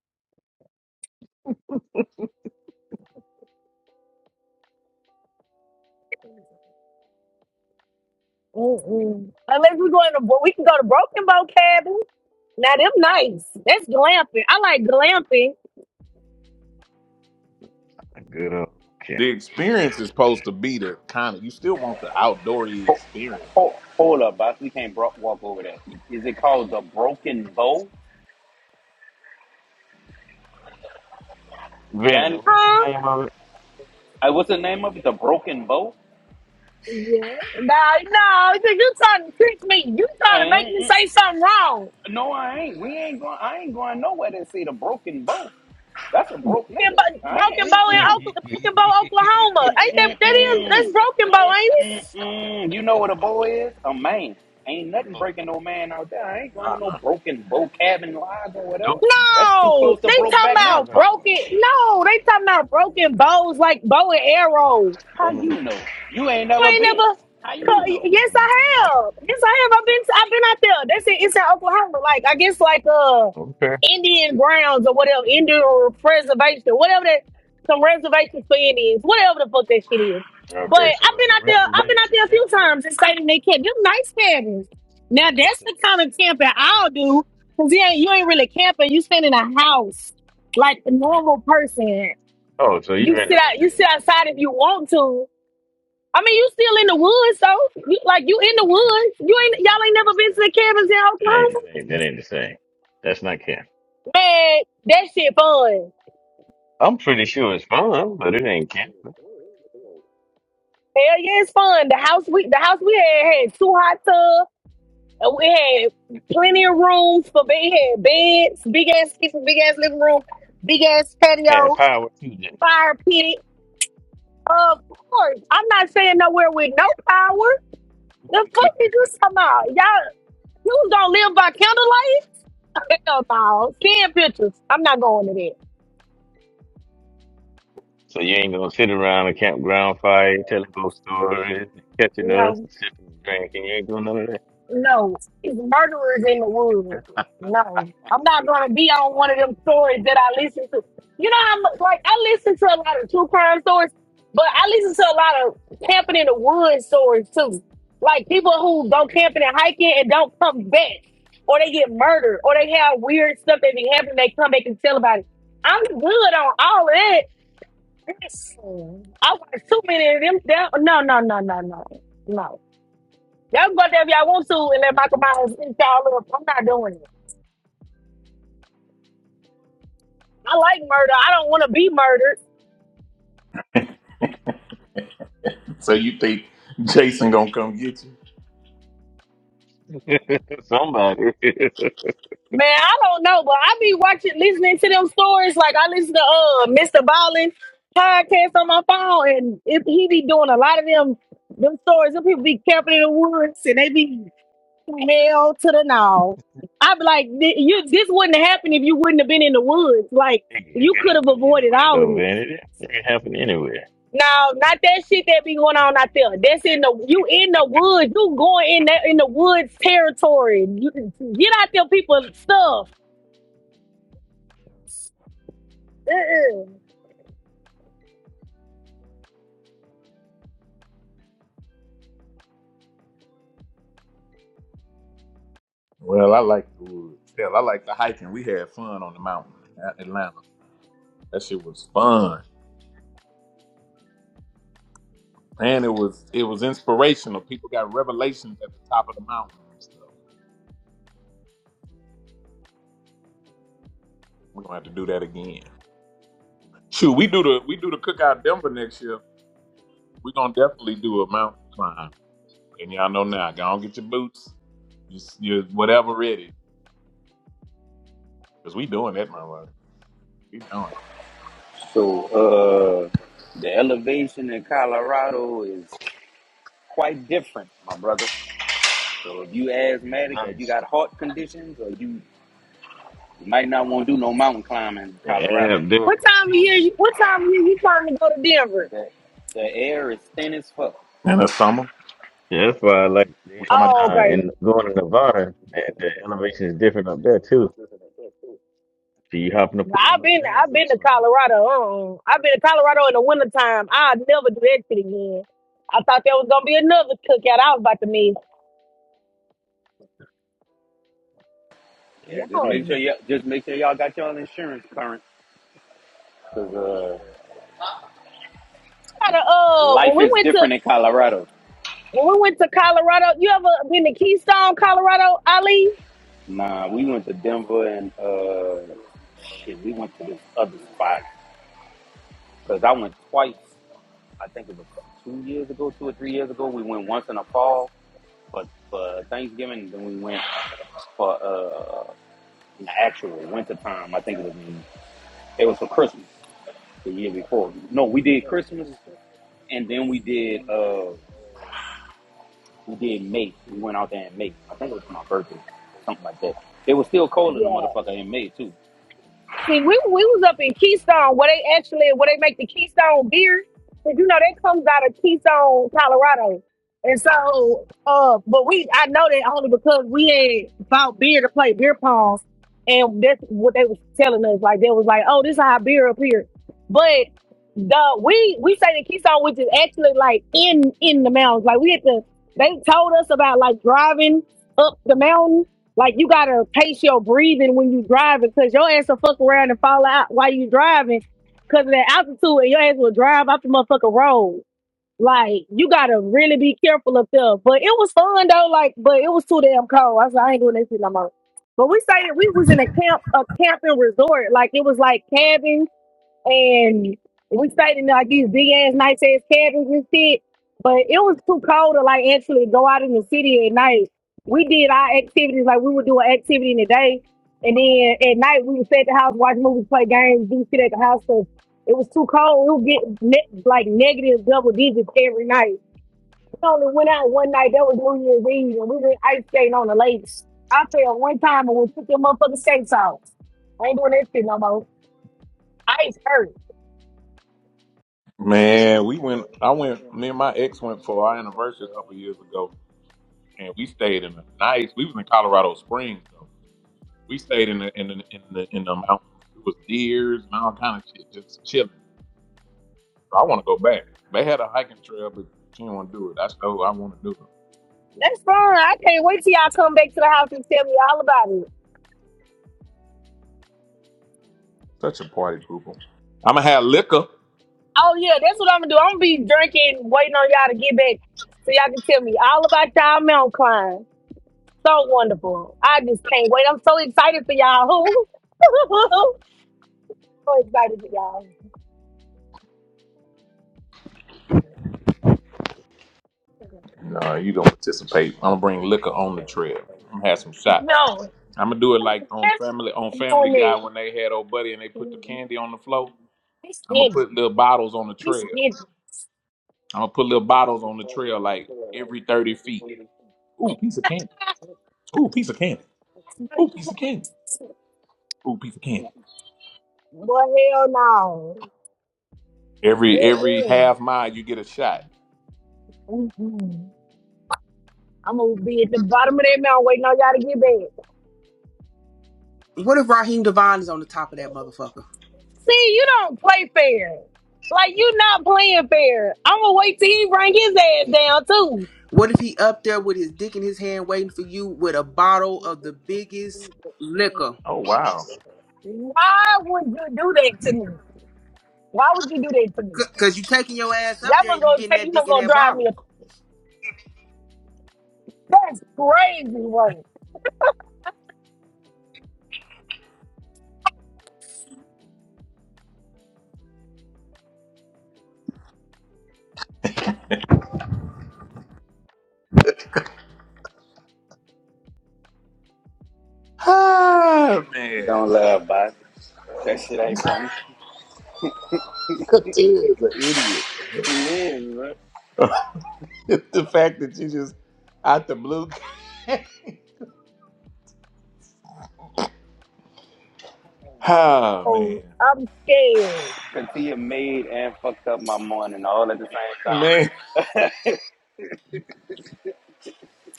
[SPEAKER 8] Mm-mm. Unless we going to, we can go to Broken Boat Cabin. Now, them nice. That's glamping. I like glamping.
[SPEAKER 12] A good old cat.
[SPEAKER 1] The experience is supposed to be the kind of you still want the outdoorsy experience.
[SPEAKER 15] Hold, hold up, boss. We can't bro- walk over that. Is it called the Broken Bow?
[SPEAKER 12] Vanity,
[SPEAKER 15] Van?
[SPEAKER 12] what's the
[SPEAKER 8] Huh?
[SPEAKER 12] name of
[SPEAKER 15] I what's the name of it? The Broken Bow?
[SPEAKER 8] Yeah. No, no. You you trying to trick me. You
[SPEAKER 15] I
[SPEAKER 8] trying to make
[SPEAKER 15] ain't-
[SPEAKER 8] me
[SPEAKER 15] mm,
[SPEAKER 8] say something wrong.
[SPEAKER 15] mm. no, I ain't. We ain't going. I ain't going nowhere to see the Broken Bow. That's a broke
[SPEAKER 8] Broken
[SPEAKER 15] nigga.
[SPEAKER 8] Bow,
[SPEAKER 15] I
[SPEAKER 8] Broken
[SPEAKER 15] ain't.
[SPEAKER 8] Bow
[SPEAKER 12] it?
[SPEAKER 8] in
[SPEAKER 15] Mm-mm.
[SPEAKER 8] Oklahoma, Broken Bow, Oklahoma. Ain't that that
[SPEAKER 12] *laughs*
[SPEAKER 8] is that's
[SPEAKER 15] Mm-mm-mm.
[SPEAKER 8] Broken Bow, ain't it?
[SPEAKER 15] Mm-mm-mm. You know what a boy is? A man. Ain't nothing
[SPEAKER 12] Boo.
[SPEAKER 15] breaking no man out there. I ain't going to no
[SPEAKER 12] Uh-uh.
[SPEAKER 15] broken bro cabin lodge or whatever.
[SPEAKER 12] Nope.
[SPEAKER 15] That's too
[SPEAKER 8] No,
[SPEAKER 15] close to
[SPEAKER 8] they talking
[SPEAKER 15] Brokeback
[SPEAKER 12] At
[SPEAKER 8] about
[SPEAKER 15] Mountain.
[SPEAKER 12] all.
[SPEAKER 8] broken. No, they talking about broken bows like bow and arrows.
[SPEAKER 15] How
[SPEAKER 12] Mm.
[SPEAKER 15] you know? You ain't
[SPEAKER 8] You
[SPEAKER 15] never
[SPEAKER 8] ain't
[SPEAKER 15] been.
[SPEAKER 8] never.
[SPEAKER 15] How you know?
[SPEAKER 8] Yes, I
[SPEAKER 12] Uh,
[SPEAKER 8] have. Yes, I have. I've been. I've been out there. That's it. It's in Oklahoma. Like I guess, like uh,
[SPEAKER 12] okay.
[SPEAKER 8] Indian grounds or whatever, Indian preservation, whatever that. Some reservations for Indians, whatever the fuck that shit is. But
[SPEAKER 12] Okay, so
[SPEAKER 8] I've
[SPEAKER 12] it's
[SPEAKER 8] been
[SPEAKER 12] a
[SPEAKER 8] out there. I've been out
[SPEAKER 12] reservation
[SPEAKER 8] there a few
[SPEAKER 12] campground.
[SPEAKER 8] times and stayed in their camp. Them nice cabins. Now
[SPEAKER 12] It's
[SPEAKER 8] that's
[SPEAKER 12] a,
[SPEAKER 8] the kind of camping I'll do. Cause yeah, you ain't really camping. You staying in a house like a
[SPEAKER 12] hmm.
[SPEAKER 8] normal person.
[SPEAKER 12] oh, so
[SPEAKER 8] You
[SPEAKER 12] you're in a
[SPEAKER 8] sit out.
[SPEAKER 12] hotel.
[SPEAKER 8] You sit outside if you want to I mean, you still in the woods though. You, like you in the
[SPEAKER 12] No,
[SPEAKER 8] woods. You ain't
[SPEAKER 12] that's
[SPEAKER 8] y'all
[SPEAKER 12] that's
[SPEAKER 8] ain't never
[SPEAKER 12] that's
[SPEAKER 8] been to
[SPEAKER 12] that's,
[SPEAKER 8] the
[SPEAKER 12] that's
[SPEAKER 8] cabins in
[SPEAKER 12] that ain't
[SPEAKER 8] Oklahoma.
[SPEAKER 12] that ain't that ain't the same. That's not camp.
[SPEAKER 8] Man, that shit fun.
[SPEAKER 12] I'm pretty sure it's fun, but it ain't camp.
[SPEAKER 8] Hell yeah, it's fun. The house we the house we had had two hot tubs. And we had plenty of rooms for bed. It Had beds, big ass kitchen, big ass living room, big ass
[SPEAKER 12] Had
[SPEAKER 8] patio,
[SPEAKER 12] power too, then.
[SPEAKER 8] fire pit. Of course, I'm not staying nowhere with no power. The fuck you do somehow, y'all. You was gonna live by candlelight? Hell no. Ten pictures. I'm not going to that.
[SPEAKER 12] so you ain't gonna sit around a campground fire telling ghost stories, catching
[SPEAKER 8] No.
[SPEAKER 12] up, and sipping and drinking. You ain't doing none of
[SPEAKER 8] No, it's murderers in the woods. No, I'm not gonna be on one of them stories that I listen to. You know, how am like I listen to a lot of true crime stories, but I listen to a lot of camping in the woods stories too. Like people who go camping and hiking and don't come back, or they get murdered, or they have weird stuff that be happening. They come back and tell about it. I'm good on all of that. Listen, I watch too many of them. down- No, no, no, no, no, no. Y'all go there if y'all want to and let Michael Myers eat y'all up. I'm not doing it. I like murder. I don't want to be murdered.
[SPEAKER 1] So you think Jason gonna come get you?
[SPEAKER 12] that. *laughs* Somebody, *laughs* it,
[SPEAKER 8] Man, I don't know, but I be watching, listening to them stories. Like I listen to uh Mr. Ballin podcast on my phone, and if he be doing a lot of them them stories, them people be camping in the woods and they be nailed to the nose. I be like, "Th- you this wouldn't happen if you wouldn't have been in the woods. Like
[SPEAKER 12] it
[SPEAKER 8] you
[SPEAKER 12] can
[SPEAKER 8] could have
[SPEAKER 12] happen
[SPEAKER 8] avoided
[SPEAKER 12] anywhere
[SPEAKER 8] all of
[SPEAKER 12] though,
[SPEAKER 8] this.
[SPEAKER 12] man. It, it can happen anywhere.
[SPEAKER 8] No, not that shit that be going on out there. That's in the you
[SPEAKER 12] *laughs*
[SPEAKER 8] in the woods. You going in that in the woods territory. You, get out there, people stuff. Uh-uh.
[SPEAKER 1] Well, I like the woods. Hell, I like the hiking. We had fun on the mountain at Atlanta. That shit was fun, and it was it was inspirational. People got revelations at the top of the mountain. and stuff. We're gonna have to do that again. Shoot, we do the we do the cookout Denver next year. We're gonna definitely do a mountain climb. And y'all know now, go on get your boots, your, your whatever ready. Cause we doing that, motherfucker. We doing.
[SPEAKER 15] So, uh, the elevation in Colorado is quite different, my brother. So if you
[SPEAKER 12] It's
[SPEAKER 15] asthmatic or you
[SPEAKER 12] nice.
[SPEAKER 15] got heart conditions or you, you might not want to do no mountain climbing in
[SPEAKER 12] The air
[SPEAKER 15] Colorado.
[SPEAKER 8] What time of
[SPEAKER 12] doing
[SPEAKER 8] year? You, what time of year you trying to go to Denver?
[SPEAKER 15] The, the air is thin as fuck.
[SPEAKER 1] it. And the summer,
[SPEAKER 12] Yeah, that's why I like being
[SPEAKER 1] we talking about.
[SPEAKER 12] in
[SPEAKER 8] Oh,
[SPEAKER 12] uh,
[SPEAKER 8] okay.
[SPEAKER 12] and going to Nevada. The, the elevation is different up there too. So you hop in the pool
[SPEAKER 8] I've
[SPEAKER 12] up
[SPEAKER 8] been
[SPEAKER 12] there and
[SPEAKER 8] I've
[SPEAKER 12] go
[SPEAKER 8] been to
[SPEAKER 12] swimming.
[SPEAKER 8] Colorado. Uh-uh. I've been to Colorado in the wintertime. I'll never do that shit again. I thought there was gonna be another cookout. I was about to miss.
[SPEAKER 15] Yeah, just make sure
[SPEAKER 8] Y'all
[SPEAKER 15] you just make sure y'all got y'all insurance current, cause uh,
[SPEAKER 8] gotta uh when
[SPEAKER 15] life
[SPEAKER 8] we
[SPEAKER 15] is
[SPEAKER 8] went to
[SPEAKER 15] different in Colorado.
[SPEAKER 8] when we went to Colorado, you ever been to Keystone, Colorado, Ali?
[SPEAKER 15] Nah, we went to Denver and uh, shit, we went to this other spot, cause I went twice. I think it was two years ago, two or three years ago. We went once in the fall for for Thanksgiving, and then we went for uh, in the actual winter time. I think it was in, it was for Christmas the year before. No, we did Christmas, and then we did. uh. We did May. We went out there in May. I think it was for my birthday, something like that. It was still cold in the
[SPEAKER 8] Yeah.
[SPEAKER 15] motherfucker in May too.
[SPEAKER 8] See, we we was up in Keystone where they actually where they make the Keystone beer. Cause you know that comes out of Keystone, Colorado. And so uh but we I know that only because we had bought beer to play beer pong and that's what they was telling us. Like they was like, Oh, this is our beer up here. But the we we say the Keystone which is actually like in in the mountains. Like we had to they told us about like driving up the mountain like you gotta pace your breathing when you driving, cause your ass will fuck around and fall out while you driving, cause of that altitude, and your ass will drive off the motherfucking road. Like you gotta really be careful up there. But it was fun though. Like, but it was too damn cold. I was like, I ain't doing that shit no more. But we stayed. We was in a camp, a camping resort. Like it was like cabins and we stayed in like these big ass nice ass cabins and shit. But it was too cold to like actually go out in the city at night. We did our activities like we would do an activity in the day, and then at night we would stay at the house, watch movies, play games, do shit at the house. So it was too cold. It would get ne- like negative double digits every night. We only went out one night. That was New Year's Eve, and we went ice skating on the lakes. I fell one time and we took them motherfucking skates off. I ain't doing that shit no more. Ice hurt.
[SPEAKER 1] Man, we went. I went. Me and my ex went for our anniversary a couple years ago, and we stayed in a nice. We was in Colorado Springs, though. We stayed in the in the in the in the mountains. It was deers and all kind of shit, just chilling. So I want to go back. They had a hiking trail, but she didn't want to do it. That's what I want to do it.
[SPEAKER 8] That's fun. I can't wait till y'all come back to the house and tell me all about it.
[SPEAKER 1] Such a party pooper. I'm gonna have liquor.
[SPEAKER 8] Oh yeah, that's what I'm gonna do. I'm gonna be drinking, waiting on y'all to get back so y'all can tell me all about y'all mountain climb. So wonderful. I just can't wait. I'm so excited for y'all. *laughs* so excited for y'all.
[SPEAKER 1] No, you don't participate. I'm gonna bring liquor on the trail. I'm gonna have some shots.
[SPEAKER 8] No,
[SPEAKER 1] I'm gonna do it like on
[SPEAKER 8] I'm
[SPEAKER 1] Family on
[SPEAKER 8] not
[SPEAKER 1] Family Guy
[SPEAKER 8] doing
[SPEAKER 1] when they had old buddy and they put the
[SPEAKER 8] it.
[SPEAKER 1] candy on the floor.
[SPEAKER 8] This
[SPEAKER 1] I'm gonna
[SPEAKER 8] did.
[SPEAKER 1] put little bottles on the
[SPEAKER 8] This
[SPEAKER 1] trail.
[SPEAKER 8] did.
[SPEAKER 1] I'm gonna put little bottles on the trail like every 30 feet. Ooh, piece of candy. Ooh, piece of candy. Ooh, piece of candy. Ooh, piece of candy.
[SPEAKER 8] Boy, hell no.
[SPEAKER 1] Every every
[SPEAKER 8] Mm-mm.
[SPEAKER 1] half mile you get a shot.
[SPEAKER 8] Mm-mm. I'm gonna be at the bottom of that mountain waiting on y'all to get back.
[SPEAKER 24] What if Raheem Devon is on the top of that motherfucker?
[SPEAKER 8] See, you don't play fair. Like you not playing fair. I'm gonna wait till he bring his ass down too.
[SPEAKER 24] What if he up there with his dick in his hand waiting for you with a bottle of the biggest liquor?
[SPEAKER 1] Oh wow.
[SPEAKER 8] Why would you do that to me? Why would you do that to me?
[SPEAKER 24] C- Cause you taking your ass up
[SPEAKER 8] Y'all
[SPEAKER 24] there
[SPEAKER 8] was
[SPEAKER 24] and you
[SPEAKER 8] gonna
[SPEAKER 24] getting
[SPEAKER 8] take
[SPEAKER 24] that
[SPEAKER 8] you
[SPEAKER 24] dick
[SPEAKER 8] was
[SPEAKER 24] in
[SPEAKER 8] gonna
[SPEAKER 24] that
[SPEAKER 8] drive me.
[SPEAKER 24] bottle.
[SPEAKER 8] That's crazy work.
[SPEAKER 1] Ah man.
[SPEAKER 15] Don't laugh, bud. That shit ain't funny.
[SPEAKER 1] Katira's an idiot.
[SPEAKER 15] She is, bro.
[SPEAKER 1] *laughs* the fact that you just out the blue *laughs* Ah
[SPEAKER 8] Oh,
[SPEAKER 1] man,
[SPEAKER 8] I'm scared.
[SPEAKER 15] Cause she made and fucked up my morning all at the
[SPEAKER 1] man,
[SPEAKER 15] same time.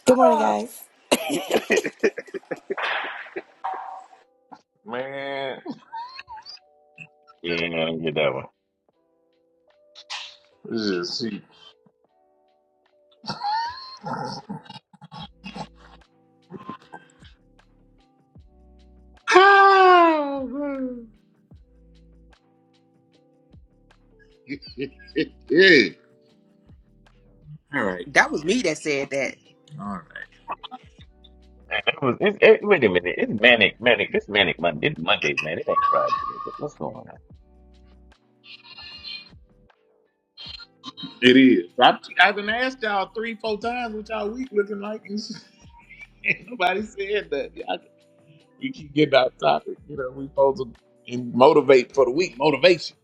[SPEAKER 25] Good
[SPEAKER 1] *laughs*
[SPEAKER 25] morning,
[SPEAKER 1] Ah,
[SPEAKER 25] guys.
[SPEAKER 1] man.
[SPEAKER 12] Yeah, you don't get that one.
[SPEAKER 1] This is see. Ah, man. *laughs* yeah. All right,
[SPEAKER 24] That was me that said that.
[SPEAKER 1] all right.
[SPEAKER 12] And it was. It's, it, wait a minute. It's manic, manic. It's manic Monday. It's Monday, man. It ain't Friday yet. But what's going on?
[SPEAKER 1] It is. I I've been asked y'all three, four times what y'all week looking like, and *laughs* ain't nobody said that. Y'all, we keep getting out of topic. You know, we supposed to and motivate for the week. Motivation.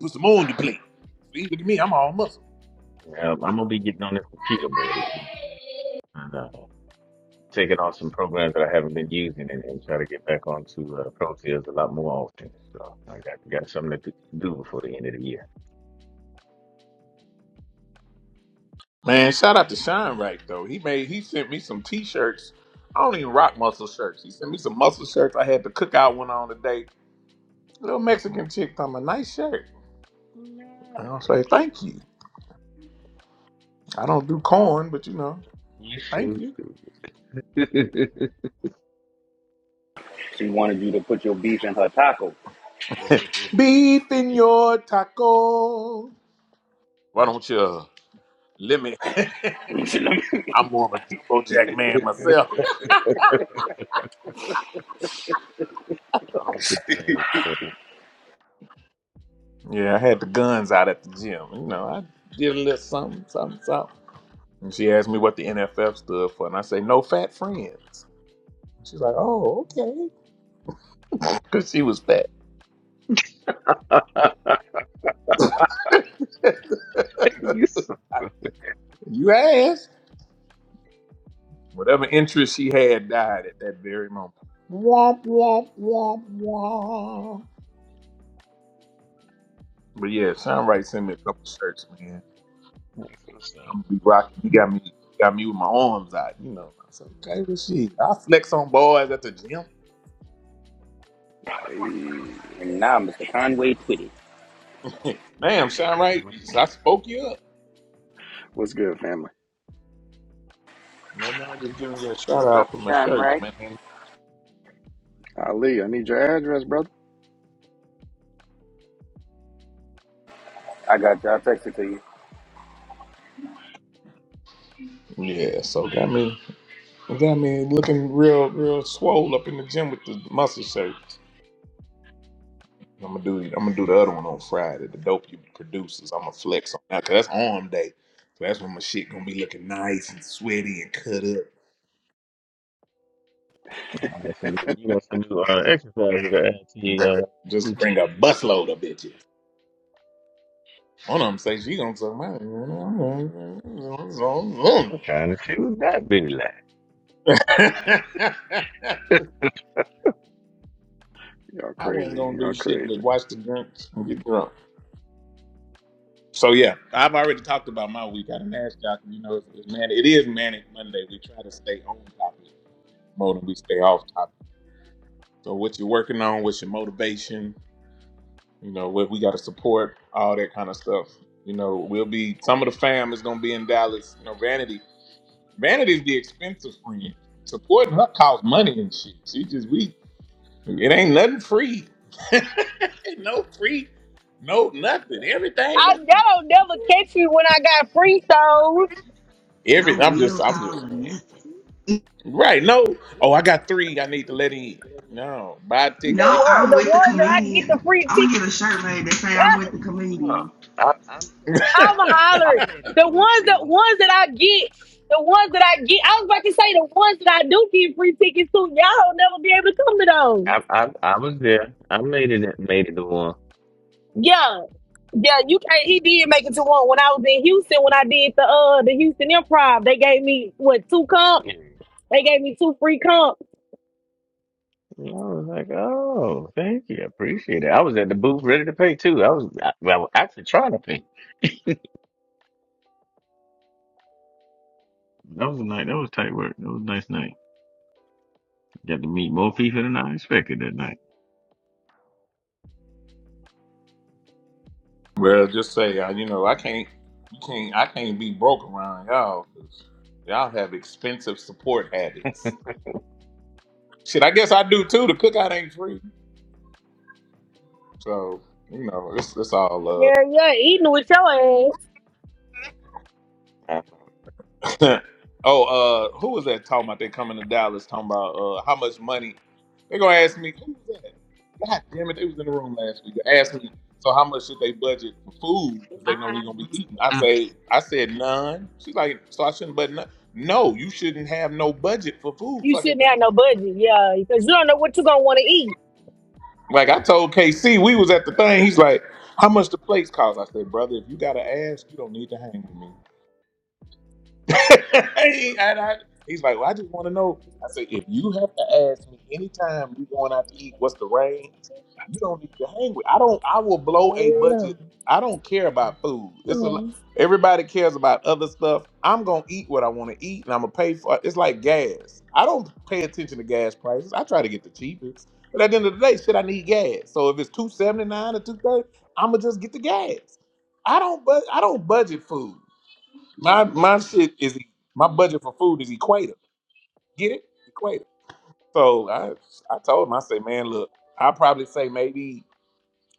[SPEAKER 1] Put some more on the plate. See, look at me. I'm all muscle.
[SPEAKER 12] Um, I'm gonna be getting on this computer more this week and uh, taking off some programs that I haven't been using and, and try to get back onto uh, pro ProTools a lot more often. So I got got something to do before the end of the year.
[SPEAKER 1] Man, shout out to Shine Right though. He made he sent me some t-shirts. I don't even rock muscle shirts. He sent me some muscle shirts. I had the cookout one on today. Little Mexican chick on a nice shirt. And I'll say
[SPEAKER 12] Nice.
[SPEAKER 1] thank you. I don't do corn, but you know,
[SPEAKER 12] You
[SPEAKER 1] thank
[SPEAKER 12] should.
[SPEAKER 1] you.
[SPEAKER 12] too. *laughs*
[SPEAKER 15] *laughs* she wanted you to put your beef in her taco.
[SPEAKER 12] *laughs*
[SPEAKER 1] *laughs* Beef in your taco. Why don't you uh, let me? *laughs*
[SPEAKER 15] *laughs* and
[SPEAKER 1] I'm more of a jumbo jack man myself.
[SPEAKER 12] Uncle Jay. *laughs*
[SPEAKER 1] Yeah, I had the guns out at the gym. You know, I did a little something, something, something. And she asked me what the NFF stood for, and I say, no fat friends. She's like, oh, okay. *laughs* Because she was fat. *laughs*
[SPEAKER 12] you so
[SPEAKER 1] You asked. Whatever interest she had died at that very moment. Womp, womp, womp, womp. But yeah, Sean Wright sent me a couple shirts, man.
[SPEAKER 12] that's what's up?
[SPEAKER 1] I'm gonna be rocking. He got me got me with my arms out, you know. I said, okay, well shit. I flex on boys at the gym.
[SPEAKER 26] Hey,
[SPEAKER 15] now Mr. Conway Twitty.
[SPEAKER 1] *laughs*
[SPEAKER 12] You
[SPEAKER 1] Damn,
[SPEAKER 12] so
[SPEAKER 1] Sean
[SPEAKER 12] cold,
[SPEAKER 1] Wright,
[SPEAKER 12] wait, did
[SPEAKER 1] I spoke you up.
[SPEAKER 26] what's good, family?
[SPEAKER 1] No,
[SPEAKER 12] it?
[SPEAKER 1] no, just giving you a shout
[SPEAKER 15] What's up,
[SPEAKER 1] out for my
[SPEAKER 15] Sean
[SPEAKER 1] shirts,
[SPEAKER 15] Right?
[SPEAKER 1] man.
[SPEAKER 26] Ali, I need your address, brother.
[SPEAKER 15] I got you. I'll text it to you.
[SPEAKER 1] Yeah, so got me. I mean, looking real, real swole up in the gym with the muscle shirt. I'm gonna do. I'm gonna do the other one on Friday. The dope you producers. I'm gonna flex on that 'cause that's arm day. So that's when my shit gonna be looking nice and sweaty and cut
[SPEAKER 12] You got some new, you got some new uh, exercises to
[SPEAKER 1] up.
[SPEAKER 12] add to your
[SPEAKER 1] Right.
[SPEAKER 12] uh,
[SPEAKER 1] Just bring
[SPEAKER 12] routine.
[SPEAKER 1] a
[SPEAKER 12] too.
[SPEAKER 1] busload of bitches. One of them say she gonna suck my.
[SPEAKER 12] I'm trying to see what that be like.
[SPEAKER 26] Y'all
[SPEAKER 1] *laughs* I wasn't
[SPEAKER 26] crazy.
[SPEAKER 1] gonna
[SPEAKER 26] Y'all
[SPEAKER 1] do shit
[SPEAKER 26] crazy.
[SPEAKER 1] but watch the drinks and get drunk. So yeah, I've already talked about my week. I didn't ask y'all, 'cause you know, it's, it's man, it is manic Monday. We try to stay on topic more than we stay off topic. So what you're working on, what's your motivation? You know, what we got to support, all that kind of stuff. You know, we'll be some of the fam is gonna be in Dallas. You know, Vanity, Vanity's the expensive friend. Supporting her costs money and shit. She just we, it ain't nothing free. *laughs* ain't no free, no nothing. Everything
[SPEAKER 8] I
[SPEAKER 1] got
[SPEAKER 8] y'all
[SPEAKER 1] to-
[SPEAKER 8] don't never catch me when I got free throws.
[SPEAKER 1] every.
[SPEAKER 25] No
[SPEAKER 1] I'm
[SPEAKER 25] will
[SPEAKER 1] just, I'm
[SPEAKER 25] call
[SPEAKER 1] just.
[SPEAKER 25] or
[SPEAKER 1] saying.
[SPEAKER 25] nothing.
[SPEAKER 1] Right. No. Oh, I got three. I need to let in. No, buy a ticket.
[SPEAKER 8] The
[SPEAKER 25] No,
[SPEAKER 1] nigga.
[SPEAKER 8] one
[SPEAKER 25] I'm
[SPEAKER 8] the
[SPEAKER 25] with the
[SPEAKER 8] ones that I get the
[SPEAKER 25] comedian.
[SPEAKER 8] free
[SPEAKER 25] I'm gonna
[SPEAKER 8] tickets.
[SPEAKER 25] get a shirt made that say
[SPEAKER 8] *laughs*
[SPEAKER 25] I'm with the
[SPEAKER 12] Look,
[SPEAKER 25] comedian.
[SPEAKER 12] I, I,
[SPEAKER 8] I'm
[SPEAKER 12] I, I
[SPEAKER 8] hollering.
[SPEAKER 12] made it
[SPEAKER 8] The
[SPEAKER 12] to a
[SPEAKER 8] ones
[SPEAKER 12] free
[SPEAKER 8] that
[SPEAKER 12] one.
[SPEAKER 8] ones that I get, the ones that I get, I was about to say the ones that I do get free tickets to, y'all will never be able to come to those.
[SPEAKER 12] I, I, I was there. I made it, made it to one.
[SPEAKER 8] Yeah. Yeah, you can't he did make it to one when I was in Houston when I did the uh the Houston improv. They gave me what two comp?
[SPEAKER 12] Yeah.
[SPEAKER 8] They gave me two free comp.
[SPEAKER 12] And I was like, oh, thank you, I appreciate it. I was at the booth ready to pay too. I was, I, well, I was actually trying to pay. That was a night. That was tight work. That was a nice night. Got to meet more people than I expected that night.
[SPEAKER 1] Well, just say, uh, you know, I can't, you can't, I can't be broke around y'all. 'cause y'all have expensive support
[SPEAKER 12] *laughs*
[SPEAKER 1] habits. Shit, I guess I do too. The cookout ain't free, so you know, it's it's all love.
[SPEAKER 8] Yeah, yeah, eating with your ass.
[SPEAKER 12] Five
[SPEAKER 1] *laughs* oh, uh, who was that talking about? They coming to Dallas talking about uh, how much money they're gonna ask me. Who was that? God damn it, they was in the room last week. They asked me, so how much should they budget for food? Cause they know we're gonna be
[SPEAKER 12] hundred
[SPEAKER 1] eating. I say,
[SPEAKER 12] dollars.
[SPEAKER 1] I said none. She's like, so I shouldn't budget. None. No, you shouldn't have no budget for food.
[SPEAKER 8] You
[SPEAKER 1] Fucking
[SPEAKER 8] shouldn't
[SPEAKER 1] with
[SPEAKER 8] have
[SPEAKER 1] me.
[SPEAKER 8] no budget, yeah, because you don't know what you're gonna want to eat.
[SPEAKER 1] Like I told KC, we was at the thing. He's like, how much the plates cost? I said, brother, if you gotta ask, you don't need to hang with me. *laughs* and I, he's like, well, I just want to know. I said, if you have to ask me anytime you are going out to eat, what's the range? You don't need to hang with. I don't. I will blow a
[SPEAKER 8] Oh,
[SPEAKER 1] budget. I don't care about food. It's a
[SPEAKER 8] Yeah.
[SPEAKER 1] lo- everybody cares about other stuff. I'm gonna eat what I want to eat, and I'm gonna pay for it. It's like gas. I don't pay attention to gas prices. I try to get the cheapest. But at the end of the day, shit, I need gas. So if it's two seventy nine or two thirty, I'm gonna just get the gas. I don't. bud I don't budget food. My my shit is e, my budget for food is equator. Get it? Equator. So I I told him, I say, man, look, I probably say maybe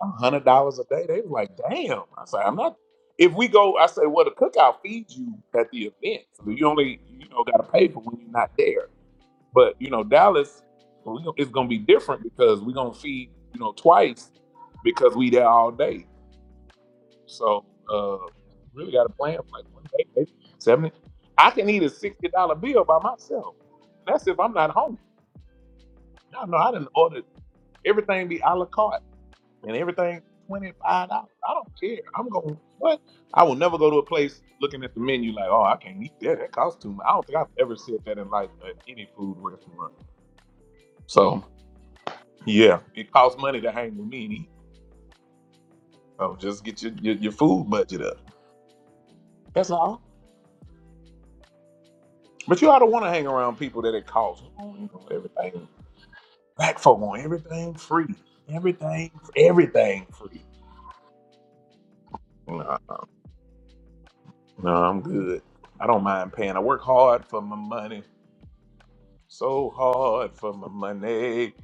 [SPEAKER 1] a hundred dollars a day. They was like, damn. I say, I'm not if we go, I say, well, the cookout feeds you at the event. So you only, you know, gotta pay for when you're not there. But you know, Dallas, we gon- it's gonna be different because we're gonna feed, you know, twice because we there all day. So uh, really got a plan for like one day, maybe seventy. I can eat a sixty dollar bill by myself. That's if I'm not hungry. No, no, I didn't order everything be a la carte and everything twenty five dollars. I don't care. I'm going what? I will never go to a place looking at the menu like, oh, I can't eat that. That costs too much. I don't think I've ever said that in life at any food restaurant. So yeah, it costs money to hang with me and eat. So just get your, your, your food budget up. That's all. But you ought to want to hang around people that it costs on you know, everything. Black folk on everything free. Everything, everything free. No, no, I'm good. I don't mind paying. I work hard for my money. So hard for my money.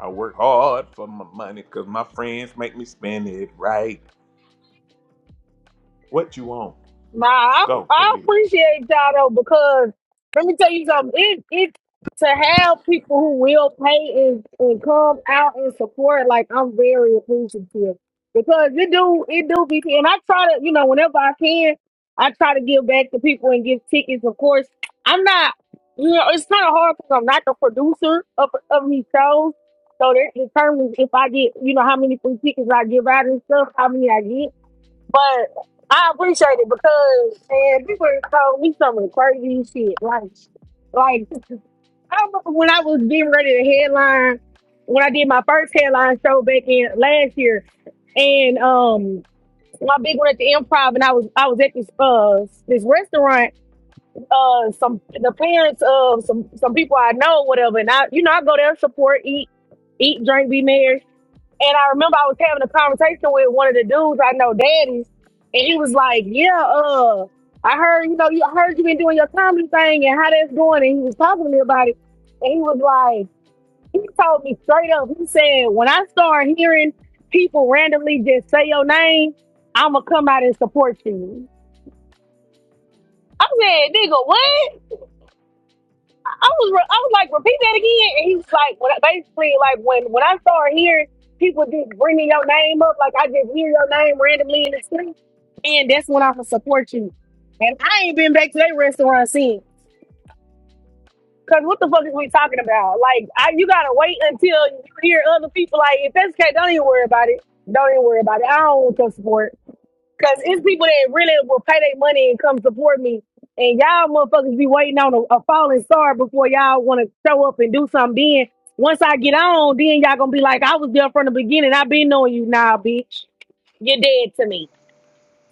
[SPEAKER 1] I work hard for my money because my friends make me spend it right. What you want?
[SPEAKER 8] Nah, I,
[SPEAKER 1] Go, go
[SPEAKER 8] I
[SPEAKER 1] get it.
[SPEAKER 8] appreciate y'all though because let me tell you something. It it to have people who will pay and, and come out and support. Like I'm very appreciative because it do it do be and I try to you know whenever I can I try to give back to people and give tickets. Of course, I'm not. You know, it's kind of hard because I'm not the producer of of these shows, so that determines if I get you know how many free tickets I give out and stuff, how many I get. But I appreciate it because man, people told me some of the crazy shit. Like, like I remember when I was getting ready to headline, when I did my first headline show back in last year, and um, my big one at the Improv, and I was I was at this uh this restaurant, uh, some the parents of some some people I know, whatever, and I you know I go there support, eat, eat, drink, be merry, and I remember I was having a conversation with one of the dudes I know, daddies, and he was like, "Yeah, uh, I heard you know, you I heard you been doing your comedy thing and how that's going." And he was talking to me about it, and he was like, he told me straight up. He said, "When I start hearing people randomly just say your name, I'ma come out and support you." I said, "Nigga, what?" I was re- I was like, repeat that again, and he was like, when I, basically like when when I start hearing people just bringing your name up, like I just hear your name randomly in the street, and that's when I will support you. And I ain't been back to that restaurant since. Cause what the fuck is we talking about? Like, I, you gotta wait until you hear other people. Like, if that's okay, don't even worry about it. Don't even worry about it. I don't want your support. Cause it's people that really will pay their money and come support me. And y'all motherfuckers be waiting on a, a falling star before y'all wanna show up and do something. Then once I get on, then y'all gonna be like, I was there from the beginning. I been knowing you now, bitch. You're dead to me.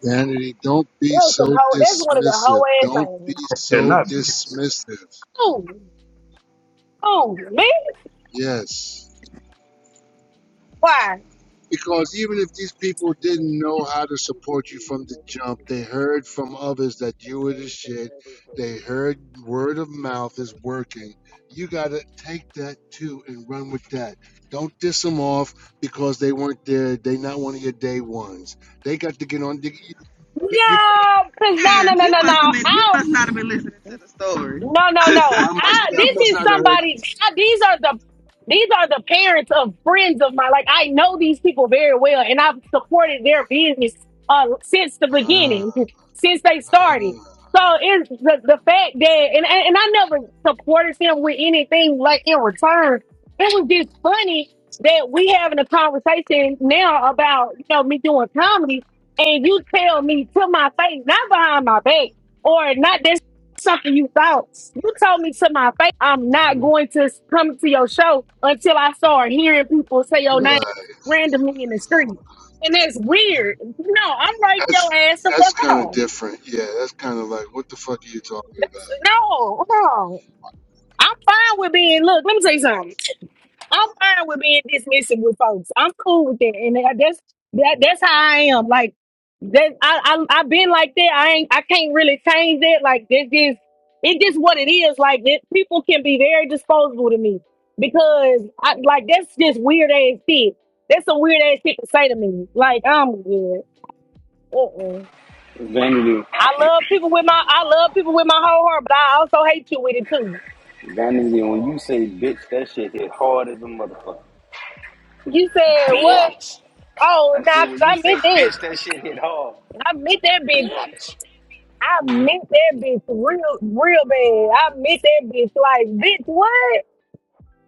[SPEAKER 11] Vanity, don't be
[SPEAKER 8] Those some
[SPEAKER 11] so
[SPEAKER 8] hoe that's one of the
[SPEAKER 11] dismissive.
[SPEAKER 8] hoe ass
[SPEAKER 11] Don't be
[SPEAKER 8] things.
[SPEAKER 1] They're
[SPEAKER 11] so
[SPEAKER 1] not this.
[SPEAKER 11] dismissive.
[SPEAKER 8] Oh, oh, me?
[SPEAKER 11] Yes.
[SPEAKER 8] Why?
[SPEAKER 11] Because even if these people didn't know how to support you from the jump, they heard from others that you were the shit. They heard word of mouth is working. You got to take that too and run with that. Don't diss them off because they weren't there. They not one of your day ones. They got to get on. You, you-
[SPEAKER 8] No, cause no, no,
[SPEAKER 25] Eric,
[SPEAKER 8] no,
[SPEAKER 25] you
[SPEAKER 8] no,
[SPEAKER 25] must
[SPEAKER 8] no.
[SPEAKER 25] have been you must
[SPEAKER 8] I'll.
[SPEAKER 25] not have been listening to the story.
[SPEAKER 8] No, no, no.
[SPEAKER 11] I,
[SPEAKER 25] *laughs*
[SPEAKER 11] must,
[SPEAKER 8] I,
[SPEAKER 11] I
[SPEAKER 8] this
[SPEAKER 11] must
[SPEAKER 8] is
[SPEAKER 11] not have heard.
[SPEAKER 8] somebody's. I, these are the these are the parents of friends of mine. Like I know these people very well, and I've supported their business uh, since the beginning, *laughs* since they started. So it's the, the fact that, and and and I never supported them with anything like in return. It was just funny that we having a conversation now about you know me doing comedy, and you tell me to my face, not behind my back, or not something you thought. You told me to my face, I'm not going to come to your show until I start hearing people say your name
[SPEAKER 11] Right.
[SPEAKER 8] randomly in the street. And that's weird. No, I'm writing your
[SPEAKER 11] That's
[SPEAKER 8] ass the
[SPEAKER 11] that's
[SPEAKER 8] fuck
[SPEAKER 11] kind of
[SPEAKER 8] off.
[SPEAKER 11] different. Yeah, that's kind of like, what the fuck are you talking about?
[SPEAKER 8] That's, no, no. I'm fine with being, look, let me tell you something. I'm fine with being dismissive with folks. I'm cool with that, and that- that's that. That's how I am. Like that, I I I've been like that. I ain't. I can't really change that. Like that's just it. Just what it is. Like that. People can be very disposable to me because I like that's just weird ass shit. That's some weird ass shit to say to me. Like I'm good. Uh-uh.
[SPEAKER 15] Vanity,
[SPEAKER 8] I love people with my I love people with my whole heart, but I also hate you with it too.
[SPEAKER 15] Vanity, when you say bitch, that shit hit hard as a motherfucker.
[SPEAKER 8] You said what? Oh,
[SPEAKER 15] I
[SPEAKER 8] nah,
[SPEAKER 15] said,
[SPEAKER 8] 'cause
[SPEAKER 15] when
[SPEAKER 8] I
[SPEAKER 15] you say
[SPEAKER 8] miss it.
[SPEAKER 15] bitch, that shit hit hard.
[SPEAKER 8] I miss that bitch. I meant that bitch real, real bad. I meant that bitch like, bitch, what?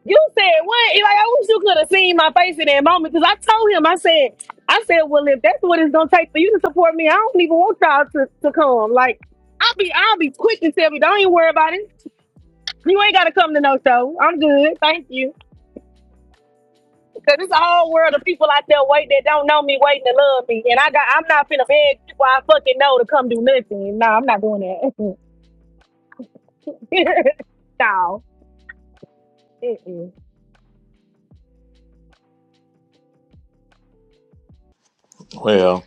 [SPEAKER 8] You said what? Like, I wish you could have seen my face in that moment because I told him, I said, I said, well, if that's what it's gonna take for you to support me, I don't even want y'all to, to come. Like, I'll be, I'll be quick to tell you. don't even worry about it. You ain't gotta come to no show. I'm good, thank you. Cause it's a whole world of people out there wait that don't know me, waiting to love me, and I got, I'm not finna beg people I fucking know to come do nothing. No, I'm not doing that. *laughs* no. Mm-mm.
[SPEAKER 1] Well,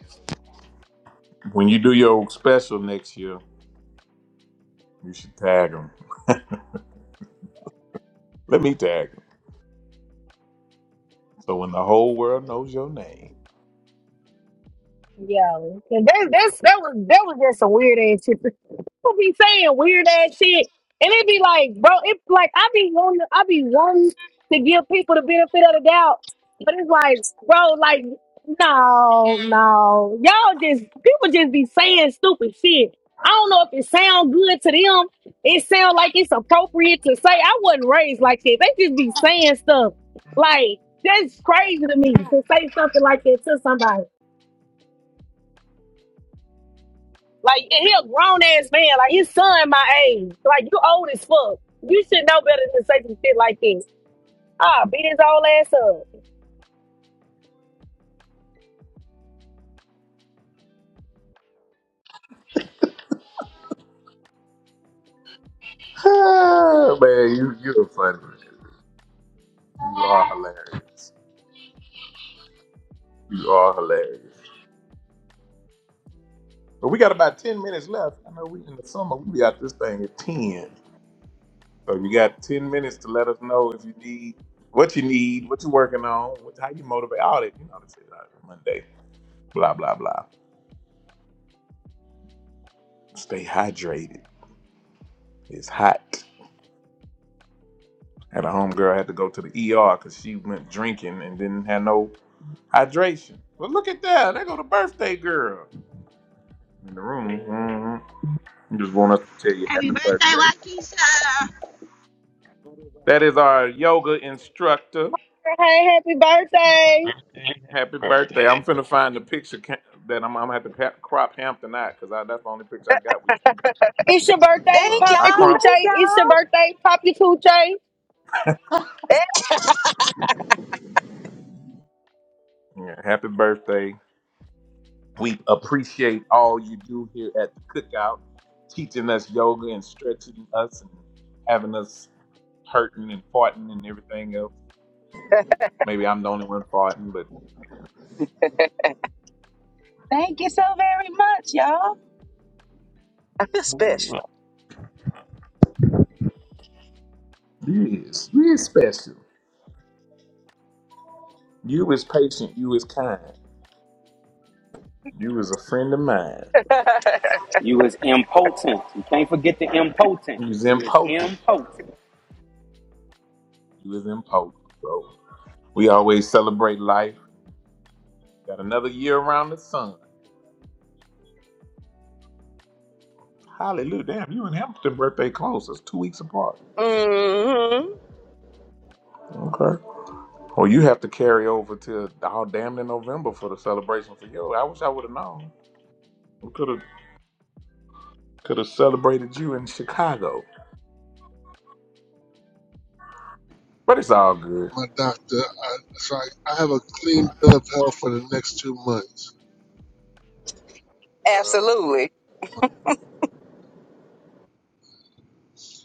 [SPEAKER 1] when you do your special next year, you should tag them. Let me tag them. So when the whole world knows your name.
[SPEAKER 8] Yeah, 'Cause that, that's that was that was just some weird ass shit. *laughs* People be saying weird ass shit, and it be like, bro, it's like I be wanting, I be wanting to give people the benefit of the doubt, but it's like, bro, like no, no, y'all just people just be saying stupid shit. I don't know if it sound good to them. It sound like it's appropriate to say. I wasn't raised like that. They just be saying stuff like that's crazy to me to say something like that to somebody. Like and he a grown ass man. Like his son my age. Like you old as fuck. You should know better than to say some shit like this. Ah, beat his old ass up.
[SPEAKER 1] Ah, Man, you you're funny. You are hilarious. You are hilarious. But we got about ten minutes left. I know we in the summer. We got this thing at ten. So you got ten minutes to let us know if you need what you need, what you're working on, what, how you motivate all that. You know, this is out Monday. Blah blah blah. Stay hydrated. It's hot. Had a homegirl had to go to the ER because she went drinking and didn't have no hydration. Well, look at that. There go the birthday girl in the room. Mm-hmm. I Just want us to tell you
[SPEAKER 25] Happy
[SPEAKER 1] happy
[SPEAKER 25] birthday,
[SPEAKER 1] birthday.
[SPEAKER 25] Waukesha.
[SPEAKER 1] That is our yoga instructor.
[SPEAKER 8] Hey, happy
[SPEAKER 12] Happy
[SPEAKER 8] birthday.
[SPEAKER 12] birthday! Happy
[SPEAKER 1] Happy birthday.
[SPEAKER 12] birthday!
[SPEAKER 1] I'm finna find the picture ca- that I'm, I'm gonna have to ca- crop Hampton out because that's the only picture I got with you.
[SPEAKER 8] It's your birthday,
[SPEAKER 27] Thank
[SPEAKER 1] Uh,
[SPEAKER 8] pop
[SPEAKER 1] I
[SPEAKER 8] your
[SPEAKER 27] y'all.
[SPEAKER 1] crop.
[SPEAKER 27] Thank
[SPEAKER 8] coochie.
[SPEAKER 27] y'all.
[SPEAKER 8] It's your birthday, pop your coochie.
[SPEAKER 1] Yeah, happy birthday. We appreciate all you do here at the cookout, teaching us yoga and stretching us and having us hurting and farting and everything else. Maybe I'm the only one farting, but
[SPEAKER 27] Thank you so very much, y'all. You're
[SPEAKER 12] Oh, you
[SPEAKER 27] special.
[SPEAKER 12] up.
[SPEAKER 1] you is, you is special. You is patient. You is kind. You is a friend of mine.
[SPEAKER 15] You is impotent. You can't forget the impotent.
[SPEAKER 1] He was
[SPEAKER 15] You is
[SPEAKER 1] impotent.
[SPEAKER 15] impotent.
[SPEAKER 1] He was impotent. So we always celebrate life. Got another year around the sun. Hallelujah. Damn, you and Hamilton birthday close. That's two weeks apart.
[SPEAKER 27] hmm
[SPEAKER 1] Okay. Well, you have to carry over to all damn near November for the celebration for you. I wish I would have known. We could have could have celebrated you in Chicago. But it's all good.
[SPEAKER 11] my doctor. I, so I, I have a clean bill of health for the next two months. Uh,
[SPEAKER 27] Absolutely.
[SPEAKER 11] my,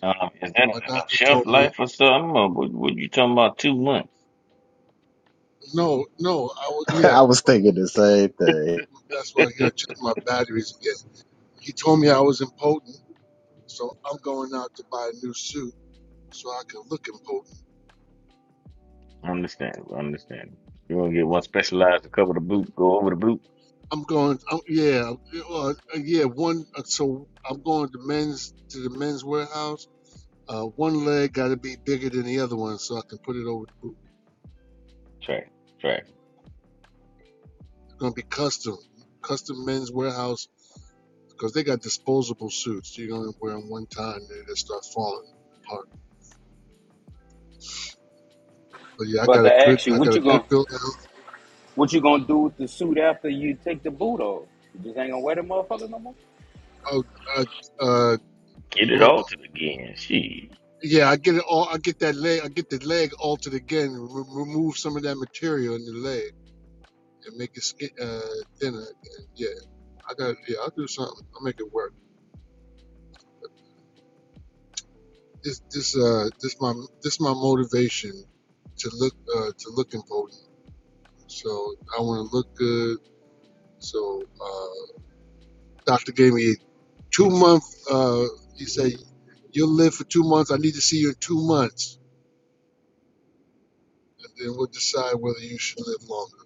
[SPEAKER 12] Um, is that a,
[SPEAKER 11] my
[SPEAKER 12] a
[SPEAKER 11] doctor
[SPEAKER 12] shelf
[SPEAKER 11] told me,
[SPEAKER 12] life or something, or what, what you talking about? Two months?
[SPEAKER 11] no, no, I was,
[SPEAKER 20] *laughs*
[SPEAKER 11] yeah,
[SPEAKER 20] I was thinking the same thing.
[SPEAKER 11] that's why I gotta check my batteries again. He told me I was impotent, so I'm going out to buy a new suit so I can look impotent.
[SPEAKER 12] I Understand? I Understand? You want to get one specialized to cover the boot? Go over the boot.
[SPEAKER 11] I'm going, I'm, yeah, uh, uh, yeah, one. uh, So I'm going to men's to the men's warehouse. Uh, one leg got to be bigger than the other one so I can put it over the boot.
[SPEAKER 12] Track, track.
[SPEAKER 11] It's gonna be custom, custom men's warehouse because they got disposable suits. You only wear them one time, they just start falling apart. But yeah, I
[SPEAKER 15] But
[SPEAKER 11] got
[SPEAKER 15] to
[SPEAKER 11] a good,
[SPEAKER 15] ask you,
[SPEAKER 11] I
[SPEAKER 15] what
[SPEAKER 11] got a
[SPEAKER 15] you gonna
[SPEAKER 11] good build.
[SPEAKER 15] what you gonna do with the suit after you take the boot off? You just ain't gonna wear them motherfuckers no more.
[SPEAKER 11] Oh, uh, uh,
[SPEAKER 12] Get it
[SPEAKER 11] well,
[SPEAKER 12] altered again. She
[SPEAKER 11] yeah, I get it all. I get that leg, I get the leg altered again. Re- remove some of that material in the leg and make it skin, uh, thinner. Again. Yeah, I got. Yeah, I'll do something. I'll make it work. This, this, uh, this my, this my motivation to look, uh, to look important. So I want to look good. So uh, doctor gave me two month uh he said you'll live for two months i need to see you in two months then we'll decide whether you should live longer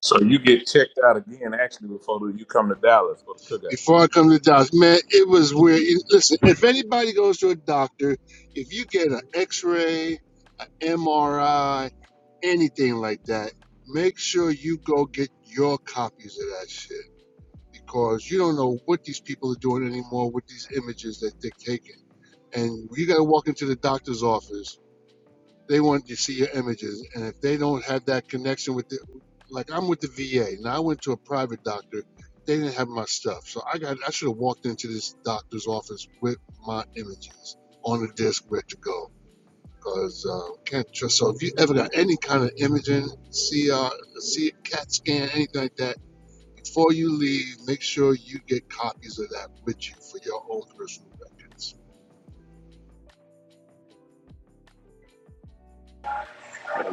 [SPEAKER 1] So you get checked out again actually before you come to Dallas for the cookout.
[SPEAKER 11] before i come to the doctor man it was weird You- listen if anybody goes to a doctor if you get an x-ray an mri anything like that make sure you go get your copies of that shit because you don't know what these people are doing anymore with these images that they're taking and you got to walk into the doctor's office They want to see your images, and if they don't have that connection with the, like I'm with the VA. Now I went to a private doctor. They didn't have my stuff, so I got I should have walked into this doctor's office with my images on a disc ready to go. Cause uh, can't trust. So if you ever got any kind of imaging, CR, C, CAT scan, anything like that, before you leave, make sure you get copies of that with you for your own personal records.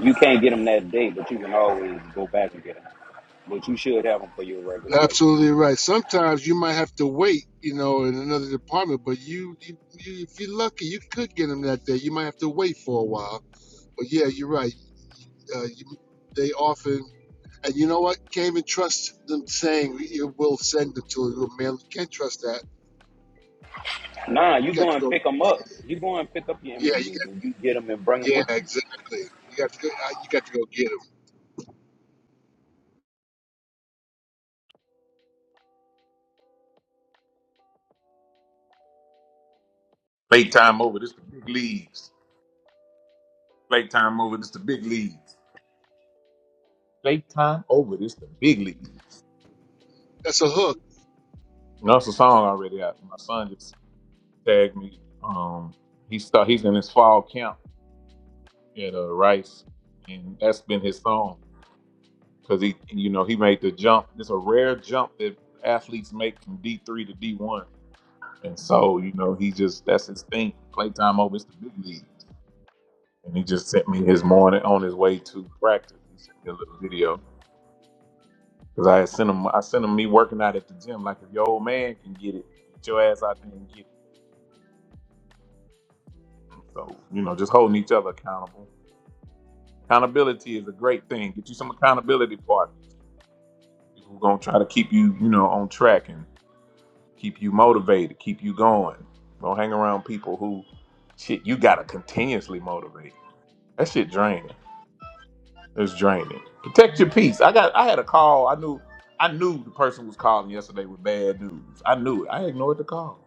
[SPEAKER 15] You can't get them that day, but you can always go back and get them. But you should have them for your regular rate.
[SPEAKER 11] Absolutely right. Sometimes you might have to wait, you know, in another department, but you, you, you if you're lucky, you could get them that day. You might have to wait for a while. But yeah, you're right. Uh, you, they often, and you know what? Can't even trust them saying you will send them to you mail. You can't trust that.
[SPEAKER 15] Nah,
[SPEAKER 11] You
[SPEAKER 15] you
[SPEAKER 11] got
[SPEAKER 15] go
[SPEAKER 11] to
[SPEAKER 15] and
[SPEAKER 11] go.
[SPEAKER 15] pick them up. You go and pick up your
[SPEAKER 11] Yeah, you
[SPEAKER 15] images
[SPEAKER 11] got.
[SPEAKER 15] and you get them and bring them
[SPEAKER 11] Yeah,
[SPEAKER 15] with you.
[SPEAKER 11] exactly. You got to go. uh, You got to go get them.
[SPEAKER 1] Late time over, this the big leagues. Late time over, this the big leagues. I'm over, this the big leagues.
[SPEAKER 11] That's a hook,
[SPEAKER 1] That's a song already out. My son just tagged me. Um, he start, he's in his fall camp at uh, Rice, and that's been his song because he, you know, he made the jump. It's a rare jump that athletes make from D three to D one, and so you know he just that's his thing. Playtime over, it's the big league, and he just sent me his morning on his way to practice. He sent me a little video because I had sent him. I sent him me working out at the gym. Like if your old man can get it, get your ass out there and get it. So you know, just holding each other accountable Accountability is a great thing. Get you some accountability partners. People are gonna try to keep you, you know, on track and keep you motivated, keep you going. Don't hang around people who shit you gotta continuously motivate. That shit draining. It's draining. Protect your peace. I got I had a call. I knew I knew the person was calling yesterday with bad news. I knew it. I ignored the call.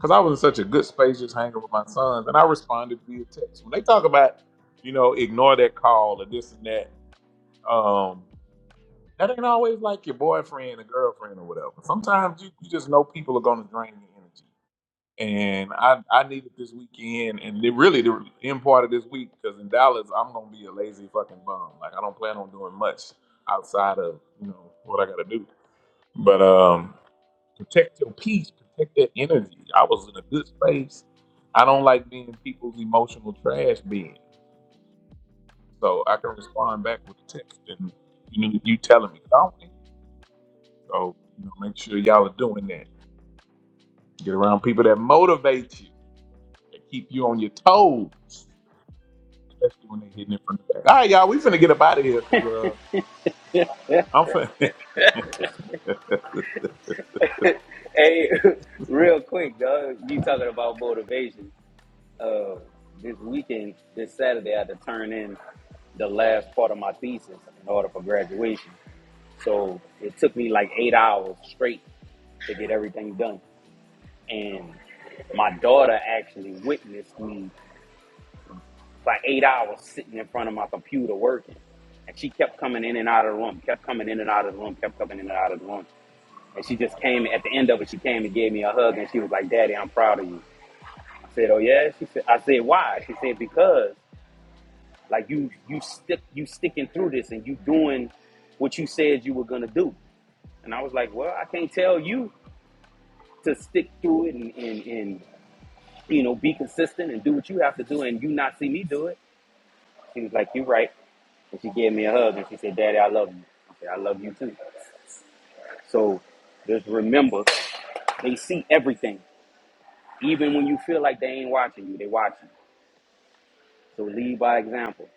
[SPEAKER 1] Cause I was in such a good space just hanging with my sons and I responded via text. When they talk about, you know, ignore that call or this and that. um, That ain't always like your boyfriend or girlfriend or whatever. Sometimes you, you just know people are going to drain your energy. And I, I needed this weekend, and it really the end part of this week, because in Dallas, I'm going to be a lazy fucking bum. Like, I don't plan on doing much outside of, you know, what I got to do. But um, protect your peace, protect that energy. I was in a good space. I don't like being people's emotional trash bin. So I can respond back with text and you know, you telling me. 'Cause I don't So you know, make sure y'all are doing that. Get around people that motivate you, that keep you on your toes, especially when they're hitting it from the back. All right, y'all, we finna get up out of here because uh, I'm finna.
[SPEAKER 15] Hey, *laughs* real quick, dog. You talking about motivation? uh, this weekend, this Saturday, I had to turn in the last part of my thesis in order for graduation. So it took me like eight hours straight to get everything done. And my daughter actually witnessed me for eight hours sitting in front of my computer working. And she kept coming in and out of the room, kept coming in and out of the room, kept coming in and out of the room. And she just came at the end of it, she came and gave me a hug and she was like, Daddy, I'm proud of you. I said, Oh yeah? She said I said, Why? She said, Because Like you you stick you sticking through this and you doing what you said you were gonna do. And I was like, Well, I can't tell you to stick through it and, and, and you know, be consistent and do what you have to do and you not see me do it. She was like, You're right. And she gave me a hug and she said, Daddy, I love you. I said, I love you too. So just remember, they see everything. Even when you feel like they ain't watching you, they watching. you. So lead by example.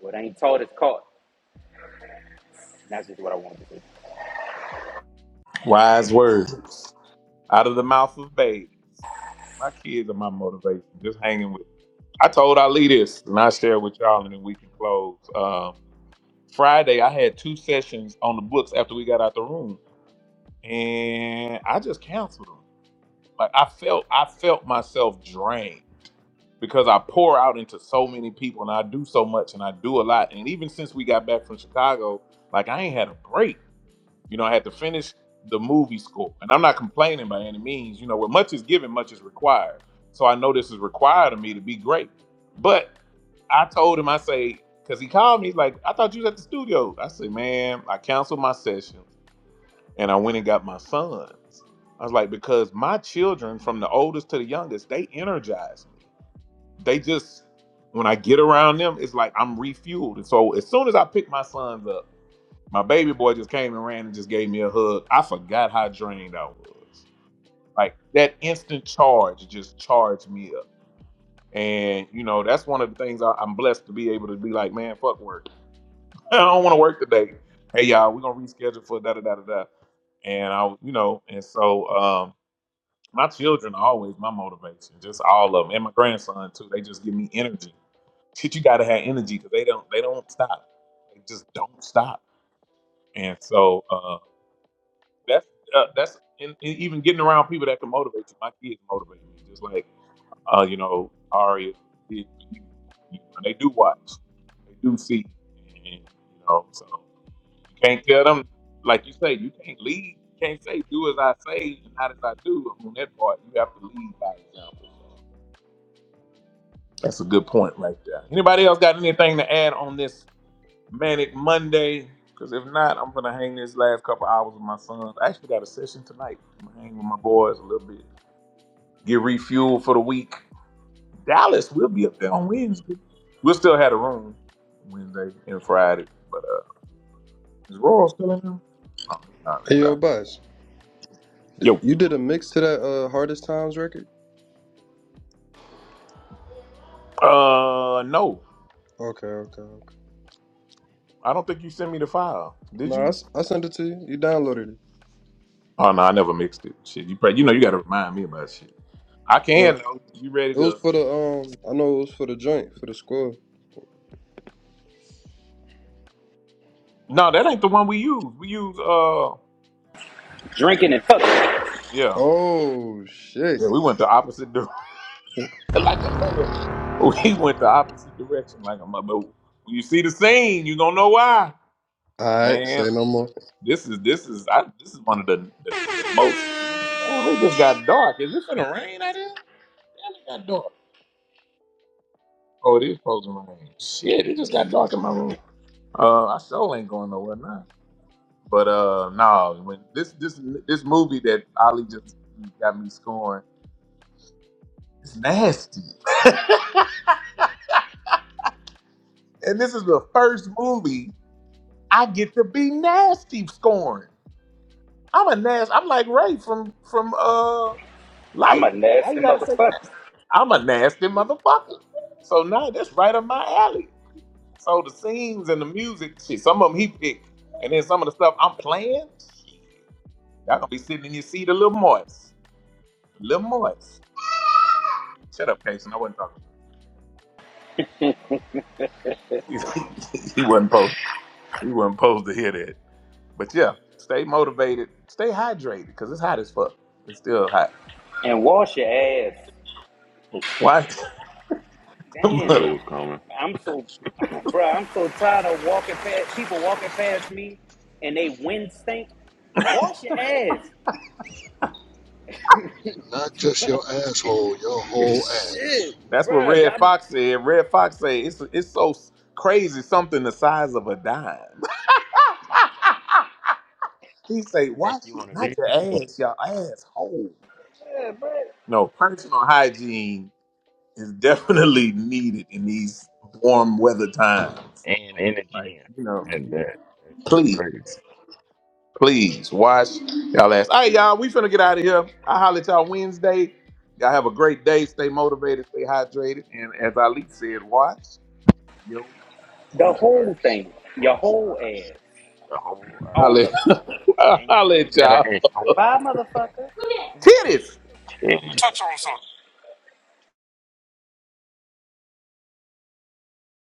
[SPEAKER 15] What ain't taught is caught. And that's just what I wanted to say.
[SPEAKER 1] *laughs* Wise words out of the mouth of babes. My kids are my motivation. Just hanging with. I told Ali this, and I share it with y'all, and then we can close. Um, Friday, I had two sessions on the books after we got out the room, and I just canceled them. Like I felt I felt myself drained because I pour out into so many people and I do so much and I do a lot. And even since we got back from Chicago, like I ain't had a break. You know, I had to finish the movie score. And I'm not complaining by any means. You know, where much is given, much is required. So I know this is required of me to be great. But I told him, I say, because he called me, he's like, I thought you was at the studio. I say, man, I canceled my session and I went and got my sons. I was like, because my children, from the oldest to the youngest, they energize me. They just, when I get around them, it's like I'm refueled. And so as soon as I picked my sons up, my baby boy just came and ran and just gave me a hug. I forgot how drained I was. Like that instant charge just charged me up. And, you know, that's one of the things I, I'm blessed to be able to be like, man, fuck work. *laughs* I don't want to work today. Hey y'all, we're gonna reschedule for da da da da da. And I, you know, and so um, my children are always my motivation, just all of them, and my grandson too. They just give me energy. Shit, you gotta have energy because they don't, they don't stop. They just don't stop. And so uh, that's uh, that's and, and even getting around people that can motivate you. My kids motivate me, just like uh, you know, Aria did. You know, they do watch, they do see, and you know, so. You can't tell them, like you say, you can't lead. You can't say, do as I say and not as I do. On that part, you have to lead by example. That's a good point right there. Anybody else got anything to add on this Manic Monday? Because if not, I'm going to hang this last couple hours with my sons. I actually got a session tonight. I'm going to hang with my boys a little bit, get refueled for the week. Dallas, we'll be up there on Wednesday. We'll still have a room Wednesday and Friday. But uh, is Royal still in there? No, he's not
[SPEAKER 16] Hey, yo,
[SPEAKER 1] really.
[SPEAKER 16] Buzz. d- You did a mix to that uh, Hardest Times record?
[SPEAKER 1] Uh, no,
[SPEAKER 16] Okay, okay, okay.
[SPEAKER 1] I don't think you sent me the file. Did
[SPEAKER 16] Nah, I,
[SPEAKER 1] you?
[SPEAKER 16] s- I sent it to you. You downloaded it.
[SPEAKER 1] Oh no, I never mixed it. Shit, you probably you know you got to remind me about shit. I can
[SPEAKER 16] Well,
[SPEAKER 1] though. You ready
[SPEAKER 16] it was
[SPEAKER 1] to?
[SPEAKER 16] for the, um, I know it was for the joint, for the score.
[SPEAKER 1] No, that ain't the one we use. We use uh,
[SPEAKER 15] Drinking and fucking.
[SPEAKER 1] yeah,
[SPEAKER 16] Oh, shit.
[SPEAKER 1] yeah. We went the opposite direction, *laughs* like a mother. *laughs* We went the opposite direction, like a mother. When you see the scene, you gonna know why,
[SPEAKER 16] All right,
[SPEAKER 1] man.
[SPEAKER 16] say no more.
[SPEAKER 1] This is this is I, this is one of the the, the most. Man, it just got dark. Is it gonna rain out here? Damn, it got dark. Oh, these folks in my room. Shit, it just got dark in my room. Uh, I sure ain't going nowhere now. But uh, no, when this this this movie that Ollie just got me scoring, it's nasty. *laughs* and this is the first movie I get to be nasty scoring. I'm a nasty. I'm like Ray from from uh
[SPEAKER 15] I'm
[SPEAKER 1] Life.
[SPEAKER 15] a
[SPEAKER 1] Why
[SPEAKER 15] nasty
[SPEAKER 1] you gotta say
[SPEAKER 15] motherfucker.
[SPEAKER 1] nasty? I'm a nasty motherfucker. So now that's right up my alley. So the scenes and the music, shit, some of them he picked, and then some of the stuff I'm playing, y'all gonna be sitting in your seat a little moist, a little moist. Shut up, Casey. I wasn't talking. *laughs* he wasn't supposed. He wasn't supposed to hear that. But yeah, stay motivated, stay hydrated, because it's hot as fuck. It's still hot.
[SPEAKER 15] And wash your ass.
[SPEAKER 1] Why?
[SPEAKER 6] I
[SPEAKER 1] *laughs*
[SPEAKER 15] Damn.
[SPEAKER 6] knew it was coming.
[SPEAKER 15] I'm so, *clears throat* bro. I'm so tired of walking past people walking past me and they wind stink. Wash your ass.
[SPEAKER 11] not just your asshole, your
[SPEAKER 15] *laughs*
[SPEAKER 11] whole ass.
[SPEAKER 15] Shit,
[SPEAKER 1] That's what
[SPEAKER 15] bro.
[SPEAKER 1] Red Fox said. Red Fox said it's it's so crazy, something the size of a dime. *laughs* he say,
[SPEAKER 12] make
[SPEAKER 1] watch
[SPEAKER 12] you
[SPEAKER 1] it,
[SPEAKER 12] want to
[SPEAKER 1] not
[SPEAKER 12] leave
[SPEAKER 1] your
[SPEAKER 12] the gym
[SPEAKER 1] ass, your
[SPEAKER 12] sometimes
[SPEAKER 1] asshole. No, personal hygiene is *laughs* definitely needed in these warm weather times.
[SPEAKER 12] and
[SPEAKER 1] Like,
[SPEAKER 12] energy
[SPEAKER 1] you know,
[SPEAKER 12] in. And that. it's just
[SPEAKER 1] please,
[SPEAKER 12] crazy.
[SPEAKER 1] please wash y'all ass. All right, y'all, we finna get out of here. I'll holler at y'all Wednesday. Y'all have a great day. Stay motivated, stay hydrated. And as Ali said, watch your ass.
[SPEAKER 15] the
[SPEAKER 12] Wash the
[SPEAKER 15] whole
[SPEAKER 12] earth.
[SPEAKER 15] thing. Your
[SPEAKER 12] Wash the
[SPEAKER 15] whole
[SPEAKER 12] earth.
[SPEAKER 15] ass.
[SPEAKER 12] The whole
[SPEAKER 15] All
[SPEAKER 1] Holla,
[SPEAKER 15] of
[SPEAKER 12] earth.
[SPEAKER 15] it.
[SPEAKER 1] holla *laughs* at
[SPEAKER 12] Include that
[SPEAKER 1] y'all.
[SPEAKER 12] asshole.
[SPEAKER 15] Bye, motherfucker.
[SPEAKER 1] Titties!
[SPEAKER 12] *laughs*
[SPEAKER 28] touch on something.